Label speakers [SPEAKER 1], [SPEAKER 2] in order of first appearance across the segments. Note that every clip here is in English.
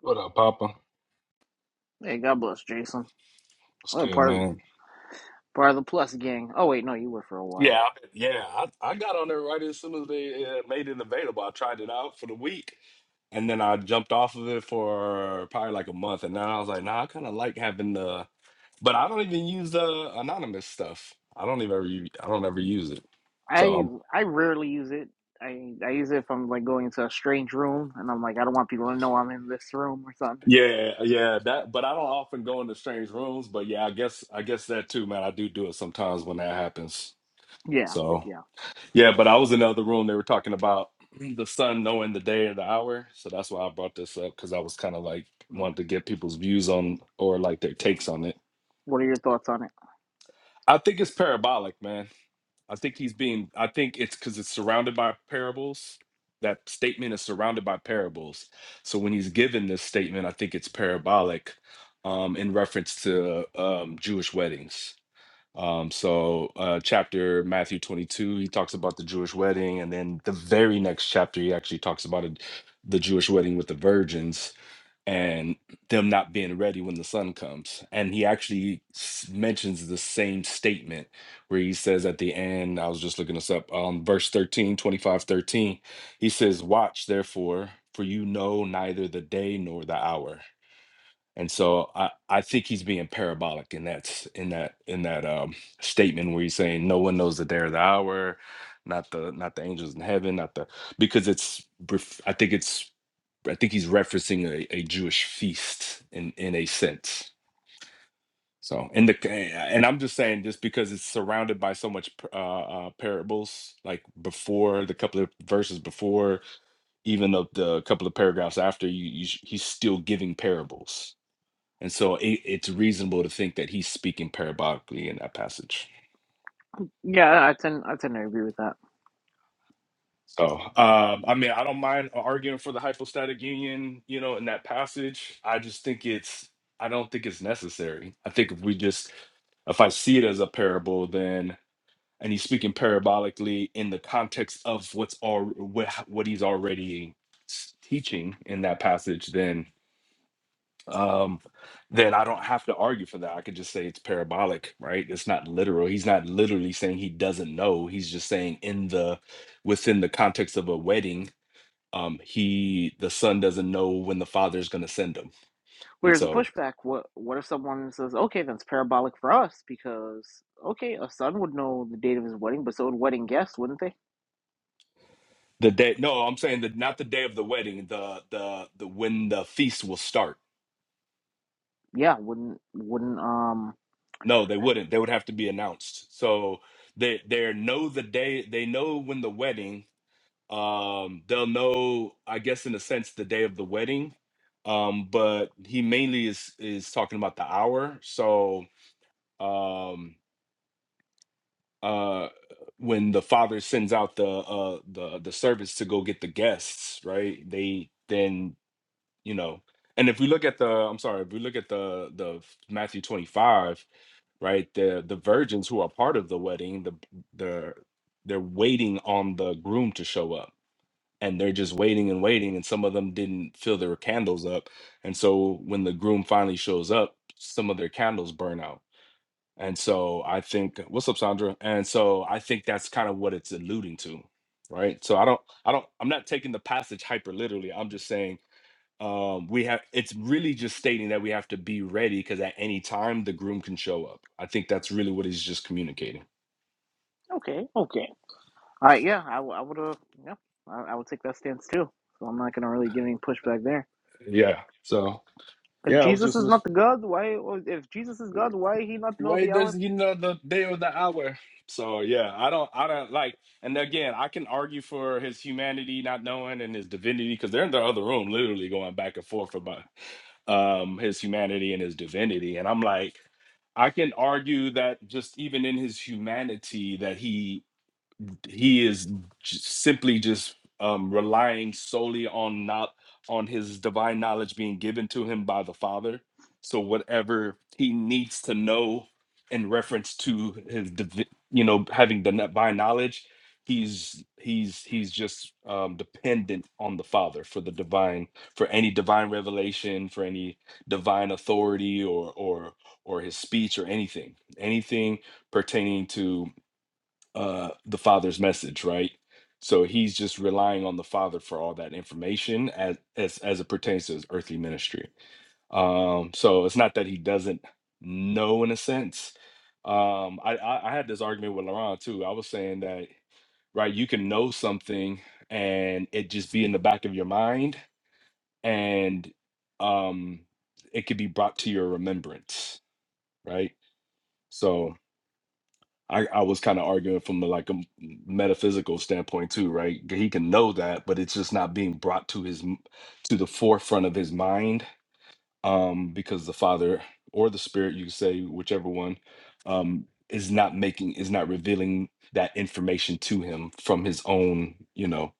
[SPEAKER 1] What up, Papa?
[SPEAKER 2] Hey, God bless Jason.
[SPEAKER 1] What's
[SPEAKER 2] Well,
[SPEAKER 1] good,
[SPEAKER 2] part of
[SPEAKER 1] man?
[SPEAKER 2] part of the Plus gang. Oh wait, no, you were for a while.
[SPEAKER 1] Yeah, I, yeah. I, I got on there right as soon as they uh, made it available. I tried it out for the week, and then I jumped off of it for probably like a month. And now I was like, nah, I kind of like having the, but I don't even use the anonymous stuff. I don't even ever, u- I don't ever use it. So
[SPEAKER 2] I
[SPEAKER 1] um,
[SPEAKER 2] I rarely use it. I I use it if I'm like going into a strange room and I'm like I don't want people to know I'm in this room or something.
[SPEAKER 1] yeah, yeah. That, but I don't often go into strange rooms. But yeah, I guess I guess that too, man. I do do it sometimes when that happens.
[SPEAKER 2] Yeah,
[SPEAKER 1] So.
[SPEAKER 2] yeah.
[SPEAKER 1] Yeah, but I was in the other room. They were talking about the sun knowing the day and the hour. So that's why I brought this up because I was kind of like
[SPEAKER 2] Mm.
[SPEAKER 1] wanted to get people's views on or like their takes
[SPEAKER 2] well,
[SPEAKER 1] on it.
[SPEAKER 2] What are your thoughts on it?
[SPEAKER 1] I think it's parabolic, man. I think he's being, I think it's because it's surrounded by parables. That statement is surrounded by parables. So when he's given this statement, I think it's parabolic um, in reference to um, Jewish weddings um, so uh, chapter Matthew 22, he talks about the Jewish wedding, and then the very next chapter, he actually talks about it, the Jewish wedding with the virgins and them not being ready when the sun comes. And he actually s- mentions the same statement where he says at the end, I was just looking this up, um, verse 13, 25, 13. he says, Watch therefore, for you know neither the day nor the hour and so I, I think he's being parabolic in that s- in that in that um, statement where he's saying no one knows the day or the hour, not the not the angels in heaven, not the because it's ref- I think it's I think he's referencing a, a Jewish feast in in a sense. So and the and I'm just saying just because it's surrounded by so much p- uh, uh, parables, like before the couple of verses before, even of the couple of paragraphs after, you, you sh- he's still giving parables and so it, it's reasonable to think that he's speaking parabolically in that passage.
[SPEAKER 2] Yeah, I tend I tend to agree with that.
[SPEAKER 1] So, um, I mean, I don't mind arguing for the hypostatic union, you know, in that passage. I just think it's, I don't think it's necessary. I think if we just, if I see it as a parable, then, and he's speaking parabolically in the context of what's all, what, what he's already s- teaching in that passage, then um, then I don't have to argue for that. I could just say it's parabolic, right? It's not literal. He's not literally saying he doesn't know. He's just saying in the within the context of a wedding, um, he the son doesn't know when the father is going to send him, and
[SPEAKER 2] Whereas a
[SPEAKER 1] so
[SPEAKER 2] pushback, what what if someone says, okay, that's parabolic for us because okay, a son would know the date of his wedding, but so would wedding guests, wouldn't they?
[SPEAKER 1] the day. No, I'm saying that not the day of the wedding. The the the when the feast will start.
[SPEAKER 2] Yeah, wouldn't wouldn't um.
[SPEAKER 1] No, they wouldn't. They would have to be announced. So they they know the day. They know when the wedding um they'll know i guess in a sense the day of the wedding um but he mainly is is talking about the hour so um uh when the father sends out the uh the the servants to go get the guests right they then you know and if we look at the i'm sorry if we look at the the matthew 25 right the the virgins who are part of the wedding the the they're waiting on the groom to show up and they're just waiting and waiting and some of them didn't fill their candles up and so when the groom finally shows up some of their candles burn out and so i think what's up sandra and so i think that's kind of what it's alluding to right so i don't i don't i'm not taking the passage hyper literally i'm just saying um we have it's really just stating that we have to be ready because at any time the groom can show up i think that's really what he's just communicating
[SPEAKER 2] Okay, okay. Uh, yeah, I, w- I would have, yeah, I, I would take that stance too. So I'm not gonna really give any pushback there.
[SPEAKER 1] yeah so
[SPEAKER 2] If
[SPEAKER 1] yeah i was
[SPEAKER 2] Jesus
[SPEAKER 1] just
[SPEAKER 2] is not
[SPEAKER 1] listening
[SPEAKER 2] the God, why? If Jesus is God, why he not know
[SPEAKER 1] Why
[SPEAKER 2] the
[SPEAKER 1] does
[SPEAKER 2] Aleph?
[SPEAKER 1] he know the day or the hour? So yeah, I don't, I don't like. And again, I can argue for his humanity not knowing and his divinity because they're in the other room, literally going back and forth about um his humanity and his divinity. And I'm like, I can argue that just even in his humanity, that he he is j- simply just um, relying solely on not on his divine knowledge being given to him by the Father. So whatever he needs to know in reference to his, divi- you know, having the divine knowledge, he's he's he's just um, dependent on the Father for the divine for any divine revelation, for any divine authority, or or or his speech or anything, anything pertaining to uh the father's message right so he's just relying on the father for all that information as as as it pertains to his earthly ministry um so it's not that he doesn't know in a sense um i i, I had this argument with laurent too i was saying that right you can know something and it just be in the back of your mind and um it could be brought to your remembrance right so I, I was kind of arguing from a, like a m- metaphysical standpoint too, right? He can know that, but it's just not being brought to his m- to the forefront of his mind, um, because the Father or the Spirit, you could say whichever one, um, is not making is not revealing that information to him from his own, you know,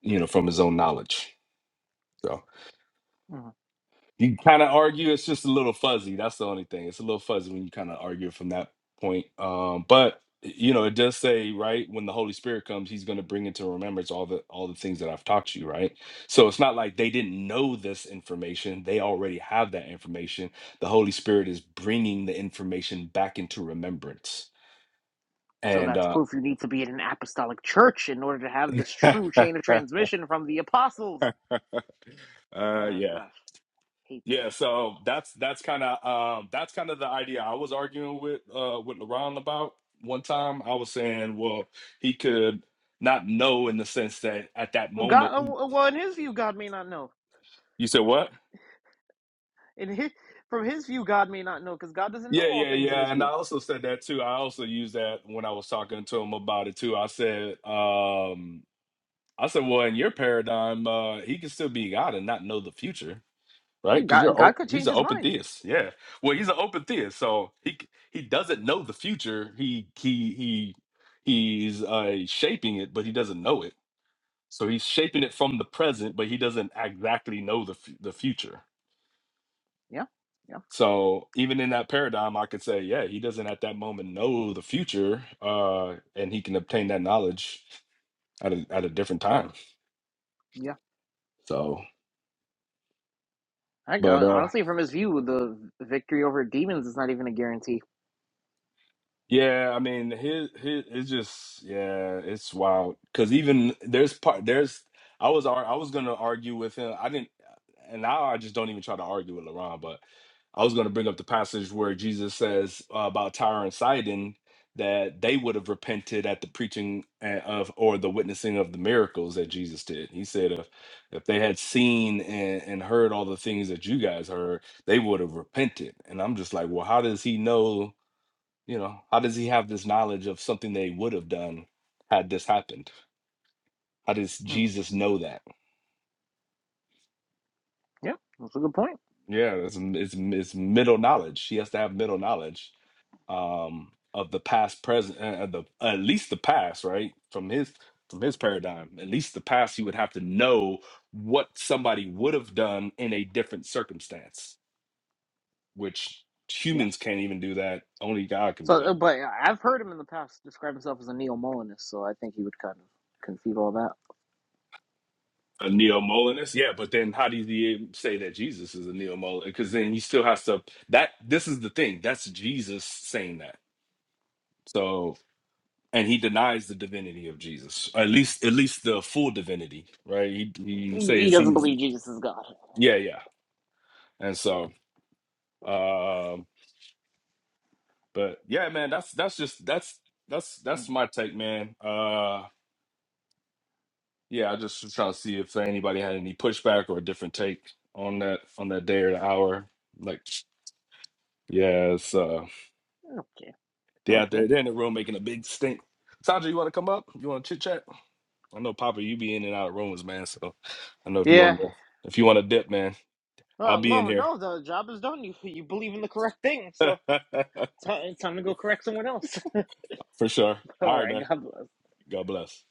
[SPEAKER 1] you know, from his own knowledge. so.
[SPEAKER 2] Mhm.
[SPEAKER 1] You can kind of argue it's just a little fuzzy. That's the only thing. It's a little fuzzy when you kind of argue from that point. Um, but y- you know, it does say right when the Holy Spirit comes, He's going to bring into remembrance all the all the things that I've taught you. Right. So it's not like they didn't know this information. They already have that information. The Holy Spirit is bringing the information back into remembrance.
[SPEAKER 2] So
[SPEAKER 1] And
[SPEAKER 2] that's
[SPEAKER 1] uh,
[SPEAKER 2] proof you need to be in an apostolic church in order to have this true chain of
[SPEAKER 1] uh,
[SPEAKER 2] transmission from the apostles. Oh
[SPEAKER 1] yeah,
[SPEAKER 2] gosh, hate that.
[SPEAKER 1] Yeah, so that's that's kind of um, that's kind of the idea I was arguing with uh, with LeBron about one time. I was saying, well, he could not know in the sense that at that
[SPEAKER 2] Well,
[SPEAKER 1] moment
[SPEAKER 2] God, uh,
[SPEAKER 1] he.
[SPEAKER 2] well, well, in His view, God may not know.
[SPEAKER 1] You said what?
[SPEAKER 2] In his, from His view, God may not know because God doesn't know
[SPEAKER 1] Yeah,
[SPEAKER 2] all
[SPEAKER 1] yeah,
[SPEAKER 2] things in
[SPEAKER 1] yeah.
[SPEAKER 2] His
[SPEAKER 1] And I
[SPEAKER 2] view.
[SPEAKER 1] also said that too. I also used that when I was talking to him about it too. I said, um, I said, well, in your paradigm, uh, he can still be God and not know the future. right?
[SPEAKER 2] Hey,
[SPEAKER 1] Because
[SPEAKER 2] God,
[SPEAKER 1] you're
[SPEAKER 2] God could
[SPEAKER 1] open. He's
[SPEAKER 2] change
[SPEAKER 1] an
[SPEAKER 2] His
[SPEAKER 1] open
[SPEAKER 2] mind.
[SPEAKER 1] theist. Yeah. Well, he's an open theist, so he c- he doesn't know the future. He he he he's uh, shaping it, but he doesn't know it. So he's shaping it from the present, but he doesn't exactly know the f- the future.
[SPEAKER 2] Yeah, yeah,
[SPEAKER 1] So even in that paradigm, I could say, yeah, he doesn't at that moment know the future, uh, and he can obtain that knowledge at a at a different time.
[SPEAKER 2] yeah.
[SPEAKER 1] So,
[SPEAKER 2] I go,
[SPEAKER 1] but uh,
[SPEAKER 2] honestly, from his view, the victory over demons is not even a guarantee.
[SPEAKER 1] Yeah, I mean, his his it's just yeah, it's wild. Cause even there's part there's I was ar- I was gonna argue with him. I didn't, and now I just don't even try to argue with LeBron. But I was gonna bring up the passage where Jesus says uh, about Tyre and Sidon that they would have repented at the preaching uh, of or the witnessing of the miracles that Jesus did. He said if if they had seen and, and heard all the things that you guys heard, they would have repented. And I'm just like, well, how does he know? You know, how does he have this knowledge of something they would have done had this happened? How does
[SPEAKER 2] hmm
[SPEAKER 1] Jesus know that?
[SPEAKER 2] Yeah, that's a good point.
[SPEAKER 1] Yeah, it's, it's, it's middle knowledge. He has to have middle knowledge um, of the past, present, uh, the at least the past, right? From his from his paradigm, at least the past, he would have to know what somebody would have done in a different circumstance, which
[SPEAKER 2] Yeah.
[SPEAKER 1] humans can't even do that. Only God can
[SPEAKER 2] So,
[SPEAKER 1] do
[SPEAKER 2] uh,
[SPEAKER 1] that.
[SPEAKER 2] but I've heard him in the past describe himself as a neo Molinist, so I think he would kind of concede all that.
[SPEAKER 1] a neo Molinist, yeah. But then how do you say that Jesus is a neo Molinist? Because then he still has to. That this is the thing. That's Jesus saying that. So and he denies the divinity of Jesus, at least at least the full divinity, right? He he
[SPEAKER 2] He he
[SPEAKER 1] says
[SPEAKER 2] doesn't
[SPEAKER 1] he's
[SPEAKER 2] believe Jesus is God.
[SPEAKER 1] yeah yeah, and so um, but yeah, man, that's that's just that's that's that's
[SPEAKER 2] Mhm.
[SPEAKER 1] my take, man. Uh, yeah, I just was trying to see if anybody had any pushback or a different take on that on that day or the hour, like. yeah, Yes.
[SPEAKER 2] Okay.
[SPEAKER 1] They out
[SPEAKER 2] Okay.
[SPEAKER 1] there, they're in the room making a big stink. Sandra, you want to come up? You want to chit chat? I know Papa, you be in and out of rooms, man. So I know if you
[SPEAKER 2] Yeah.
[SPEAKER 1] want to, if you want to dip, man, I'll
[SPEAKER 2] Well,
[SPEAKER 1] be in
[SPEAKER 2] well,
[SPEAKER 1] here
[SPEAKER 2] no, the job is done. You you believe in the correct thing, so it's ti- it's time to go correct someone else.
[SPEAKER 1] for sure.
[SPEAKER 2] all
[SPEAKER 1] All right,
[SPEAKER 2] right.
[SPEAKER 1] man.
[SPEAKER 2] God bless.
[SPEAKER 1] God bless.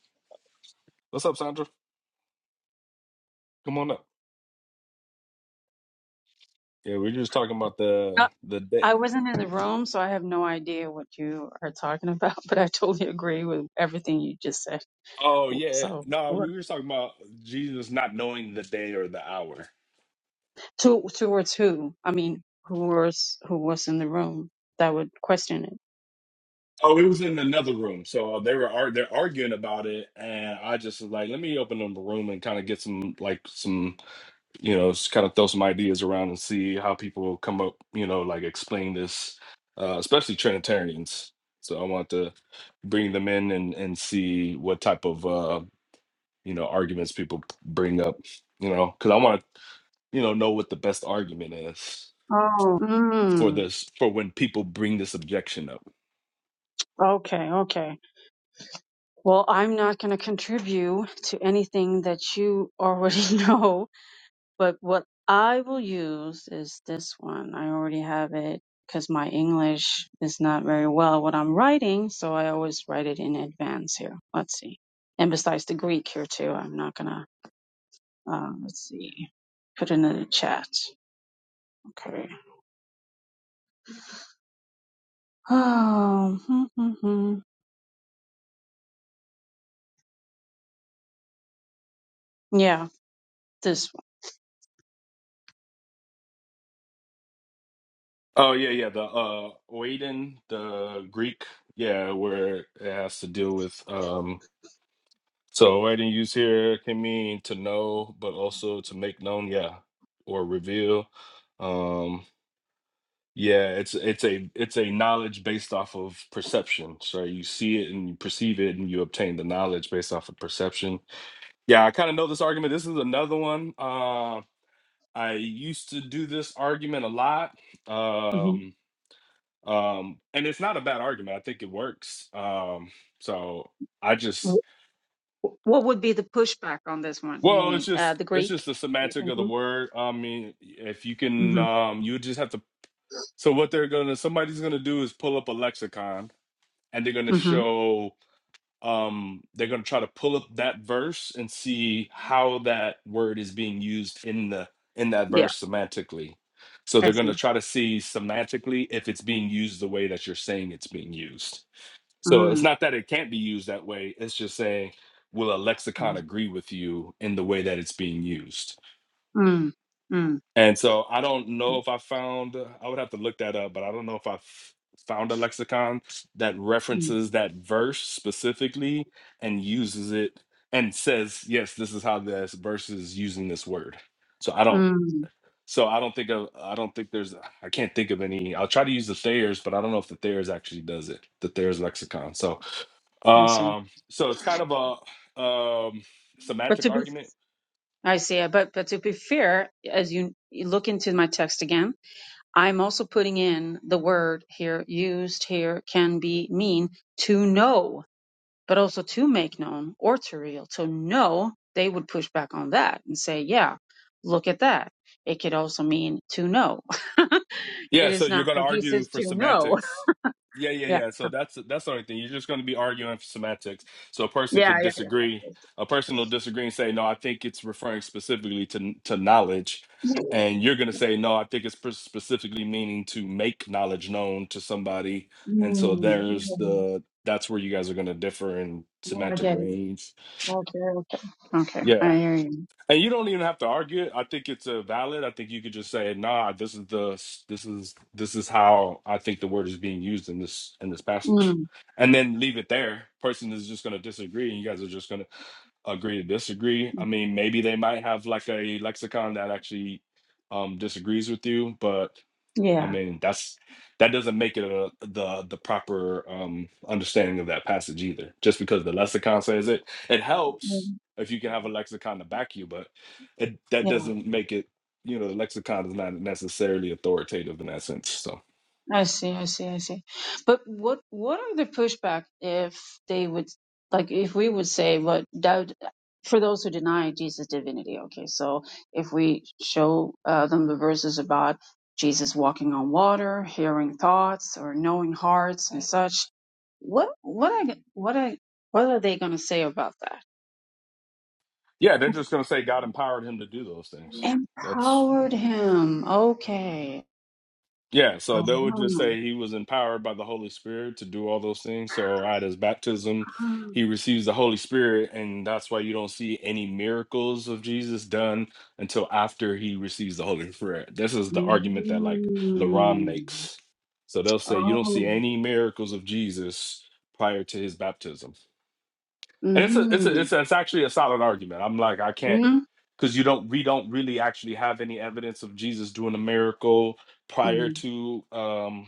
[SPEAKER 1] What's up, Sandra? Come on up. Yeah, we are just talking about the
[SPEAKER 3] Uh,
[SPEAKER 1] the day.
[SPEAKER 3] I wasn't in the room, so I have no idea what you are talking about, but I totally agree with everything you just said.
[SPEAKER 1] Oh yeah,
[SPEAKER 3] So,
[SPEAKER 1] no, we
[SPEAKER 3] we're-
[SPEAKER 1] were just talking about Jesus not knowing the day or the hour.
[SPEAKER 3] towards who? I mean, who was who was in the room that would question it?
[SPEAKER 1] Oh, it was in another room, so they were ar- they're arguing about it, and I just was like, let me open up a room and kind of get some like some. you know, just kind of throw some ideas around and see how people come up, you know, like explain this, uh, especially Trinitarians. So I want to bring them in and, and see what type of, uh, you know, arguments people p- bring up, you know, because I want to, you know, know what the best argument is
[SPEAKER 3] Oh,
[SPEAKER 1] for
[SPEAKER 3] mm,
[SPEAKER 1] this, for when people bring this objection up.
[SPEAKER 3] okay, okay. Well, I'm not going to contribute to anything that you already know But what I will use is this one. I already have it because my English is not very well what I'm writing, so I always write it in advance here. Let's see. And besides the Greek here too, I'm not gonna, uh, let's see, put it in the chat. Okay. Oh, hmm, hmm, hmm. yeah, this
[SPEAKER 1] Oh yeah, yeah. The uh Oeden, the Greek, yeah, where it has to deal with um so Oeden used here can mean to know, but also to make known, yeah, or reveal. Um yeah, it's it's a it's a knowledge based off of perception. So you see it and you perceive it and you obtain the knowledge based off of perception. Yeah, I kind of know this argument. This is another one. Uh I used to do this argument a lot.
[SPEAKER 3] one.
[SPEAKER 1] Um um and it's not a bad argument i think it works um so i
[SPEAKER 3] Mhm.
[SPEAKER 1] just
[SPEAKER 3] Wh- wh- What would be the pushback on this one? You
[SPEAKER 1] well it's
[SPEAKER 3] mean uh,
[SPEAKER 1] just
[SPEAKER 3] the
[SPEAKER 1] it's just
[SPEAKER 3] Greek?
[SPEAKER 1] the
[SPEAKER 3] You're
[SPEAKER 1] semantic of the
[SPEAKER 3] thinking?
[SPEAKER 1] word i mean if you can
[SPEAKER 3] Mm-hmm.
[SPEAKER 1] um you just have to so what they're gonna somebody's gonna do is pull up a lexicon and they're gonna
[SPEAKER 3] Mm-hmm.
[SPEAKER 1] show um they're gonna try to pull up that verse and see how that word is being used in the in that
[SPEAKER 3] Yeah,
[SPEAKER 1] verse semantically so
[SPEAKER 3] I
[SPEAKER 1] they're gonna
[SPEAKER 3] see.
[SPEAKER 1] try to see semantically if it's being used the way that you're saying it's being used So it's
[SPEAKER 3] Mm,
[SPEAKER 1] not that it can't be used that way. It's just saying, will a lexicon
[SPEAKER 3] mm,
[SPEAKER 1] agree with you in the way that it's being used?
[SPEAKER 3] mm, mm.
[SPEAKER 1] And so I don't know if I found, I would have to look that up, but I don't know if I f- found a lexicon that
[SPEAKER 3] Mm.
[SPEAKER 1] references that verse specifically and uses it and says, yes, this is how this verse is using this word. So I don't.
[SPEAKER 3] Mm,
[SPEAKER 1] So I don't think of I don't think there's I can't think of any. I'll try to use the Thayer's, but I don't know if the Thayer's actually does it. The Thayer's lexicon. So
[SPEAKER 3] I see.
[SPEAKER 1] um, so it's kind of a um,
[SPEAKER 3] But
[SPEAKER 1] semantic
[SPEAKER 3] to be,
[SPEAKER 1] argument.
[SPEAKER 3] I see. uh, But but to be fair, as you, you look into my text again, I'm also putting in the word here used here can be mean to know, but also to make known or to reveal. To know, they would push back on that and say, yeah, look at that. It could also mean to know.
[SPEAKER 1] Yeah,
[SPEAKER 3] it
[SPEAKER 1] so
[SPEAKER 3] is
[SPEAKER 1] you're
[SPEAKER 3] not
[SPEAKER 1] going to argue
[SPEAKER 3] produces
[SPEAKER 1] for
[SPEAKER 3] to know.
[SPEAKER 1] semantics. Yeah, yeah,
[SPEAKER 3] Yeah.
[SPEAKER 1] yeah. So that's that's the only thing. You're just going to be arguing for semantics. So a person
[SPEAKER 3] Yeah.
[SPEAKER 1] could
[SPEAKER 3] Yeah. Yeah.
[SPEAKER 1] disagree. A person will disagree and say, "No, I think it's referring specifically to to knowledge,"
[SPEAKER 3] yeah.
[SPEAKER 1] and you're going to say, "No, I think it's pers- specifically meaning to make knowledge known to somebody." And so
[SPEAKER 3] Mm,
[SPEAKER 1] there's
[SPEAKER 3] okay.
[SPEAKER 1] the that's where you guys are going to differ in
[SPEAKER 3] Now I
[SPEAKER 1] semantic
[SPEAKER 3] get it.
[SPEAKER 1] range.
[SPEAKER 3] Okay, okay, okay.
[SPEAKER 1] Yeah.
[SPEAKER 3] I hear you.
[SPEAKER 1] And you don't even have to argue it. I think it's a valid. I think you could just say, "Nah, this is the this is this is how I think the word is being used in this in this passage,"
[SPEAKER 3] Mm,
[SPEAKER 1] and then leave it there. Person is just going to disagree, and you guys are just going to agree to disagree. I mean, maybe they might have like a lexicon that actually um, disagrees with you, but I
[SPEAKER 3] yeah,
[SPEAKER 1] mean, that's that doesn't make it a, the the proper um, understanding of that passage either. Just because the lexicon says it, it helps
[SPEAKER 3] mm,
[SPEAKER 1] if you can have a lexicon to back you, but it, that
[SPEAKER 3] yeah.
[SPEAKER 1] doesn't make it. You know, the lexicon is not necessarily authoritative in that sense. So,
[SPEAKER 3] I see, I see, I see. But what what are the pushback if they would like if we would say what doubt for those who deny Jesus' divinity? Okay, so if we show uh, them the verses about Jesus walking on water, hearing thoughts, or knowing hearts and such, what what I what I what are they going to say about that?
[SPEAKER 1] yeah, they're just gonna say God empowered him to do those things. That's.
[SPEAKER 3] Empowered him. Okay
[SPEAKER 1] Yeah, so they would just
[SPEAKER 3] Uh-huh.
[SPEAKER 1] say he was empowered by the Holy Spirit to do all those things. So at his baptism, he receives the Holy Spirit, and that's why you don't see any miracles of Jesus done until after he receives the Holy Spirit. This is the argument that like Laram
[SPEAKER 3] Mm-hmm.
[SPEAKER 1] makes. So they'll say you don't see
[SPEAKER 3] Oh.
[SPEAKER 1] any miracles of Jesus prior to his baptism and it's a it's
[SPEAKER 3] Mm-hmm.
[SPEAKER 1] a it's, a, it's actually a solid argument. I'm like I can't
[SPEAKER 3] Mm-hmm.
[SPEAKER 1] because you don't we don't really actually have any evidence of Jesus doing a miracle prior to um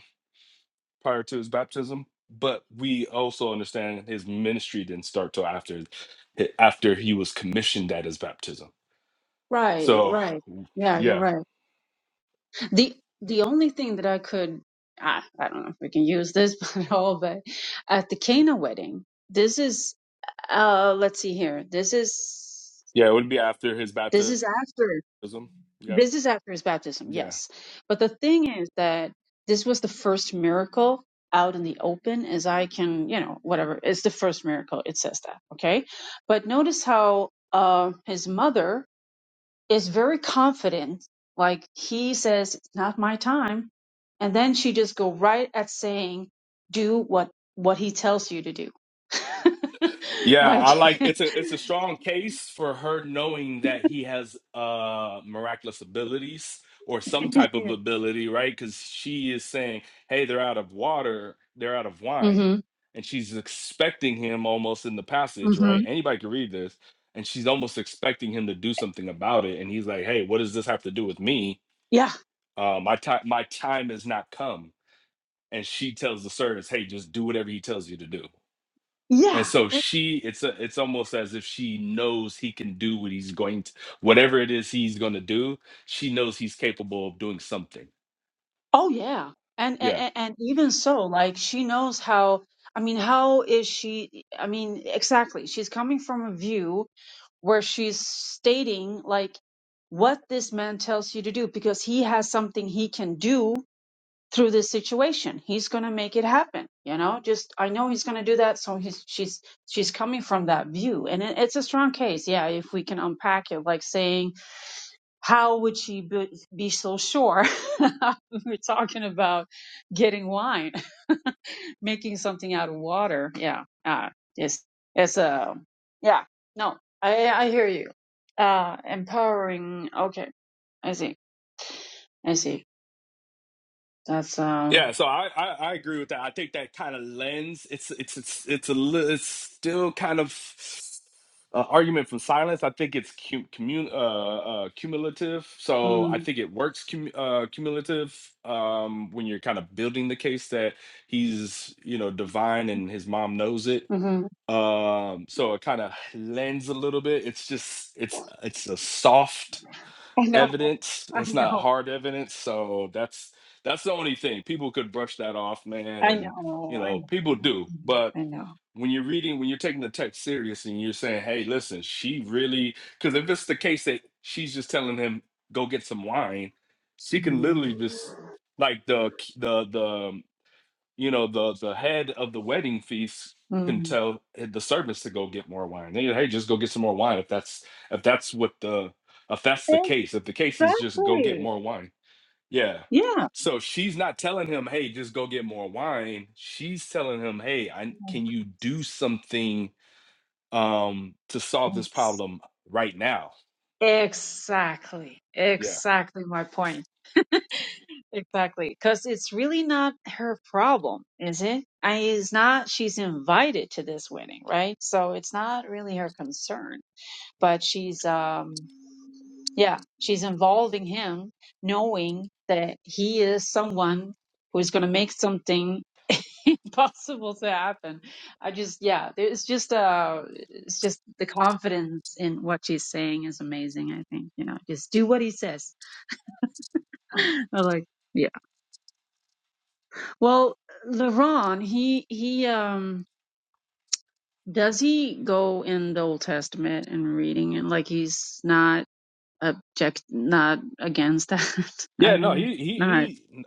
[SPEAKER 1] prior to his baptism, but we also understand his ministry didn't start till after after he was commissioned at his baptism.
[SPEAKER 3] Right,
[SPEAKER 1] So
[SPEAKER 3] right. Yeah, you're
[SPEAKER 1] yeah,
[SPEAKER 3] right. The the only thing that I could I, I don't know if we can use this at all, but at the Cana wedding, this is uh let's see here. This is
[SPEAKER 1] yeah, it would be after his
[SPEAKER 3] this
[SPEAKER 1] baptism.
[SPEAKER 3] is after.
[SPEAKER 1] Yep.
[SPEAKER 3] This is after his baptism,
[SPEAKER 1] Yeah.
[SPEAKER 3] yes. But the thing is that this was the first miracle out in the open, as I can, you know, whatever. It's the first miracle. It says that, okay? But notice how uh, his mother is very confident. Like he says, "It's not my time," and then she just go right at saying, "Do what what he tells you to do."
[SPEAKER 1] Yeah,
[SPEAKER 3] like,
[SPEAKER 1] I like it's a it's a strong case for her knowing that he has uh miraculous abilities or some type of
[SPEAKER 3] yeah.
[SPEAKER 1] ability, right? Because she is saying, "Hey, they're out of water, they're out of wine,"
[SPEAKER 3] hmm
[SPEAKER 1] and she's expecting him almost in the passage,
[SPEAKER 3] hmm
[SPEAKER 1] right? Anybody can read this, and she's almost expecting him to do something about it, and he's like, "Hey, what does this have to do with me?
[SPEAKER 3] Yeah.
[SPEAKER 1] Uh, my time, my time has not come." And she tells the servants, "Hey, just do whatever he tells you to do."
[SPEAKER 3] Yeah.
[SPEAKER 1] And so she, it's a, it's almost as if she knows he can do what he's going to, whatever it is he's going to do. She knows he's capable of doing something.
[SPEAKER 3] Oh yeah. And,
[SPEAKER 1] Yeah,
[SPEAKER 3] and and even so, like she knows how I mean, how is she I mean, exactly. She's coming from a view where she's stating like what this man tells you to do because he has something he can do through this situation. He's going to make it happen, you know? Just I know he's going to do that, so he's she's she's coming from that view. And it, it's a strong case. Yeah, if we can unpack it like saying how would she be, be so sure? We're talking about getting wine, making something out of water. Yeah, ah, yes, yes, uh, it's it's a yeah. No, I I hear you. Uh, empowering. Okay, I see. I see. That's um.
[SPEAKER 1] yeah. So I, I, I agree with that. I think that kind of lens. It's, it's, it's, it's a, li- it's still kind of uh, argument from silence. I think it's cum, commun, uh, uh, cumulative. So I
[SPEAKER 3] Mm-hmm.
[SPEAKER 1] think it works cum, uh, cumulative um, when you're kind of building the case that he's, you know, divine and his mom knows it um so it kind of lends a little bit it's just it's it's a soft
[SPEAKER 3] I know.
[SPEAKER 1] evidence
[SPEAKER 3] I
[SPEAKER 1] it's not
[SPEAKER 3] know.
[SPEAKER 1] hard evidence so that's that's the only thing people could brush that off man
[SPEAKER 3] I
[SPEAKER 1] and you
[SPEAKER 3] know. I
[SPEAKER 1] know people do
[SPEAKER 3] know.
[SPEAKER 1] but
[SPEAKER 3] I know.
[SPEAKER 1] when you're reading when you're taking the text serious and you're saying hey listen she really because if it's the case that she's just telling him go get some wine she can
[SPEAKER 3] Mm.
[SPEAKER 1] literally just like the the the you know the the head of the wedding feast can
[SPEAKER 3] Mm.
[SPEAKER 1] tell the servants to go get more wine. They, hey, just go get some more wine if that's if that's what the if that's the case. If the case is just go get
[SPEAKER 3] Exactly.
[SPEAKER 1] more wine, yeah.
[SPEAKER 3] Yeah.
[SPEAKER 1] So she's not telling him, hey, just go get more wine. She's telling him, hey, I
[SPEAKER 3] Like,
[SPEAKER 1] can you do something um to solve this
[SPEAKER 3] It's
[SPEAKER 1] problem right now?
[SPEAKER 3] Exactly.
[SPEAKER 1] Yeah.
[SPEAKER 3] Exactly my point. Exactly. Because it's really not her problem, is it? I it's not she's invited to this wedding, right? So it's not really her concern. But she's um yeah, she's involving him knowing that he is someone who is gonna make something possible to happen. I just, yeah, it's just, uh, it's just the confidence in what she's saying is amazing. I think, you know, just do what he says. I like, yeah. Well, LeRon, he, he, um, does he go in the Old Testament and reading and like he's not object, not against that? I
[SPEAKER 1] Yeah, no,
[SPEAKER 3] mean,
[SPEAKER 1] he he
[SPEAKER 3] not.
[SPEAKER 1] he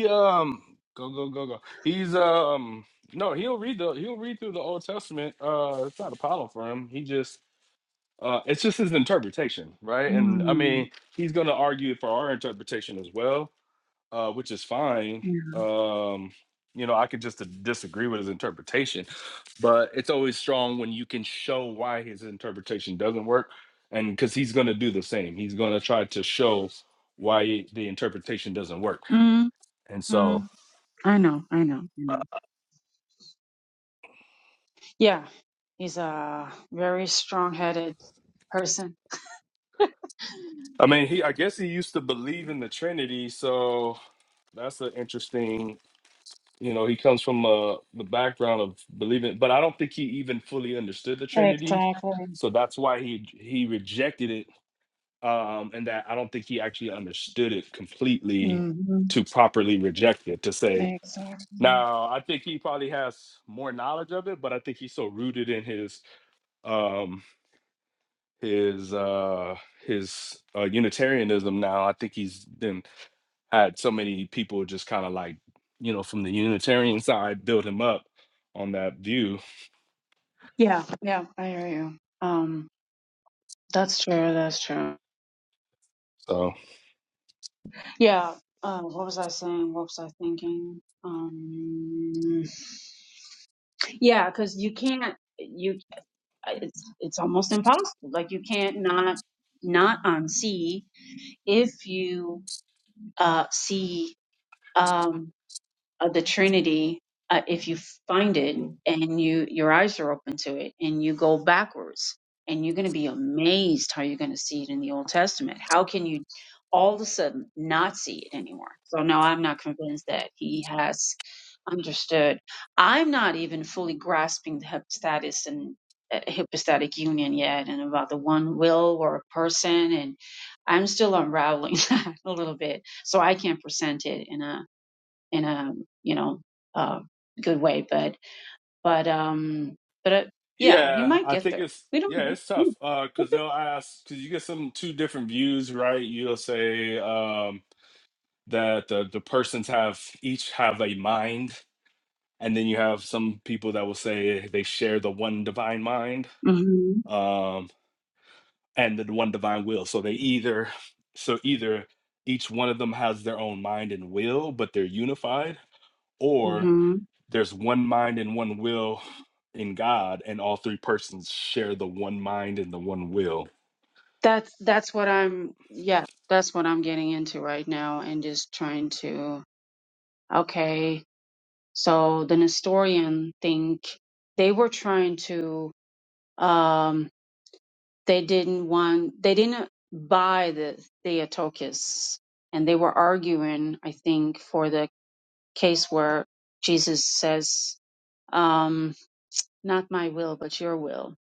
[SPEAKER 1] he um go go go go. He's um no, he'll read the he'll read through the Old Testament. Uh it's not a problem for him. He just uh it's just his interpretation, right? And I
[SPEAKER 3] Mm,
[SPEAKER 1] mean, he's going to argue for our interpretation as well, uh which is fine.
[SPEAKER 3] yeah.
[SPEAKER 1] Um you know, I could just uh, disagree with his interpretation but it's always strong when you can show why his interpretation doesn't work and because he's going to do the same he's going to try to show why the interpretation doesn't work
[SPEAKER 3] Mm,
[SPEAKER 1] and
[SPEAKER 3] mm.
[SPEAKER 1] so
[SPEAKER 3] I know, I know, I
[SPEAKER 1] uh,
[SPEAKER 3] know. Yeah, he's uh very strong-headed person.
[SPEAKER 1] i mean he i guess he used to believe in the trinity so that's an interesting you know he comes from uh, the background of believing but i don't think he even fully understood the trinity
[SPEAKER 3] Exactly.
[SPEAKER 1] so that's why he he rejected it um, and that I don't think he actually understood it completely
[SPEAKER 3] hmm
[SPEAKER 1] to properly reject it. To say
[SPEAKER 3] Exactly.
[SPEAKER 1] now, I think he probably has more knowledge of it, but I think he's so rooted in his um, his uh, his uh, Unitarianism now. I think he's then had so many people just kind of like you know from the Unitarian side build him up on that view.
[SPEAKER 3] Yeah, yeah, I hear you. Um, that's true. That's true.
[SPEAKER 1] So.
[SPEAKER 3] Yeah. Uh, what was I saying? What was I thinking? Um, yeah, because you can't. You it's it's almost impossible. Like you can't not not unsee if you uh see. um, of the Trinity, uh, if you find it and you your eyes are open to it and you go backwards, and you're going to be amazed how you're going to see it in the Old Testament. How can you all of a sudden not see it anymore? So no, I'm not convinced that he has understood. I'm not even fully grasping the hypostatus and uh, hypostatic union yet, and about the one will or a person, and I'm still unraveling that a little bit. So I can't present it, and uh, in a you know uh, good way. But but um but uh, yeah, he
[SPEAKER 1] Yeah,
[SPEAKER 3] might
[SPEAKER 1] I
[SPEAKER 3] get
[SPEAKER 1] think
[SPEAKER 3] there.
[SPEAKER 1] it's
[SPEAKER 3] We don't.
[SPEAKER 1] yeah, it's
[SPEAKER 3] We don't
[SPEAKER 1] tough. Uh, because they'll ask because you get some two different views, right? You'll say um that the the persons have each have a mind, and then you have some people that will say they share the one divine mind,
[SPEAKER 3] hmm
[SPEAKER 1] um, and the one divine will. So they either so either each one of them has their own mind and will, but they're unified,
[SPEAKER 3] hmm
[SPEAKER 1] there's one mind and one will in God, and all three persons share the one mind and the one will.
[SPEAKER 3] That's that's what I'm. Yeah, that's what I'm getting into right now, and just trying to. Okay, so the Nestorian think they were trying to. Um, they didn't want. They didn't buy the Theotokos, and they were arguing. I think for the case where Jesus says, um, "Not my will, but your will."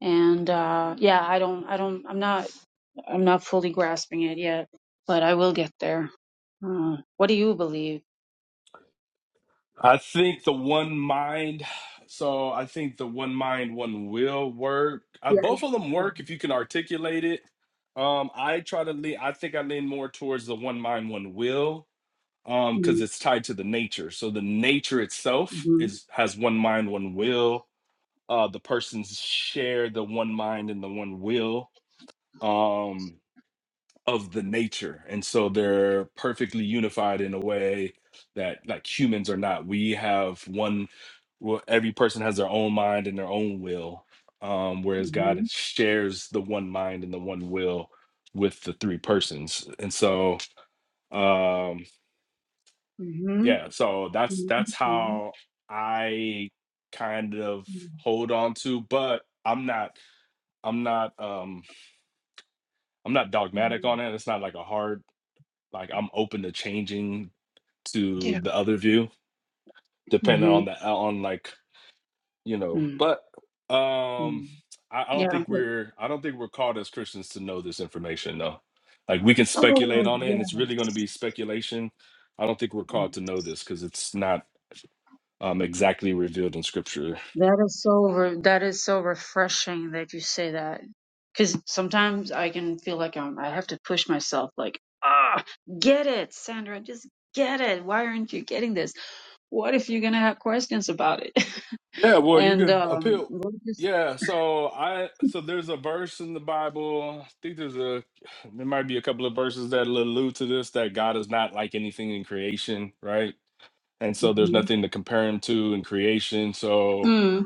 [SPEAKER 3] And uh, yeah, I don't, I don't, I'm not, I'm not fully grasping it yet, but I will get there. Uh, what do you believe?
[SPEAKER 1] I think the one mind, so I think the one mind, one will work. Uh,
[SPEAKER 3] Yeah.
[SPEAKER 1] both of them work if you can articulate it. Um, I try to lean, I think I lean more towards the one mind, one will, um,
[SPEAKER 3] Mm-hmm.
[SPEAKER 1] because it's tied to the nature. So the nature itself is has one mind, one will. Uh, the persons share the one mind and the one will. Um, of the nature and so they're perfectly unified in a way that like humans are not we have one well every person has their own mind and their own will um whereas god
[SPEAKER 3] Mm-hmm.
[SPEAKER 1] shares the one mind and the one will with the three persons and so um
[SPEAKER 3] Mm-hmm.
[SPEAKER 1] yeah so that's that's how i kind of hold on to but i'm not i'm not um i'm not dogmatic
[SPEAKER 3] Mm-hmm.
[SPEAKER 1] on it it's not like a hard like I'm open to changing to
[SPEAKER 3] Yeah.
[SPEAKER 1] the other view, depending
[SPEAKER 3] Mm-hmm.
[SPEAKER 1] on the on like you know. But
[SPEAKER 3] Mm-hmm.
[SPEAKER 1] um, I, I don't
[SPEAKER 3] Yeah.
[SPEAKER 1] think we're I don't think we're called as Christians to know this information though. Like we can speculate
[SPEAKER 3] Oh
[SPEAKER 1] on it, and it's really going to
[SPEAKER 3] yes.
[SPEAKER 1] be speculation. I don't think we're called to know this because it's not um exactly revealed in Scripture.
[SPEAKER 3] That is so re- that is so refreshing that you say that. Cause sometimes I can feel like I'm I have to push myself like, ah, get it, Sandra, just get it. Why aren't you getting this? What if you're gonna have questions about it?
[SPEAKER 1] Yeah, well, you
[SPEAKER 3] and
[SPEAKER 1] could
[SPEAKER 3] um
[SPEAKER 1] appeal.
[SPEAKER 3] we'll just
[SPEAKER 1] Yeah, so I so there's a verse in the Bible. I think there's a there might be a couple of verses that allude to this that God is not like anything in creation, right? and so there's
[SPEAKER 3] Mhm.
[SPEAKER 1] nothing to compare him to in creation so
[SPEAKER 3] mm,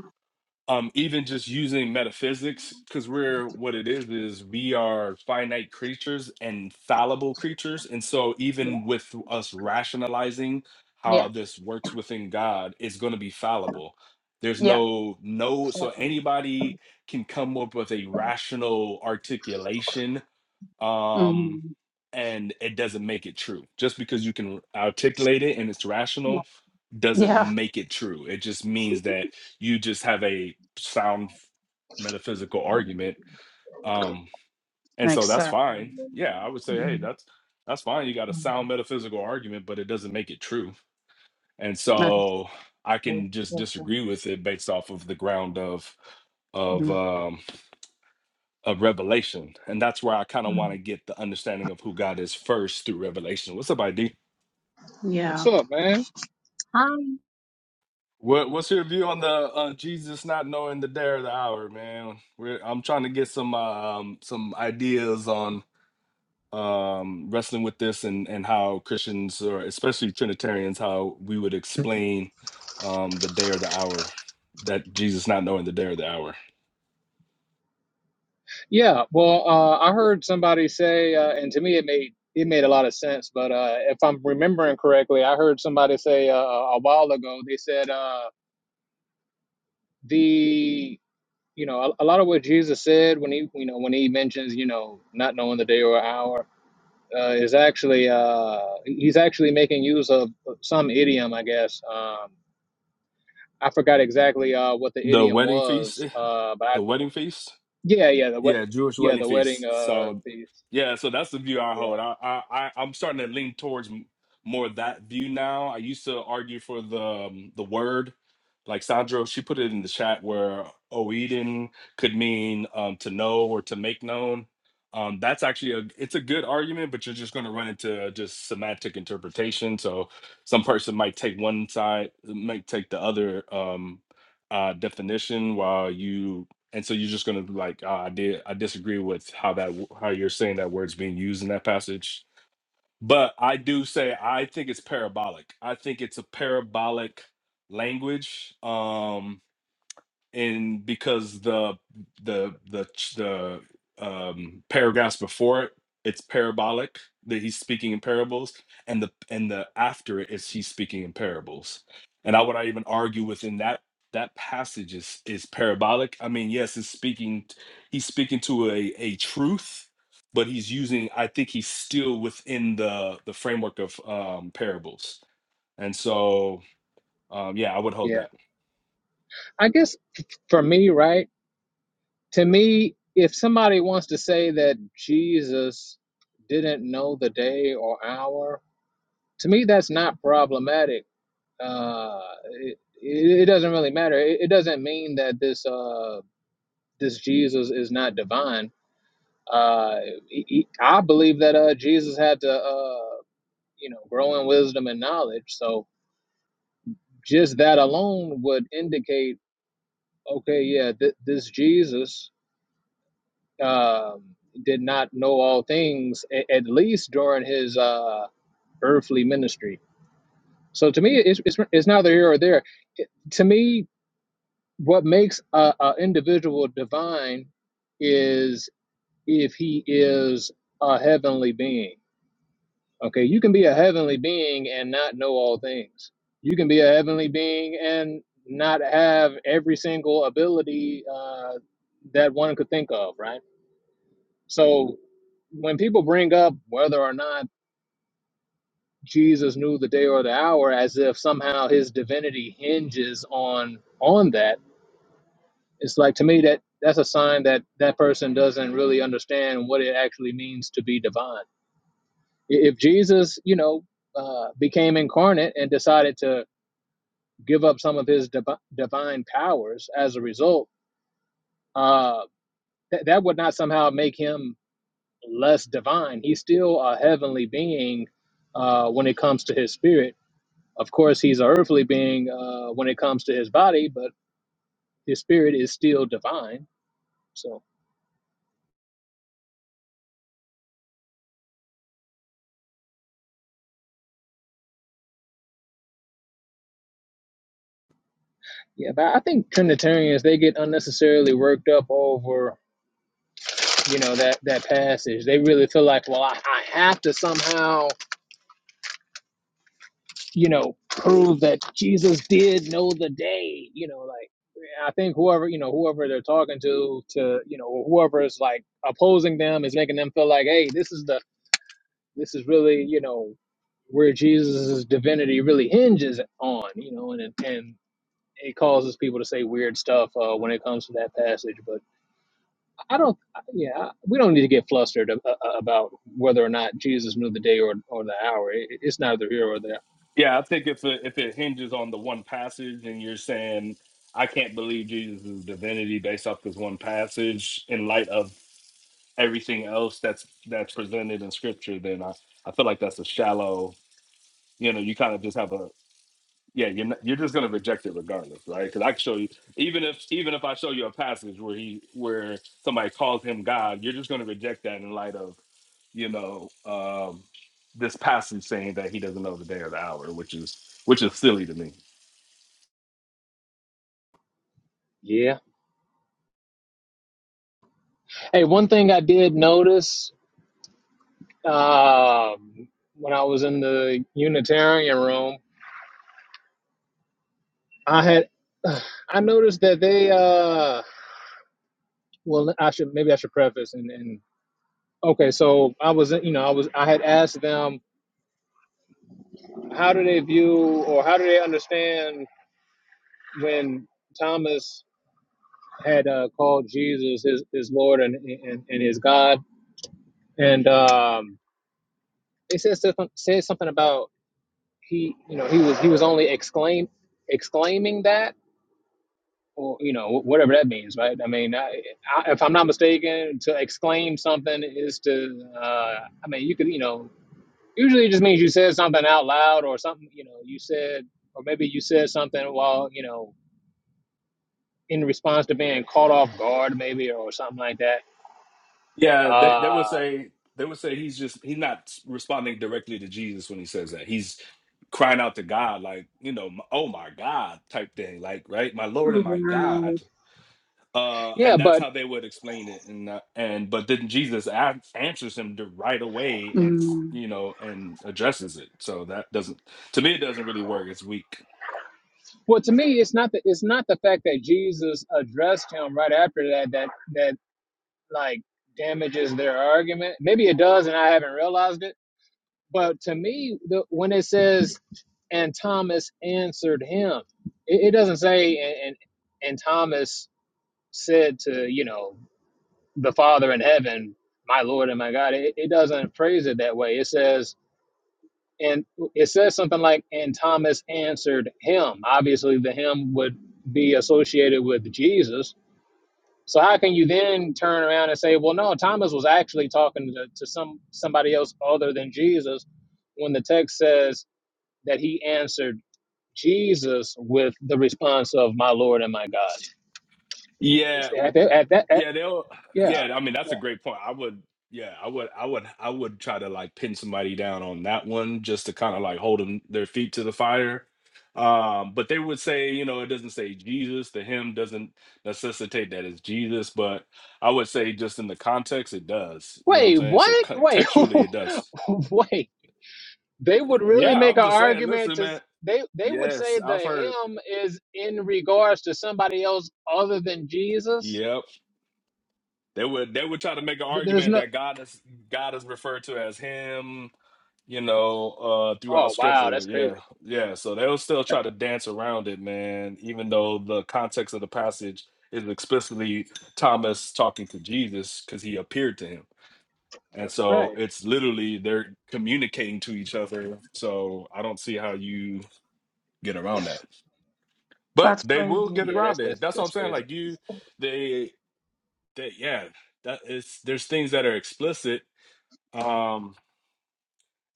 [SPEAKER 1] um even just using metaphysics because we're what it is is we are finite creatures and fallible creatures and so even with us rationalizing how
[SPEAKER 3] yeah,
[SPEAKER 1] this works within god it's going to be fallible there's
[SPEAKER 3] yeah,
[SPEAKER 1] no no
[SPEAKER 3] yeah.
[SPEAKER 1] so anybody can come up with a rational articulation
[SPEAKER 3] hmm
[SPEAKER 1] um, and it doesn't make it true. Just because you can articulate it and it's
[SPEAKER 3] yeah.
[SPEAKER 1] rational doesn't
[SPEAKER 3] Yeah.
[SPEAKER 1] make it true. It just means that you just have a sound metaphysical argument. Um, and so
[SPEAKER 3] Makes
[SPEAKER 1] that's
[SPEAKER 3] sense.
[SPEAKER 1] fine. Yeah, I would say, hey,
[SPEAKER 3] Mhm.
[SPEAKER 1] that's that's fine. You got a
[SPEAKER 3] Mhm.
[SPEAKER 1] sound metaphysical argument, but it doesn't make it true. And
[SPEAKER 3] That is
[SPEAKER 1] so I
[SPEAKER 3] so
[SPEAKER 1] can just
[SPEAKER 3] so- so-
[SPEAKER 1] disagree with it based off of the ground of of
[SPEAKER 3] mm,
[SPEAKER 1] um, of revelation. And that's where I kind of want
[SPEAKER 3] mm.
[SPEAKER 1] to get the understanding of who God is first through revelation. What's up, ID?
[SPEAKER 4] What's
[SPEAKER 3] Yeah.
[SPEAKER 4] up, man?
[SPEAKER 3] Um,
[SPEAKER 1] What, what's your view on the uh, Jesus not knowing the day or the hour, man? We're, I'm trying to get some um, some ideas on um, wrestling with this and, and how Christians or especially Trinitarians how we would explain um, the day or the hour that Jesus not knowing the day or the hour.
[SPEAKER 4] Yeah, well, uh, I heard somebody say, uh, and to me, it made it made a lot of sense. But uh, if I'm remembering correctly, I heard somebody say uh, a while ago. They said uh, the you know a, a lot of what Jesus said when he you know when he mentions you know not knowing the day or hour uh, is actually uh, he's actually making use of some idiom, I guess. Um, I forgot exactly uh, what the
[SPEAKER 1] The
[SPEAKER 4] idiom
[SPEAKER 1] wedding feast,
[SPEAKER 4] was,
[SPEAKER 1] eh,
[SPEAKER 4] uh, but I,
[SPEAKER 1] the wedding feast.
[SPEAKER 4] yeah, yeah, the wed-
[SPEAKER 1] Yeah, Jewish
[SPEAKER 4] yeah
[SPEAKER 1] wedding
[SPEAKER 4] the wedding
[SPEAKER 1] feast.
[SPEAKER 4] uh,
[SPEAKER 1] So,
[SPEAKER 4] feast.
[SPEAKER 1] yeah, so that's the view I
[SPEAKER 4] Yeah.
[SPEAKER 1] hold. I, I, I I'm starting to lean towards m- more that view now. I used to argue for the um, the word, like Sandro, she put it in the chat where Oedin could mean um, to know or to make known. Um, that's actually a it's a good argument, but you're just going to run into just semantic interpretation. So some person might take one side, might take the other um, uh, definition, while you and so you're just going to be like oh, i did i disagree with how that w- how you're saying that word's being used in that passage but i do say i think it's parabolic i think it's a parabolic language um and because the the the ch- the um paragraphs before it it's parabolic that he's speaking in parables and the and the after it is he's speaking in parables and i would i even argue within that that passage is is parabolic i mean yes it's speaking he's speaking to a a truth but he's using i think he's still within the the framework of um parables and so um yeah i would hold
[SPEAKER 4] Yeah.
[SPEAKER 1] that
[SPEAKER 4] I guess for me, right? To me, if somebody wants to say that Jesus didn't know the day or hour, to me, that's not problematic. Uh, it, it, it doesn't really matter. It, it doesn't mean that this uh, this Jesus is not divine. Uh, he, he- I believe that uh, Jesus had to, uh, you know, grow in wisdom and knowledge. So just that alone would indicate, okay, yeah, th- this Jesus. um, did not know all things, a- at least during his uh, earthly ministry. So to me, it's, it's, it's neither here or there. It- to me, what makes a, a individual divine is if he is a heavenly being. Okay, you can be a heavenly being and not know all things. You can be a heavenly being and not have every single ability uh, that one could think of, right? So when people bring up whether or not Jesus knew the day or the hour as if somehow his divinity hinges on on that, it's like to me that that's a sign that that person doesn't really understand what it actually means to be divine. I- If Jesus, you know, uh, became incarnate and decided to give up some of his divi- divine powers as a result, uh, th- that would not somehow make him less divine. He's still a heavenly being uh, when it comes to his spirit. Of course, he's an earthly being uh, when it comes to his body, but his spirit is still divine. So, yeah, but I think Trinitarians they get unnecessarily worked up over you know that that passage. They really feel like, well, I, I have to somehow you know, prove that Jesus did know the day, you know, like I think whoever, you know, whoever they're talking to to, you know, whoever is like opposing them is making them feel like, hey, this is the this is really, you know, where Jesus' divinity really hinges on, you know, and and it causes people to say weird stuff uh, when it comes to that passage. I don't. Yeah, we don't need to get flustered a- a- about whether or not Jesus knew the day or or the hour. It, it's neither here or there.
[SPEAKER 1] Yeah, I think if it, if it hinges on the one passage and you're saying I can't believe Jesus' divinity based off this one passage in light of everything else that's that's presented in scripture, then I, I feel like that's a shallow, you know, you kind of just have a, yeah, you're not, you're just gonna reject it regardless, right? Because I can show you, even if even if I show you a passage where he where somebody calls him God, you're just gonna reject that in light of you know um, this passage saying that he doesn't know the day or the hour, which is which is silly to me.
[SPEAKER 4] Yeah. Hey, one thing I did notice um, when I was in the Unitarian room, I had I noticed that they. Uh, well, I should maybe I should preface and, and okay. So I was you know I was I had asked them How do they view or how do they understand when Thomas had uh, called Jesus his, his Lord and, and, and his God? And um, they said something, said something about he, you know, he was he was only exclaim exclaiming that or you know whatever that means, right? I mean, I, I, if I'm not mistaken, to exclaim something is to uh, I mean, you could you know usually it just means you said something out loud or something you know you said or maybe you said something while you know in response to being caught off guard, maybe, or something like that.
[SPEAKER 1] Yeah, they they
[SPEAKER 4] Uh,
[SPEAKER 1] would say they would say he's just he's not responding directly to Jesus when he says that. He's crying out to God like you know, "M- oh my God type thing, like right, my Lord and my God
[SPEAKER 3] wow.
[SPEAKER 1] uh,
[SPEAKER 4] yeah,
[SPEAKER 1] and that's
[SPEAKER 4] but
[SPEAKER 1] how they would explain it. And uh, and but then Jesus a- answers him the right away, and s-
[SPEAKER 3] Mm.
[SPEAKER 1] you know, and addresses it. So that doesn't, to me, it doesn't really work. It's weak.
[SPEAKER 4] well, to me, it's not the it's not the fact that Jesus addressed him right after that that that like damages their argument. Maybe it does, and I haven't realized it. But to me, the, when it says and Thomas answered him. It, it doesn't say and, and and Thomas said to you know the Father in heaven, my Lord and my God. It, it doesn't phrase it that way. It says And it says something like, and Thomas answered him. Obviously, the him would be associated with Jesus. So how can you then turn around and say, well, no, Thomas was actually talking to, to some somebody else other than Jesus when the text says that he answered Jesus with the response of my Lord and my God. Is
[SPEAKER 1] Yeah.
[SPEAKER 4] that, at that, at that at-
[SPEAKER 1] Yeah, they'll.
[SPEAKER 4] yeah.
[SPEAKER 1] Yeah, I mean that's a great point. I would. Yeah, I would. I would. I would try to like pin somebody down on that one just to kind of like hold them their feet to the fire. Um, but they would say, you know, it doesn't say Jesus. The hymn doesn't necessitate that it's Jesus, but I would say just in the context, it does. You know what I'm
[SPEAKER 4] Wait,
[SPEAKER 1] saying? So
[SPEAKER 4] what? Wait,
[SPEAKER 1] contextually, it does.
[SPEAKER 4] wait. they would really
[SPEAKER 1] Yeah,
[SPEAKER 4] make
[SPEAKER 1] I'm
[SPEAKER 4] an
[SPEAKER 1] just saying.
[SPEAKER 4] argument
[SPEAKER 1] Listen,
[SPEAKER 4] to s-
[SPEAKER 1] man.
[SPEAKER 4] they they would
[SPEAKER 1] Yes,
[SPEAKER 4] say the
[SPEAKER 1] I've heard.
[SPEAKER 4] him is in regards to somebody else other than Jesus.
[SPEAKER 1] Yep, they would. They would try to make an
[SPEAKER 4] Th- There's
[SPEAKER 1] argument
[SPEAKER 4] no
[SPEAKER 1] that God is God is referred to as Him you know, uh, throughout
[SPEAKER 4] oh wow,
[SPEAKER 1] scripture.
[SPEAKER 4] that's
[SPEAKER 1] Yeah.
[SPEAKER 4] crazy.
[SPEAKER 1] Yeah. So they'll still try to dance around it, man, even though the context of the passage is explicitly Thomas talking to Jesus because he appeared to him. And so
[SPEAKER 4] Right.
[SPEAKER 1] it's literally they're communicating to each other. So I don't see how you get around that. But
[SPEAKER 3] That's
[SPEAKER 1] they will
[SPEAKER 3] crazy.
[SPEAKER 1] get
[SPEAKER 4] Yeah, that's
[SPEAKER 1] around it.
[SPEAKER 4] that's
[SPEAKER 1] That's what I'm
[SPEAKER 4] that's
[SPEAKER 1] saying.
[SPEAKER 4] crazy.
[SPEAKER 1] Like you they they yeah, that is there's things that are explicit. Um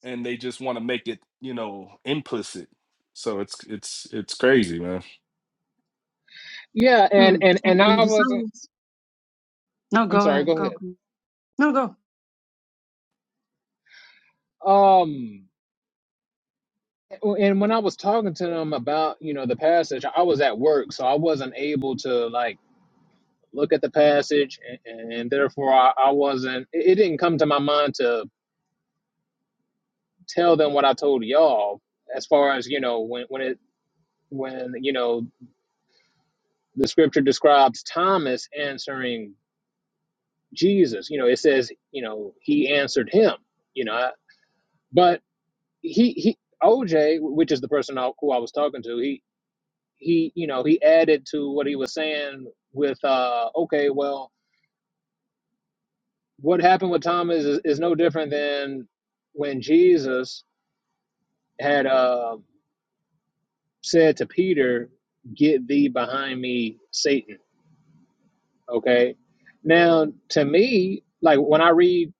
[SPEAKER 1] and they just want to make it, you know, implicit. So it's it's it's crazy, man.
[SPEAKER 4] Yeah, and
[SPEAKER 3] Mm.
[SPEAKER 4] and
[SPEAKER 3] And,
[SPEAKER 4] and
[SPEAKER 3] and
[SPEAKER 4] I wasn't
[SPEAKER 3] besides, no,
[SPEAKER 4] I'm
[SPEAKER 3] go
[SPEAKER 4] sorry,
[SPEAKER 3] ahead,
[SPEAKER 4] go
[SPEAKER 3] go.
[SPEAKER 4] ahead.
[SPEAKER 3] No, go.
[SPEAKER 4] Um and when I was talking to them about, you know, the passage, I was at work, so I wasn't able to like look at the passage and, and therefore I, I wasn't it it didn't come to my mind to tell them what I told y'all as far as you know when when it when you know the scripture describes Thomas answering Jesus you know it says you know he answered him you know but he he OJ which is the person I, who I was talking to he he you know he added to what he was saying with uh okay well what happened with Thomas is, is no different than when Jesus had uh said to Peter get thee behind me satan Okay. Now, to me, like when I read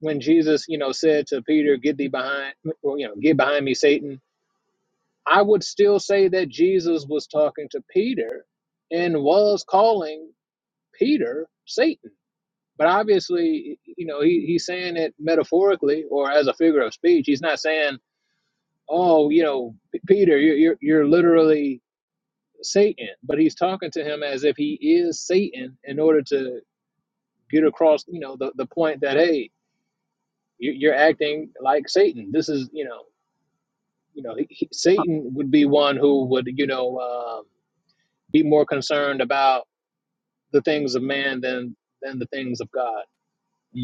[SPEAKER 4] when Jesus, you know, said to Peter, "Get thee behind," or, you know, "Get behind me, Satan," I would still say that Jesus was talking to Peter and was calling Peter Satan. But obviously, you know, he, he's saying it metaphorically or as a figure of speech. He's not saying, "Oh, you know, P- Peter, you're you're, you're literally." Satan, but he's talking to him as if he is Satan in order to Peter crossed, you know, the, the point that hey, you, are acting like Satan. This is, you know, you know, he,
[SPEAKER 3] Oh,
[SPEAKER 4] Satan would be one who would, you know, um be more concerned about the things of man than than the things of God.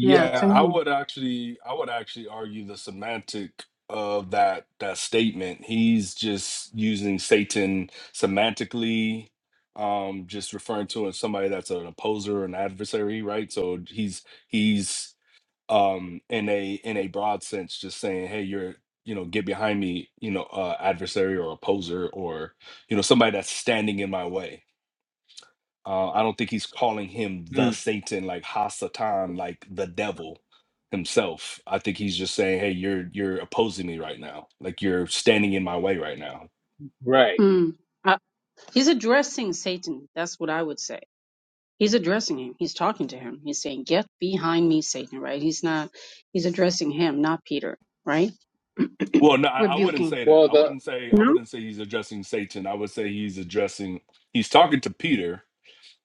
[SPEAKER 3] yeah,
[SPEAKER 4] Uh,
[SPEAKER 1] I
[SPEAKER 3] Tanina.
[SPEAKER 1] would actually I would actually argue the semantic of that that statement. He's just using Satan semantically, um, just referring to it as somebody that's an opposer, an adversary, right? So he's he's um in a in a broad sense just saying, hey, you're you know, get behind me, you know, uh adversary or opposer or, you know, somebody that's standing in my way Uh, I don't think he's calling him
[SPEAKER 4] hmm,
[SPEAKER 1] the Satan, like Ha Satan, like the devil himself. I think he's just saying, "Hey, you're you're opposing me right now. Like you're standing in my way right now."
[SPEAKER 4] right.
[SPEAKER 3] Mm. Uh, he's addressing Satan. That's what I would say. He's addressing him. He's talking to him. He's saying, "Get behind me, Satan!" Right? He's not. He's addressing him, not Peter. Right?
[SPEAKER 1] Well, no, I, I wouldn't
[SPEAKER 3] Rebuking.
[SPEAKER 1] say that.
[SPEAKER 4] Well,
[SPEAKER 1] I
[SPEAKER 4] the
[SPEAKER 1] wouldn't say I
[SPEAKER 3] No,
[SPEAKER 1] wouldn't say he's addressing Satan. I would say he's addressing he's talking to Peter,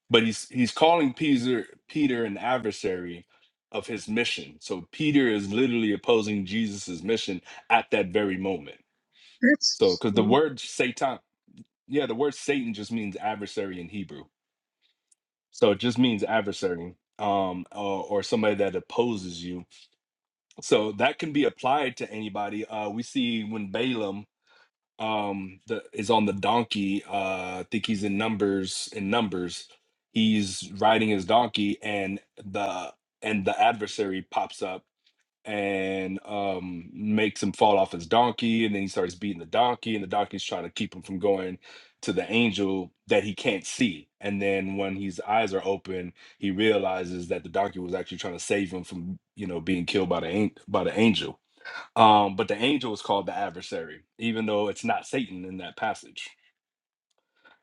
[SPEAKER 1] but he's he's calling Peter Peter an adversary of his mission. So Peter is literally opposing Jesus's mission at that very moment. So,
[SPEAKER 3] that's
[SPEAKER 1] because the
[SPEAKER 3] true.
[SPEAKER 1] word Satan, Yeah, the word Satan just means adversary in Hebrew. So it just means adversary um or, or somebody that opposes you. So that can be applied to anybody. Uh we see when Balaam um the, is on the donkey, uh I think he's in numbers in numbers. He's riding his donkey and the and the adversary pops up and um, makes him fall off his donkey, and then he starts beating the donkey, and the donkey's trying to keep him from going to the angel that he can't see. And then when his eyes are open, he realizes that the donkey was actually trying to save him from, you know, being killed by the an- by the angel. Um, but the angel is called the adversary, even though it's not Satan in that passage.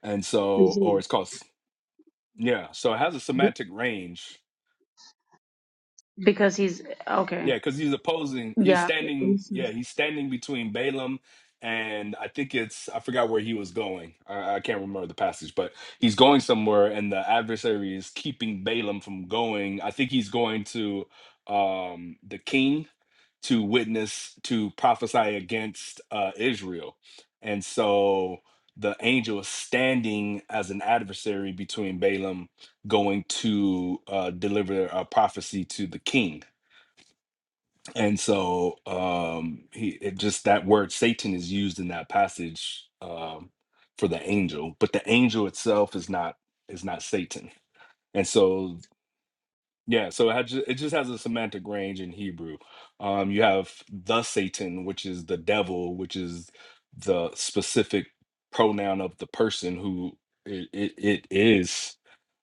[SPEAKER 1] And so, or
[SPEAKER 3] Indeed.
[SPEAKER 1] it's called, s- yeah. So it has a
[SPEAKER 3] But-
[SPEAKER 1] semantic range
[SPEAKER 3] Because he's okay.
[SPEAKER 1] Yeah, because he's opposing. He's
[SPEAKER 3] Yeah,
[SPEAKER 1] standing.
[SPEAKER 3] this
[SPEAKER 1] Yeah,
[SPEAKER 3] is-
[SPEAKER 1] he's standing between Balaam and I think it's I forgot where he was going. I, I can't remember the passage, but he's going somewhere, and the adversary is keeping Balaam from going. I think he's going to um, the king to witness to prophesy against uh, Israel, and so the angel is standing as an adversary between Balaam going to uh, deliver a prophecy to the king and so um he it just that word satan is used in that passage um for the angel but the angel itself is not is not satan and so yeah so it, had ju- it just has a semantic range in hebrew um you have the satan which is the devil which is the specific pronoun of the person who it, it, it is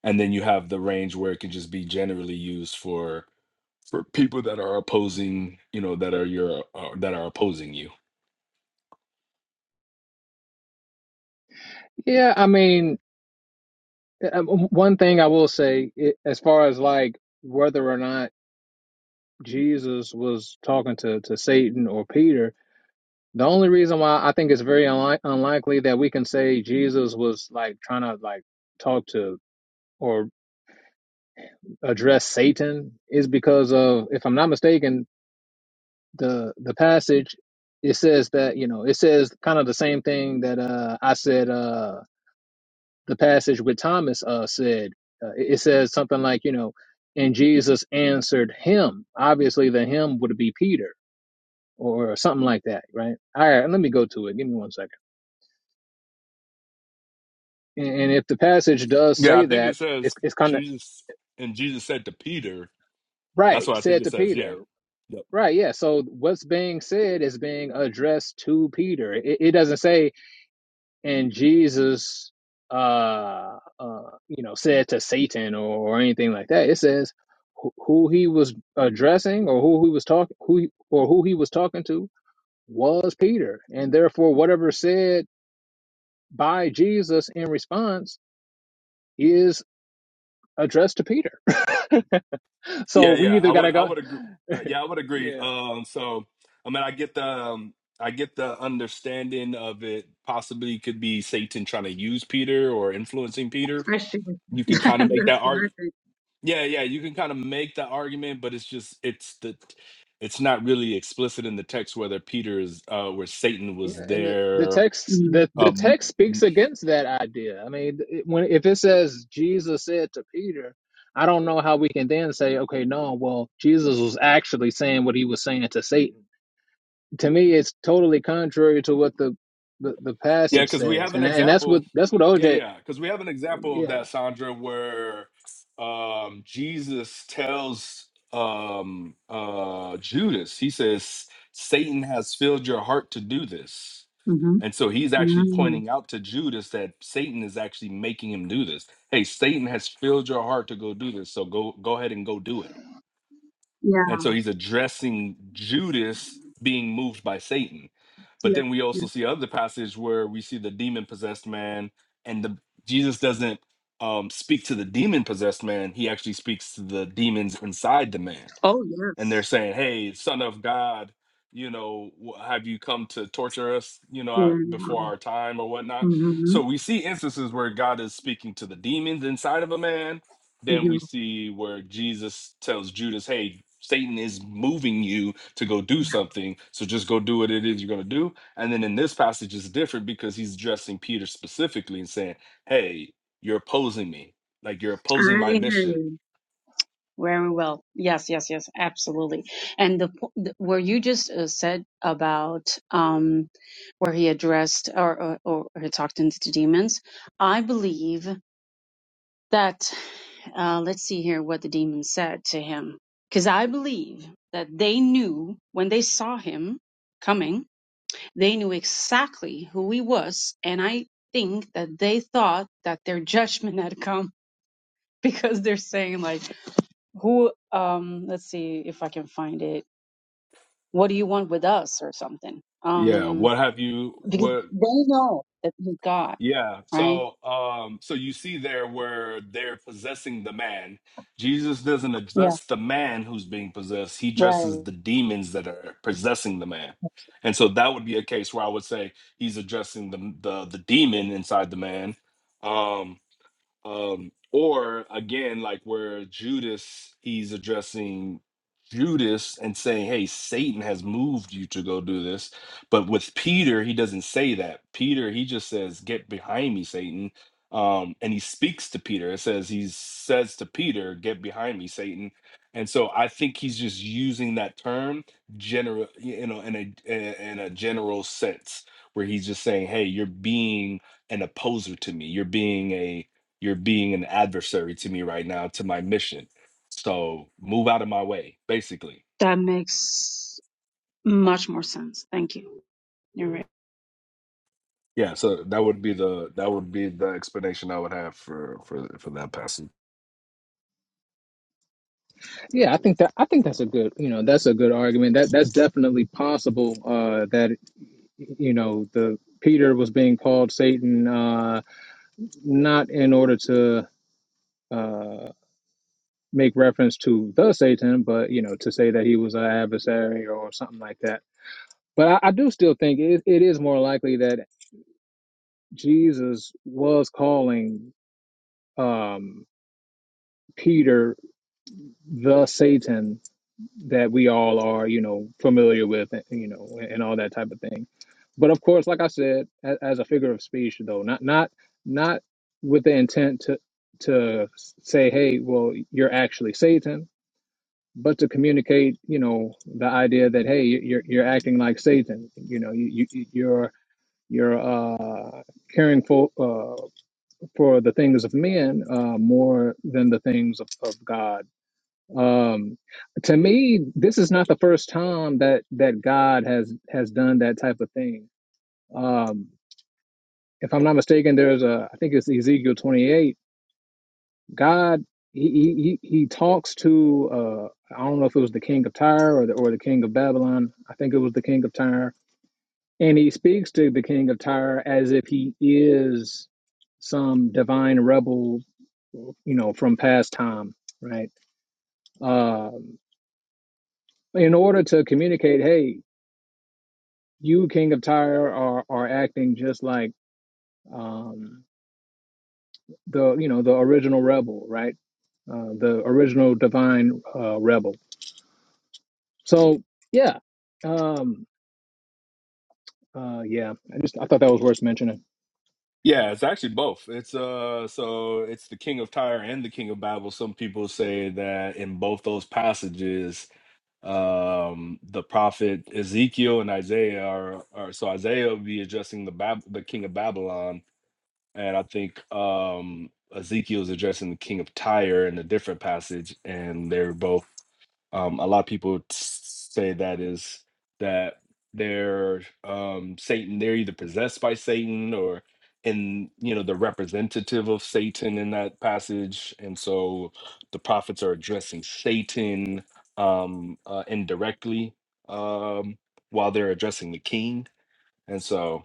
[SPEAKER 1] and then you have the range where it can just be generally used for people that are opposing you know that are your uh, that are opposing you
[SPEAKER 4] yeah, I mean, um, one thing I will say, it, as far as like whether or not Jesus was talking to to Satan or Peter, The only reason why I think it's very unli- unlikely that we can say Jesus was like trying to like talk to or address Satan is because of, if I'm not mistaken, the the passage it says that you know it says kind of the same thing that uh I said uh the passage with Thomas uh said uh, it it says something like you know and Jesus answered him obviously the him would be Peter or something like that right all right let me go to it give me one second. And, and if the passage does
[SPEAKER 1] yeah i
[SPEAKER 4] say
[SPEAKER 1] think
[SPEAKER 4] that,
[SPEAKER 1] it
[SPEAKER 4] it's
[SPEAKER 1] says
[SPEAKER 4] it's kind of
[SPEAKER 1] jesus and jesus said to peter that's
[SPEAKER 4] right.
[SPEAKER 1] what i think
[SPEAKER 4] Said
[SPEAKER 1] it
[SPEAKER 4] to
[SPEAKER 1] says yeah
[SPEAKER 4] Peter,
[SPEAKER 1] yep.
[SPEAKER 4] right? Yeah. So what's being said is being addressed to Peter. It, it doesn't say and Jesus, uh, uh, you know, said to Satan or, or anything like that. It says who, who he was addressing or who he was talking who he- or who he was talking to was Peter, and therefore whatever said by Jesus in response is addressed to Peter. so
[SPEAKER 1] yeah
[SPEAKER 4] we
[SPEAKER 1] yeah
[SPEAKER 4] either
[SPEAKER 1] i would
[SPEAKER 4] gotta
[SPEAKER 1] i
[SPEAKER 4] go
[SPEAKER 1] would agree uh, yeah i would agree
[SPEAKER 4] yeah
[SPEAKER 1] um so i mean i get the um, i get the understanding of it possibly could be satan trying to use peter or influencing peter
[SPEAKER 3] I see what
[SPEAKER 1] you
[SPEAKER 3] you-
[SPEAKER 1] can kind of make
[SPEAKER 3] that's
[SPEAKER 1] that
[SPEAKER 3] what I
[SPEAKER 1] argument
[SPEAKER 3] think.
[SPEAKER 1] Yeah, yeah, you can kind of make the argument, but it's just it's the it's not really explicit in the text whether Peter is uh where Satan
[SPEAKER 4] yeah
[SPEAKER 1] was
[SPEAKER 4] and the, the
[SPEAKER 1] there.
[SPEAKER 4] text
[SPEAKER 3] Mm-hmm.
[SPEAKER 4] the, the text
[SPEAKER 1] Um
[SPEAKER 4] speaks
[SPEAKER 1] m-
[SPEAKER 4] against that idea i mean it, when if it says jesus said to peter i don't know how we can then say okay no well jesus was actually saying what he was saying to satan to me it's totally contrary to what the the, the
[SPEAKER 1] yeah,
[SPEAKER 4] passage
[SPEAKER 1] because we
[SPEAKER 4] says
[SPEAKER 1] have an
[SPEAKER 4] and and that's
[SPEAKER 1] example.
[SPEAKER 4] what that's what
[SPEAKER 1] Yeah,
[SPEAKER 4] oj
[SPEAKER 1] yeah, because we have an example of
[SPEAKER 4] yeah
[SPEAKER 1] that, Sandra, where um Jesus tells um uh Judas, he says, Satan has filled your heart to do this.
[SPEAKER 3] mm Mhm.
[SPEAKER 1] And so he's actually
[SPEAKER 3] Mm.
[SPEAKER 1] pointing out to Judas that Satan is actually making him do this. Hey, Satan has filled your heart to go do this, so go go ahead and go do it.
[SPEAKER 3] Yeah,
[SPEAKER 1] And so he's addressing Judas being moved by Satan.
[SPEAKER 3] yeah,
[SPEAKER 1] But then we
[SPEAKER 3] yeah.
[SPEAKER 1] also see other passage where we see the demon possessed man and the Jesus doesn't um, speak to the demon possessed man. He actually speaks to the demons inside the man
[SPEAKER 3] Oh
[SPEAKER 1] and
[SPEAKER 3] yes.
[SPEAKER 1] they're saying, "Hey, son of God, you know, wh- have you come to torture us, you know,
[SPEAKER 3] Yeah.
[SPEAKER 1] uh, before our time or whatnot?"
[SPEAKER 3] Mm-hmm.
[SPEAKER 1] So we see instances where God is speaking to the demons inside of a man. Then we see where Jesus tells Judas, "Hey, Satan is moving you to go do something, so just go do what it is you're going to do." And then in this passage it's different because he's addressing Peter specifically and saying, "Hey, you're opposing me. Like you're opposing my
[SPEAKER 3] Very
[SPEAKER 1] mission."
[SPEAKER 3] good. Very well. Yes, yes, yes, absolutely. And the, po- the where you just uh, said about um, where he addressed or, or or he talked into the demons, I believe that uh, let's see here what the demons said to him, because I believe that they knew when they saw him coming, they knew exactly who he was, and I think that they thought that their judgment had come because they're saying like who um let's see if I can find it. What do you want with us or something?
[SPEAKER 1] Yeah,
[SPEAKER 3] Um
[SPEAKER 1] what have you
[SPEAKER 3] because
[SPEAKER 1] what
[SPEAKER 3] they know that you God,
[SPEAKER 1] Yeah.
[SPEAKER 3] right?
[SPEAKER 1] So um so you see there where they're possessing the man. Jesus doesn't
[SPEAKER 3] Yeah,
[SPEAKER 1] address the man who's being possessed. He
[SPEAKER 3] right.
[SPEAKER 1] addresses the demons that are possessing the man. And so that would be a case where I would say he's addressing the the the demon inside the man. Um um or again like where judas he's addressing judas and saying hey satan has moved you to go do this but with peter he doesn't say that peter he just says get behind me satan um and he speaks to peter it says he says to peter get behind me satan and so i think he's just using that term general you know in a in a general sense where he's just saying hey you're being an opposer to me you're being a you're being an adversary to me right now, to my mission. So move out of my way, basically.
[SPEAKER 3] That makes much more sense. Thank you. You're right.
[SPEAKER 1] Yeah, so that would be the that would be the explanation I would have for for for that passage.
[SPEAKER 4] yeah i think that i think that's a good you know that's a good argument that that's definitely possible uh that. you know the peter was being called satan uh not in order to uh make reference to the satan but you know to say that he was an adversary or something like that but i, I do still think it, it is more likely that jesus was calling um peter the satan that we all are, you know, familiar with, eh, you know, and all that type of thing. But of course, like I said, a- as a figure of speech, though, not not not with the intent to to say, hey, well, you're actually Satan, but to communicate, you know, the idea that hey, you're you're acting like Satan, you know, you, you you're you're uh, caring for uh, for the things of men uh, more than the things of, of God um, to me, this is not the first time that that God has has done that type of thing. Um, if I'm not mistaken, there's a I think it's Ezekiel 28. God he he he he talks to uh, I don't know if it was the king of Tyre or the or the king of Babylon. I think it was the king of Tyre, and he speaks to the king of Tyre as if he is some divine rebel you know from past time right uh in order to communicate hey you, King of Tyre, are are acting just like um, the you know the original rebel, right? Uh, the original divine uh, rebel. So yeah, um, uh, yeah. I just I thought that was worth mentioning.
[SPEAKER 1] Yeah, it's actually both. It's uh so it's the king of Tyre and the king of Babel. Some people say that in both those passages, um the prophet Ezekiel and Isaiah are, are so Isaiah would be addressing the Bab- the king of Babylon and I think um, Ezekiel's addressing the king of Tyre in a different passage, and they're both. Um, a lot of people t- say that is that they're um, Satan. They're either possessed by Satan or in you know the representative of Satan in that passage, and so the prophets are addressing Satan um, uh, indirectly um, while they're addressing the king, and so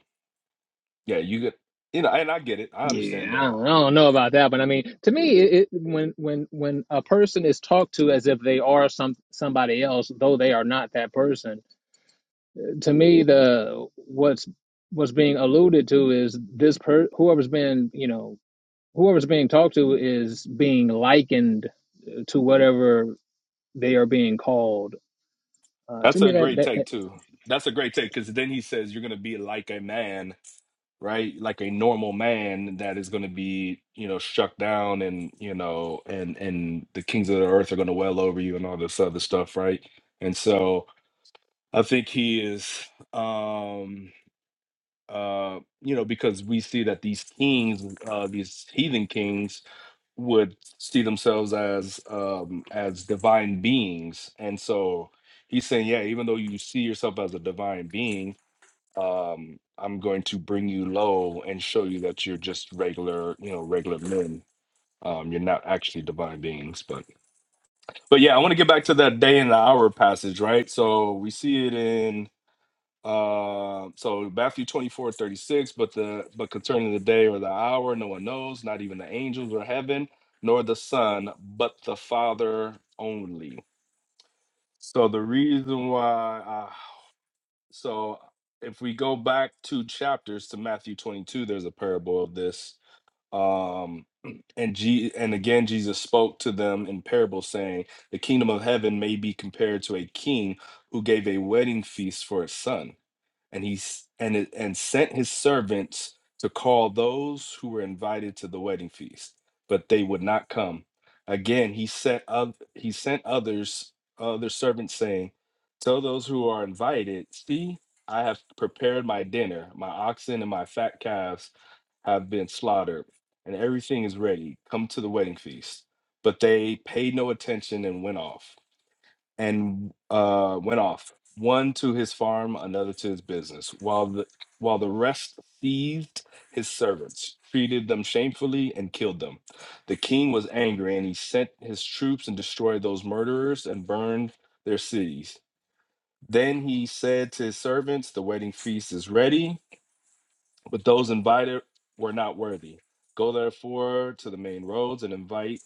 [SPEAKER 1] yeah, you get you know, and I get it. I
[SPEAKER 4] Yeah,
[SPEAKER 1] understand.
[SPEAKER 4] I
[SPEAKER 1] Uh,
[SPEAKER 4] don't, I don't know about that, but I mean, to me, it, it, when when when a person is talked to as if they are some somebody else, though they are not that person, to me, the what's what's being alluded to is this per whoever's been you know whoever's being talked to is being likened to whatever they are being called. Uh, to
[SPEAKER 1] That's
[SPEAKER 4] me,
[SPEAKER 1] a
[SPEAKER 4] that,
[SPEAKER 1] great
[SPEAKER 4] that,
[SPEAKER 1] take
[SPEAKER 4] that
[SPEAKER 1] too. That's a great take because then he says you're going to be like a man, right? Like a normal man that is going to be, you know, struck down and, you know, and and the kings of the earth are going to well over you and all this other stuff, right? And so I think he is um uh you know because we see that these kings uh these heathen kings would see themselves as um as divine beings and so he's saying yeah even though you see yourself as a divine being um i'm going to bring you low and show you that you're just regular you know regular men um you're not actually divine beings but but yeah i want to get back to that day and the hour passage right so we see it in. Um, so Matthew 24 36. but the but concerning the day or the hour, no one knows, not even the angels or heaven, nor the Son, but the Father only. So the reason why I so if we go back two chapters to Matthew 22, there's a parable of this. Um and G and again Jesus spoke to them in parable saying, The kingdom of heaven may be compared to a king who gave a wedding feast for his son and he s- and it- and sent his servants to call those who were invited to the wedding feast, but they would not come. Again, he sent oth- he sent others other servants saying, "Tell those who are invited, see, I have prepared my dinner. My oxen and my fat calves have been slaughtered, and everything is ready. Come to the wedding feast." But they paid no attention and went off and uh, went off, one to his farm, another to his business, while the while the rest seized his servants, treated them shamefully, and killed them. The king was angry, and he sent his troops and destroyed those murderers and burned their cities. Then he said to his servants, "The wedding feast is ready, but those invited were not worthy. Go therefore to the main roads and invite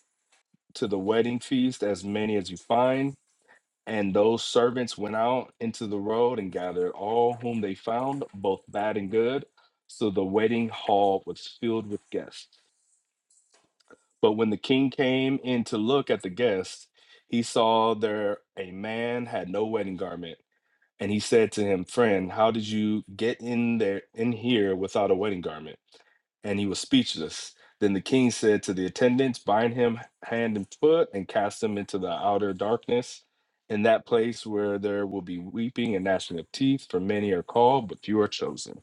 [SPEAKER 1] to the wedding feast as many as you find." And those servants went out into the road and gathered all whom they found, both bad and good. So the wedding hall was filled with guests. But when the king came in to look at the guests, he saw there a man had no wedding garment. And he said to him, Friend, how did you get in there in here without a wedding garment? and he was speechless. Then the king said to the attendants, Bind him hand and foot and cast him into the outer darkness, in that place where there will be weeping and gnashing of teeth, for many are called, but few are chosen.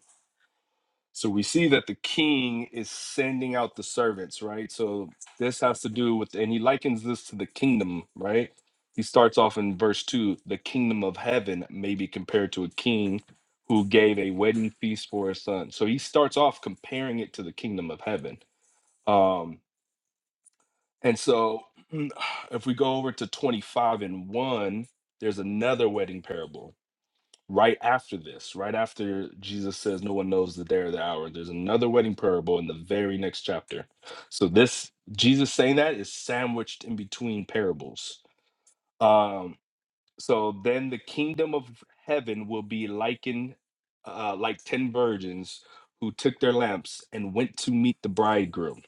[SPEAKER 1] So we see that the king is sending out the servants, right? So this has to do with, and he likens this to the kingdom, right? He starts off in verse two the kingdom of heaven may be compared to a king who gave a wedding feast for his son. So he starts off comparing it to the kingdom of heaven. Um, and so if we go over to 25 and 1, there's another wedding parable right after this, right after Jesus says, No one knows the day or the hour, there's another wedding parable in the very next chapter. So, this Jesus saying that is sandwiched in between parables. Um, so, then the kingdom of heaven will be likened uh, like 10 virgins who took their lamps and went to meet the bridegroom.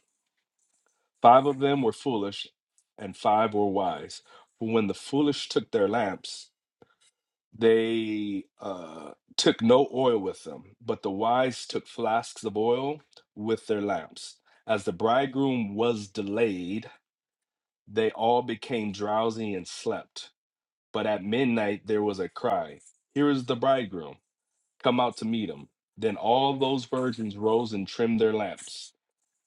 [SPEAKER 1] Five of them were foolish, and five were wise. For when the foolish took their lamps, they uh, took no oil with them, but the wise took flasks of oil with their lamps. As the bridegroom was delayed, they all became drowsy and slept. But at midnight there was a cry, Here is the bridegroom, come out to meet him. Then all those virgins rose and trimmed their lamps.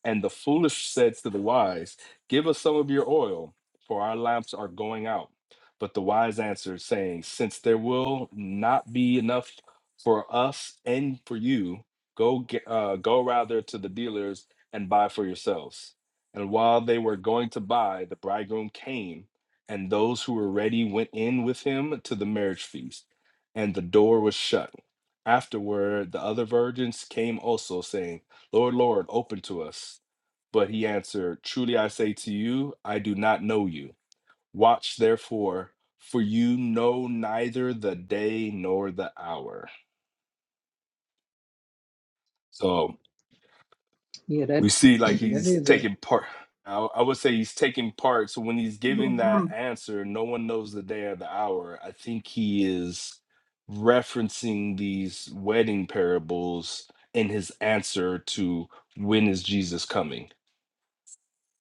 [SPEAKER 1] And the foolish said to the wise, Give us some of your oil, for our lamps are going out. But the wise answered, saying, Since there will not be enough for us and for you, go get, uh, go rather to the dealers and buy for yourselves. And while they were going to buy, the bridegroom came, and those who were ready went in with him to the marriage feast, and the door was shut. Afterward, the other virgins came also, saying, Lord, Lord, open to us. But he answered, Truly I say to you, I do not know you. Watch therefore, for you know neither the day nor the hour. So
[SPEAKER 4] yeah, that
[SPEAKER 1] we see like
[SPEAKER 4] that
[SPEAKER 1] he's
[SPEAKER 4] is a.
[SPEAKER 1] taking part. I I would say he's taking part. So when he's giving that
[SPEAKER 3] Mhm.
[SPEAKER 1] answer, no one knows the day or the hour. I think he is referencing these wedding parables in his answer to when is Jesus coming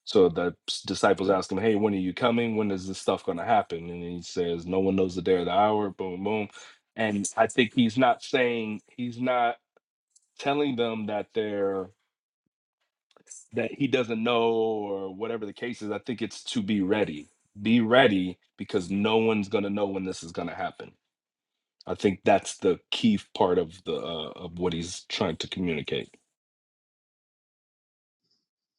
[SPEAKER 1] So the s- disciples ask him, Hey, when are you coming? When is this stuff going to happen? And he says, No one knows the day or the hour, boom, boom. And I think he's not saying, he's not telling them that they're, that he doesn't know or whatever the case is. I think it's to be ready. Be ready because no one's going to know when this is going to happen. I think that's the key part of the uh, of what he's trying to communicate.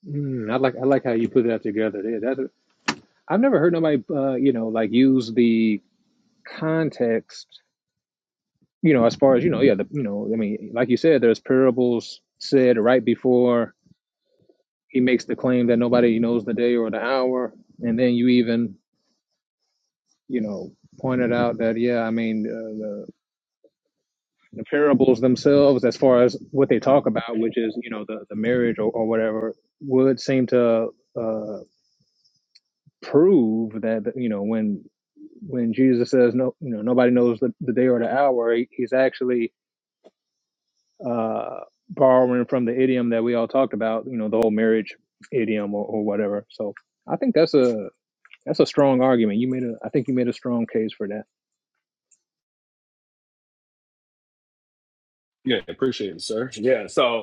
[SPEAKER 4] Mm, I like I like how you put that together. Yeah, that I've never heard nobody, uh, you know, like use the context, you know, as far as you know, yeah, the, you know, I mean, like you said, there's parables said right before he makes the claim that nobody knows the day or the hour, and then you even, you know, pointed out that yeah, I mean, uh, the the parables themselves as far as what they talk about which is you know the, the marriage or, or whatever would seem to uh, prove that you know when when jesus says no you know nobody knows the, the day or the hour he, he's actually uh, borrowing from the idiom that we all talked about you know the whole marriage idiom or, or whatever so i think that's a that's a strong argument. You made a, I think you made a strong case for that.
[SPEAKER 1] Yeah, appreciate it, sir. Yeah, so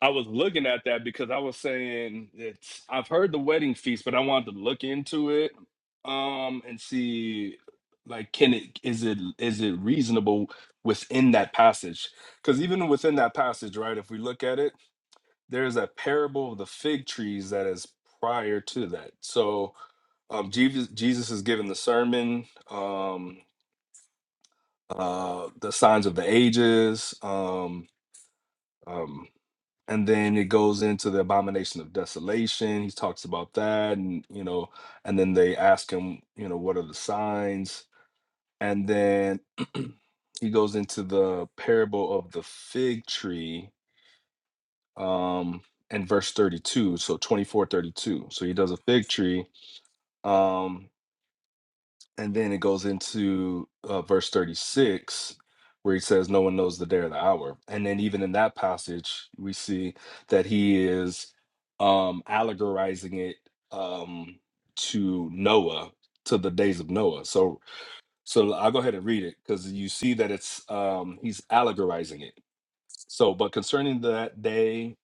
[SPEAKER 1] I was looking at that because I was saying it's I've heard the wedding feast, but I wanted to look into it um and see like can it is it is it reasonable within that passage? Because even within that passage, right, if we look at it, there's a parable of the fig trees that is prior to that. So um Jesus Jesus is giving the sermon, um uh the signs of the ages, um um and then it goes into the abomination of desolation he talks about that and you know and then they ask him you know what are the signs and then he goes into the parable of the fig tree um in verse 32 so 24, 32. so he does a fig tree um and then it goes into uh, verse 36 where he says no one knows the day or the hour and then even in that passage we see that he is um allegorizing it um to noah to the days of noah so so i'll go ahead and read it because you see that it's um he's allegorizing it so but concerning that day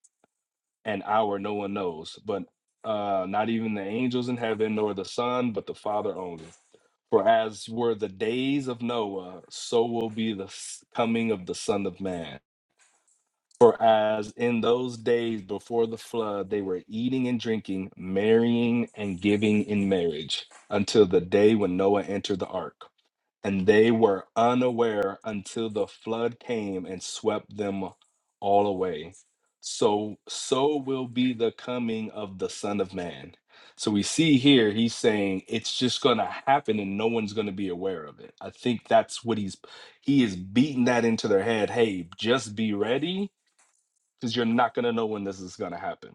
[SPEAKER 1] and hour no one knows but uh not even the angels in heaven nor the son but the father only for as were the days of Noah, so will be the s- coming of the Son of Man. For as in those days before the flood, they were eating and drinking, marrying and giving in marriage, until the day when Noah entered the ark and they were unaware until the flood came and swept them all away so so will be the coming of the son of man so we see here he's saying it's just going to happen and no one's going to be aware of it i think that's what he's he is beating that into their head hey just be ready because you're not going to know when this is going to happen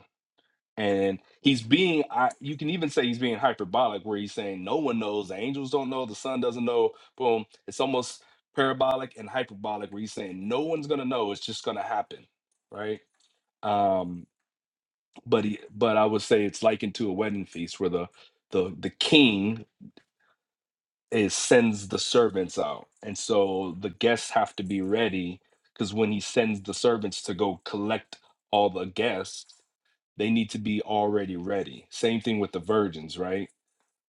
[SPEAKER 1] and he's being I, you can even say he's being hyperbolic where he's saying no one knows the angels don't know the sun doesn't know boom it's almost parabolic and hyperbolic where he's saying no one's going to know it's just going to happen right um but he but i would say it's likened to a wedding feast where the the the king is sends the servants out and so the guests have to be ready because when he sends the servants to go collect all the guests they need to be already ready. Same thing with the virgins, right?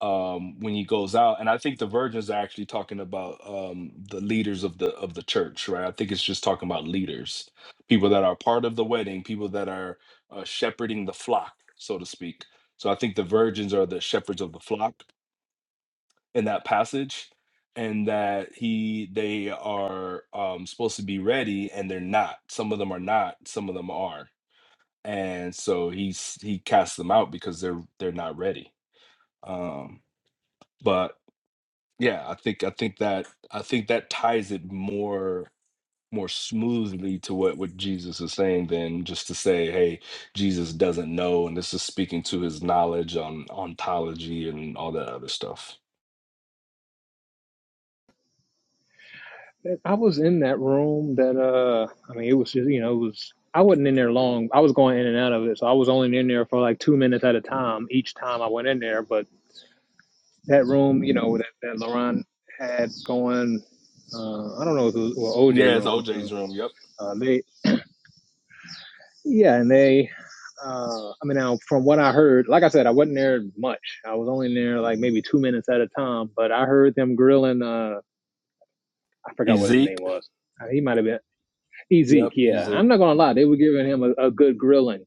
[SPEAKER 1] Um, when he goes out, and I think the virgins are actually talking about um, the leaders of the of the church, right? I think it's just talking about leaders, people that are part of the wedding, people that are uh, shepherding the flock, so to speak. So I think the virgins are the shepherds of the flock in that passage, and that he they are um, supposed to be ready, and they're not. Some of them are not. Some of them are and so he's he casts them out because they're they're not ready um but yeah i think i think that i think that ties it more more smoothly to what what jesus is saying than just to say hey jesus doesn't know and this is speaking to his knowledge on ontology and all that other stuff
[SPEAKER 4] I was in that room that, uh, I mean, it was just, you know, it was, I wasn't in there long. I was going in and out of it. So I was only in there for like two minutes at a time each time I went in there. But that room, you know, that, that LaRon had going, uh, I don't know if it was or OJ
[SPEAKER 1] yeah it's
[SPEAKER 4] room. so,
[SPEAKER 1] oj's room yep
[SPEAKER 4] Uh, they, yeah, and they, uh, I mean, now from what I heard, like I said, I wasn't there much. I was only there like maybe two minutes at a time, but I heard them grilling, uh, I forgot what his
[SPEAKER 1] ezek
[SPEAKER 4] name was. Uh, He might have been Ezek.
[SPEAKER 1] yep
[SPEAKER 4] Yeah.
[SPEAKER 1] ezek
[SPEAKER 4] I'm not going to lie. They were giving him a, a good grilling.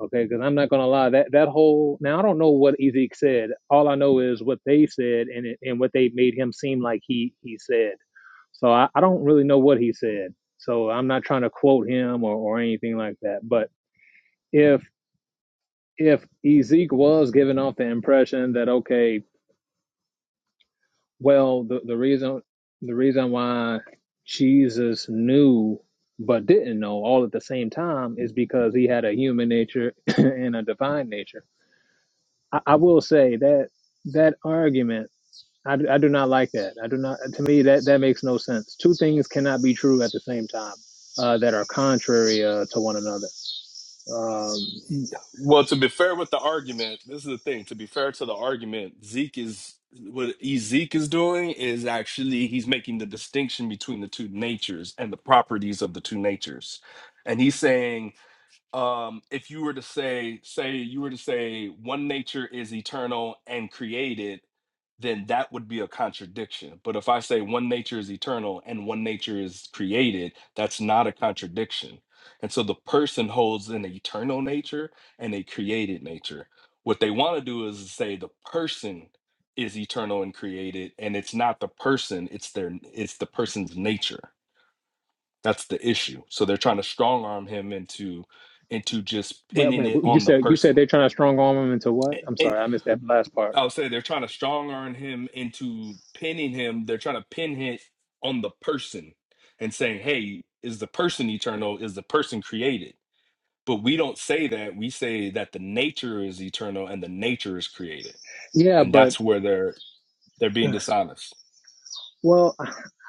[SPEAKER 4] Okay. Cause I'm not going to lie that, that whole, now I don't know what Ezek said. All I know is what they said and, it, and what they made him seem like he, he said So I, I don't really know what he said. So I'm not trying to quote him or, or anything like that. But if if Ezek was giving off the impression that okay, well the, the reason the reason why Jesus knew but didn't know all at the same time is because he had a human nature and a divine nature. I, I will say that that argument I, d- I do not like that. I do not. To me, that that makes no sense. Two things cannot be true at the same time uh, that are contrary uh, to one another. Um,
[SPEAKER 1] Well, to be fair with the argument, this is the thing. To be fair to the argument, Zeke is what Zeke is doing is actually he's making the distinction between the two natures and the properties of the two natures, and he's saying um if you were to say say you were to say one nature is eternal and created then that would be a contradiction but if i say one nature is eternal and one nature is created that's not a contradiction and so the person holds an eternal nature and a created nature what they want to do is say the person is eternal and created and it's not the person it's their it's the person's nature that's the issue. So they're trying to strong arm him into into just
[SPEAKER 4] wait,
[SPEAKER 1] pinning
[SPEAKER 4] wait,
[SPEAKER 1] it
[SPEAKER 4] what- you
[SPEAKER 1] on the
[SPEAKER 4] said you said
[SPEAKER 1] person.
[SPEAKER 4] they're trying to strong arm them into what?
[SPEAKER 1] A-
[SPEAKER 4] I'm
[SPEAKER 1] And
[SPEAKER 4] sorry, I missed that last part.
[SPEAKER 1] I'll say they're trying to strong arm him into pinning him. They're trying to pin it on the person and saying, "Hey, is the person eternal? Is the person created?" But we don't say that. We say that the nature is eternal and the nature is created.
[SPEAKER 4] Yeah,
[SPEAKER 1] And
[SPEAKER 4] but
[SPEAKER 1] that's where they're they're being
[SPEAKER 4] uh,
[SPEAKER 1] dishonest.
[SPEAKER 4] well,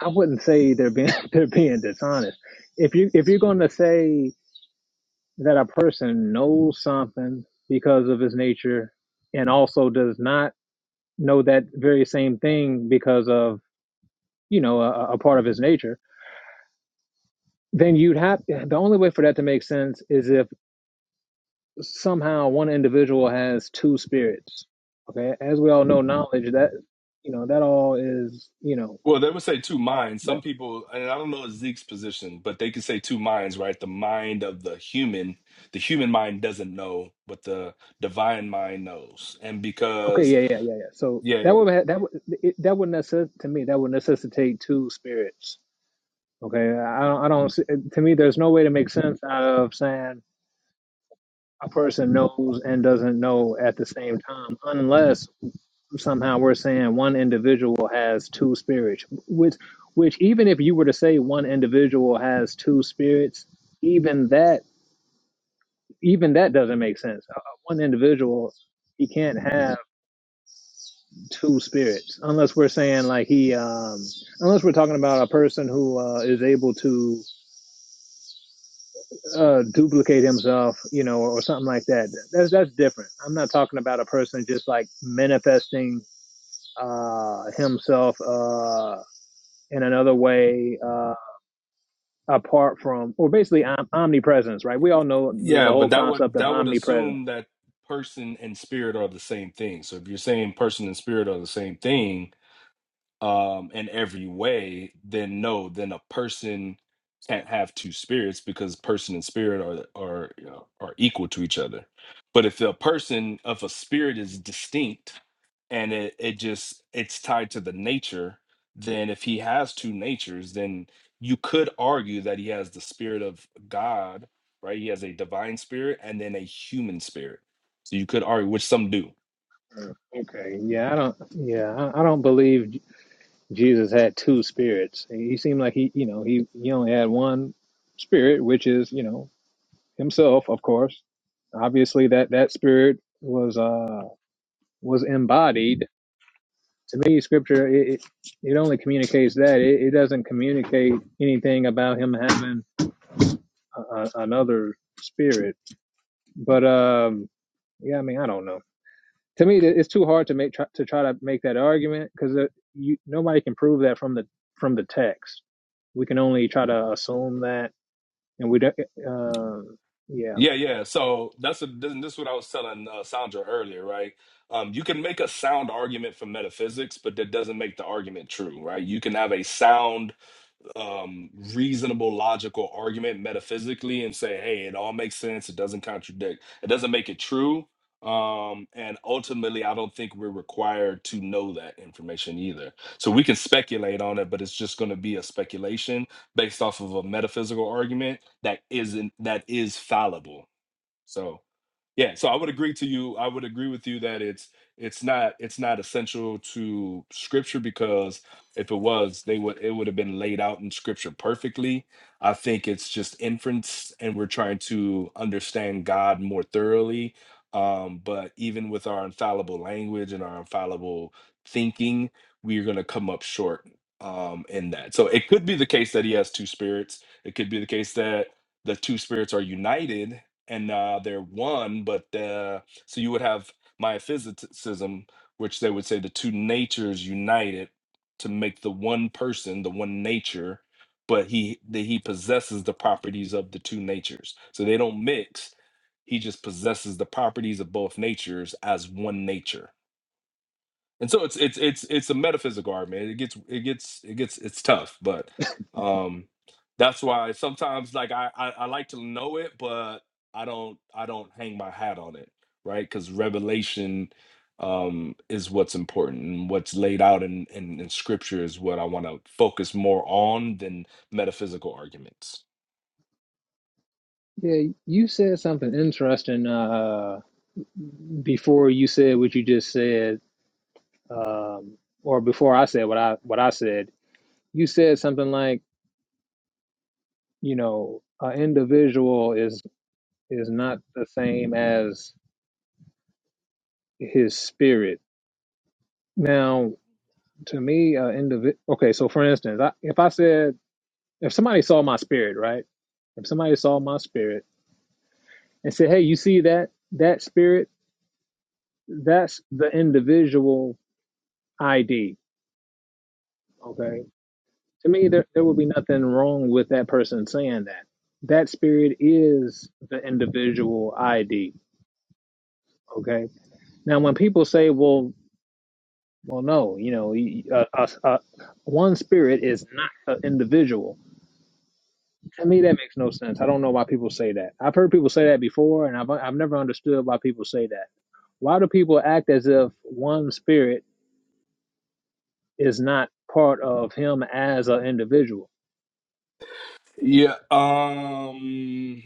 [SPEAKER 4] I wouldn't say they're being they're being dishonest. If you if you're going to say that a person knows something because of his nature, and also does not know that very same thing because of you know a, a part of his nature then you'd have the only way for that to make sense is if somehow one individual has two spirits. Okay, as we all know, knowledge that you know that all is you know
[SPEAKER 1] Well, they would say two minds.
[SPEAKER 4] that
[SPEAKER 1] Some people, and I don't know Zeke's position, but they could say two minds, right? The mind of the human, the human mind doesn't know, but the divine mind knows. And
[SPEAKER 4] okay
[SPEAKER 1] because,
[SPEAKER 4] yeah yeah yeah yeah. So
[SPEAKER 1] yeah,
[SPEAKER 4] that would ha- that would it, that would necess- to me that would necessitate two spirits. Okay, I don't I don't see, to me there's no way to make sense out of saying a person knows and doesn't know at the same time unless somehow we're saying one individual has two spirits which which even if you were to say one individual has two spirits even that even that doesn't make sense Uh, one individual he can't have two spirits unless we're saying like he um unless we're talking about a person who uh, is able to uh duplicate himself you know or, or something like that that's that's different i'm not talking about a person just like manifesting uh himself uh, in another way uh, apart from, or basically om- omnipresence, right? We
[SPEAKER 1] yeah,
[SPEAKER 4] all know the, the
[SPEAKER 1] yeah, but
[SPEAKER 4] whole
[SPEAKER 1] that would
[SPEAKER 4] concept of
[SPEAKER 1] that would
[SPEAKER 4] omnipresence.
[SPEAKER 1] assume that person and spirit are the same thing. So if you're saying person and spirit are the same thing, um in every way then no then a person can't have two spirits because person and spirit are are you know, are equal to each other but if the person of a spirit is distinct and it, it just it's tied to the nature then if he has two natures then you could argue that he has the spirit of god right he has a divine spirit and then a human spirit so you could argue which some do
[SPEAKER 4] Okay, yeah, I don't, yeah, I, I don't believe J- Jesus had two spirits. He seemed like he, you know, he he only had one spirit, which is, you know, himself, of course. Obviously, that that spirit was uh was embodied to me, scripture it, it only communicates that it, it doesn't communicate anything about him having a, a, another spirit. But um, yeah, I mean, I don't know. To me, it's too hard to make try, to try to make that argument because you nobody can prove that from the from the text. We can only try to assume that, and we don't. Uh, yeah,
[SPEAKER 1] Yeah, yeah. So that's a, this this is what I was telling uh, Sandra earlier, right? Um, you can make a sound argument for metaphysics, but that doesn't make the argument true, right? You can have a sound, um, reasonable, logical argument metaphysically and say, hey, it all makes sense. It doesn't contradict. It doesn't make it true. Um, and ultimately, I don't think we're required to know that information either. So we can speculate on it, but it's just going to be a speculation based off of a metaphysical argument that isn't that is fallible so yeah, so I would agree to you. I would agree with you that it's it's not it's not essential to scripture because if it was, they would it would have been laid out in scripture perfectly. I think it's just inference and we're trying to understand God more thoroughly. Um, but even with our infallible language and our infallible thinking, we're gonna come up short um in that. So it could be the case that he has two spirits. It could be the case that the two spirits are united and uh, they're one, but uh, so you would have myophysitism, which they would say the two natures united to make the one person, the one nature, but he that he possesses the properties of the two natures, so they don't mix. He just possesses the properties of both natures as one nature and so it's it's it's it's a metaphysical argument. It gets it gets it gets it's tough, but um that's why sometimes like I I, I like to know it, but I don't I don't hang my hat on it, right? Because revelation um is what's important and what's laid out in, in in scripture is what I want to focus more on than metaphysical arguments.
[SPEAKER 4] yeah. You said something interesting uh, before you said what you just said, um, or before I said what I what I said you said something like, you know, an individual is is not the same as his spirit. Now, to me, uh, indivi- okay, so for instance, I, if I said, if somebody saw my spirit, right? If somebody saw my spirit and said, hey, you see that that spirit? That's the individual ID. Okay. To me, there, there would be nothing wrong with that person saying that. That spirit is the individual ID. Okay Now, when people say, "Well, well, no, you know, y- uh, uh, one spirit is not an individual," to me that makes no sense. I don't know why people say that. I've heard people say that before, and I've I've never understood why people say that. Why do people act as if one spirit is not part of him as an individual?
[SPEAKER 1] Yeah. Um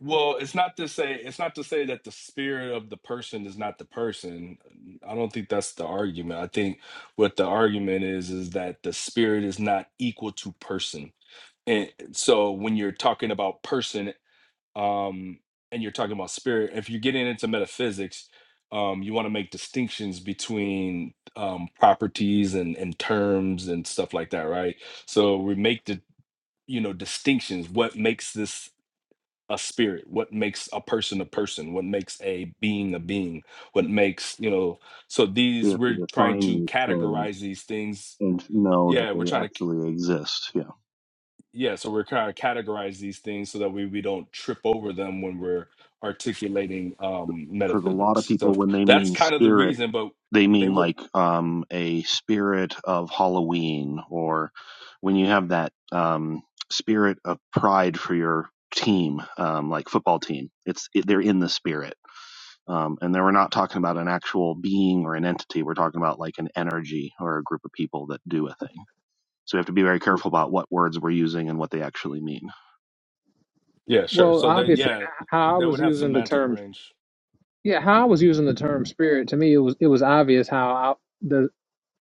[SPEAKER 1] well, it's not to say it's not to say that the spirit of the person is not the person. I don't think that's the argument. I think what the argument is is that the spirit is not equal to person. And so when you're talking about person um and you're talking about spirit, if you're getting into metaphysics, um you want to make distinctions between um properties and and terms and stuff like that, right? So we make the you know distinctions what makes this a spirit what makes a person a person what makes a being a being what makes you know so
[SPEAKER 5] We
[SPEAKER 1] these
[SPEAKER 5] have to
[SPEAKER 1] we're trying
[SPEAKER 5] define
[SPEAKER 1] to
[SPEAKER 5] these
[SPEAKER 1] categorize
[SPEAKER 5] terms
[SPEAKER 1] these things
[SPEAKER 5] and know that
[SPEAKER 1] yeah we're
[SPEAKER 5] they
[SPEAKER 1] trying to c-
[SPEAKER 5] actually exist. Yeah.
[SPEAKER 1] yeah so we're trying to categorize these things so that we, we don't trip over them when we're articulating um
[SPEAKER 5] Because a lot of
[SPEAKER 1] metaphysics so
[SPEAKER 5] people, when they
[SPEAKER 1] that's
[SPEAKER 5] mean
[SPEAKER 1] kind of the
[SPEAKER 5] spirit,
[SPEAKER 1] reason but
[SPEAKER 5] they
[SPEAKER 1] they
[SPEAKER 5] mean
[SPEAKER 1] would
[SPEAKER 5] like um, a spirit of Halloween or when you have that um, spirit of pride for your team, um, like football team. It's it, they're in the spirit. Um, and then we're not talking about an actual being or an entity. We're talking about like an energy or a group of people that do a thing. So we have to be very careful about what words we're using and what they actually mean.
[SPEAKER 1] yeah sure
[SPEAKER 4] Well,
[SPEAKER 1] so they
[SPEAKER 4] obviously,
[SPEAKER 1] yeah
[SPEAKER 4] how I
[SPEAKER 1] they
[SPEAKER 4] was
[SPEAKER 1] would have
[SPEAKER 4] using the
[SPEAKER 1] semantic
[SPEAKER 4] term,
[SPEAKER 1] range
[SPEAKER 4] yeah, how I was using the term spirit to me, it was it was obvious how I, the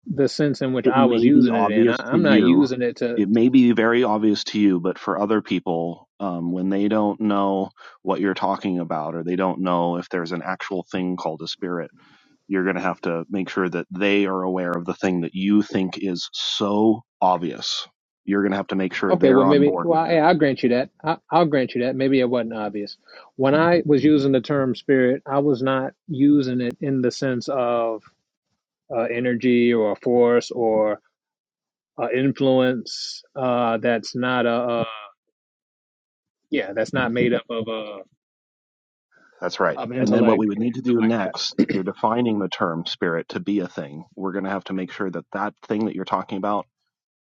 [SPEAKER 4] the sense in which
[SPEAKER 5] It
[SPEAKER 4] I was
[SPEAKER 5] may be
[SPEAKER 4] using it in. I,
[SPEAKER 5] obvious to
[SPEAKER 4] I'm not
[SPEAKER 5] you.
[SPEAKER 4] using it to.
[SPEAKER 5] It may be very obvious to you, but for other people, um, when they don't know what you're talking about or they don't know if there's an actual thing called a spirit, you're going to have to make sure that they are aware of the thing that you think is so obvious. You're going to have to make sure
[SPEAKER 4] Okay, well,
[SPEAKER 5] they're on
[SPEAKER 4] maybe,
[SPEAKER 5] board with
[SPEAKER 4] well,
[SPEAKER 5] it.
[SPEAKER 4] yeah, I'll grant you that. I, I'll grant you that. Maybe it wasn't obvious. When I was using the term spirit, I was not using it in the sense of uh, energy or force or uh, influence uh, that's not a, uh, yeah, that's not made up of uh,
[SPEAKER 5] That's right.
[SPEAKER 4] of
[SPEAKER 5] And then what
[SPEAKER 4] intellect.
[SPEAKER 5] we would need to do next, if you're defining the term spirit to be a thing, we're going to have to make sure that that thing that you're talking about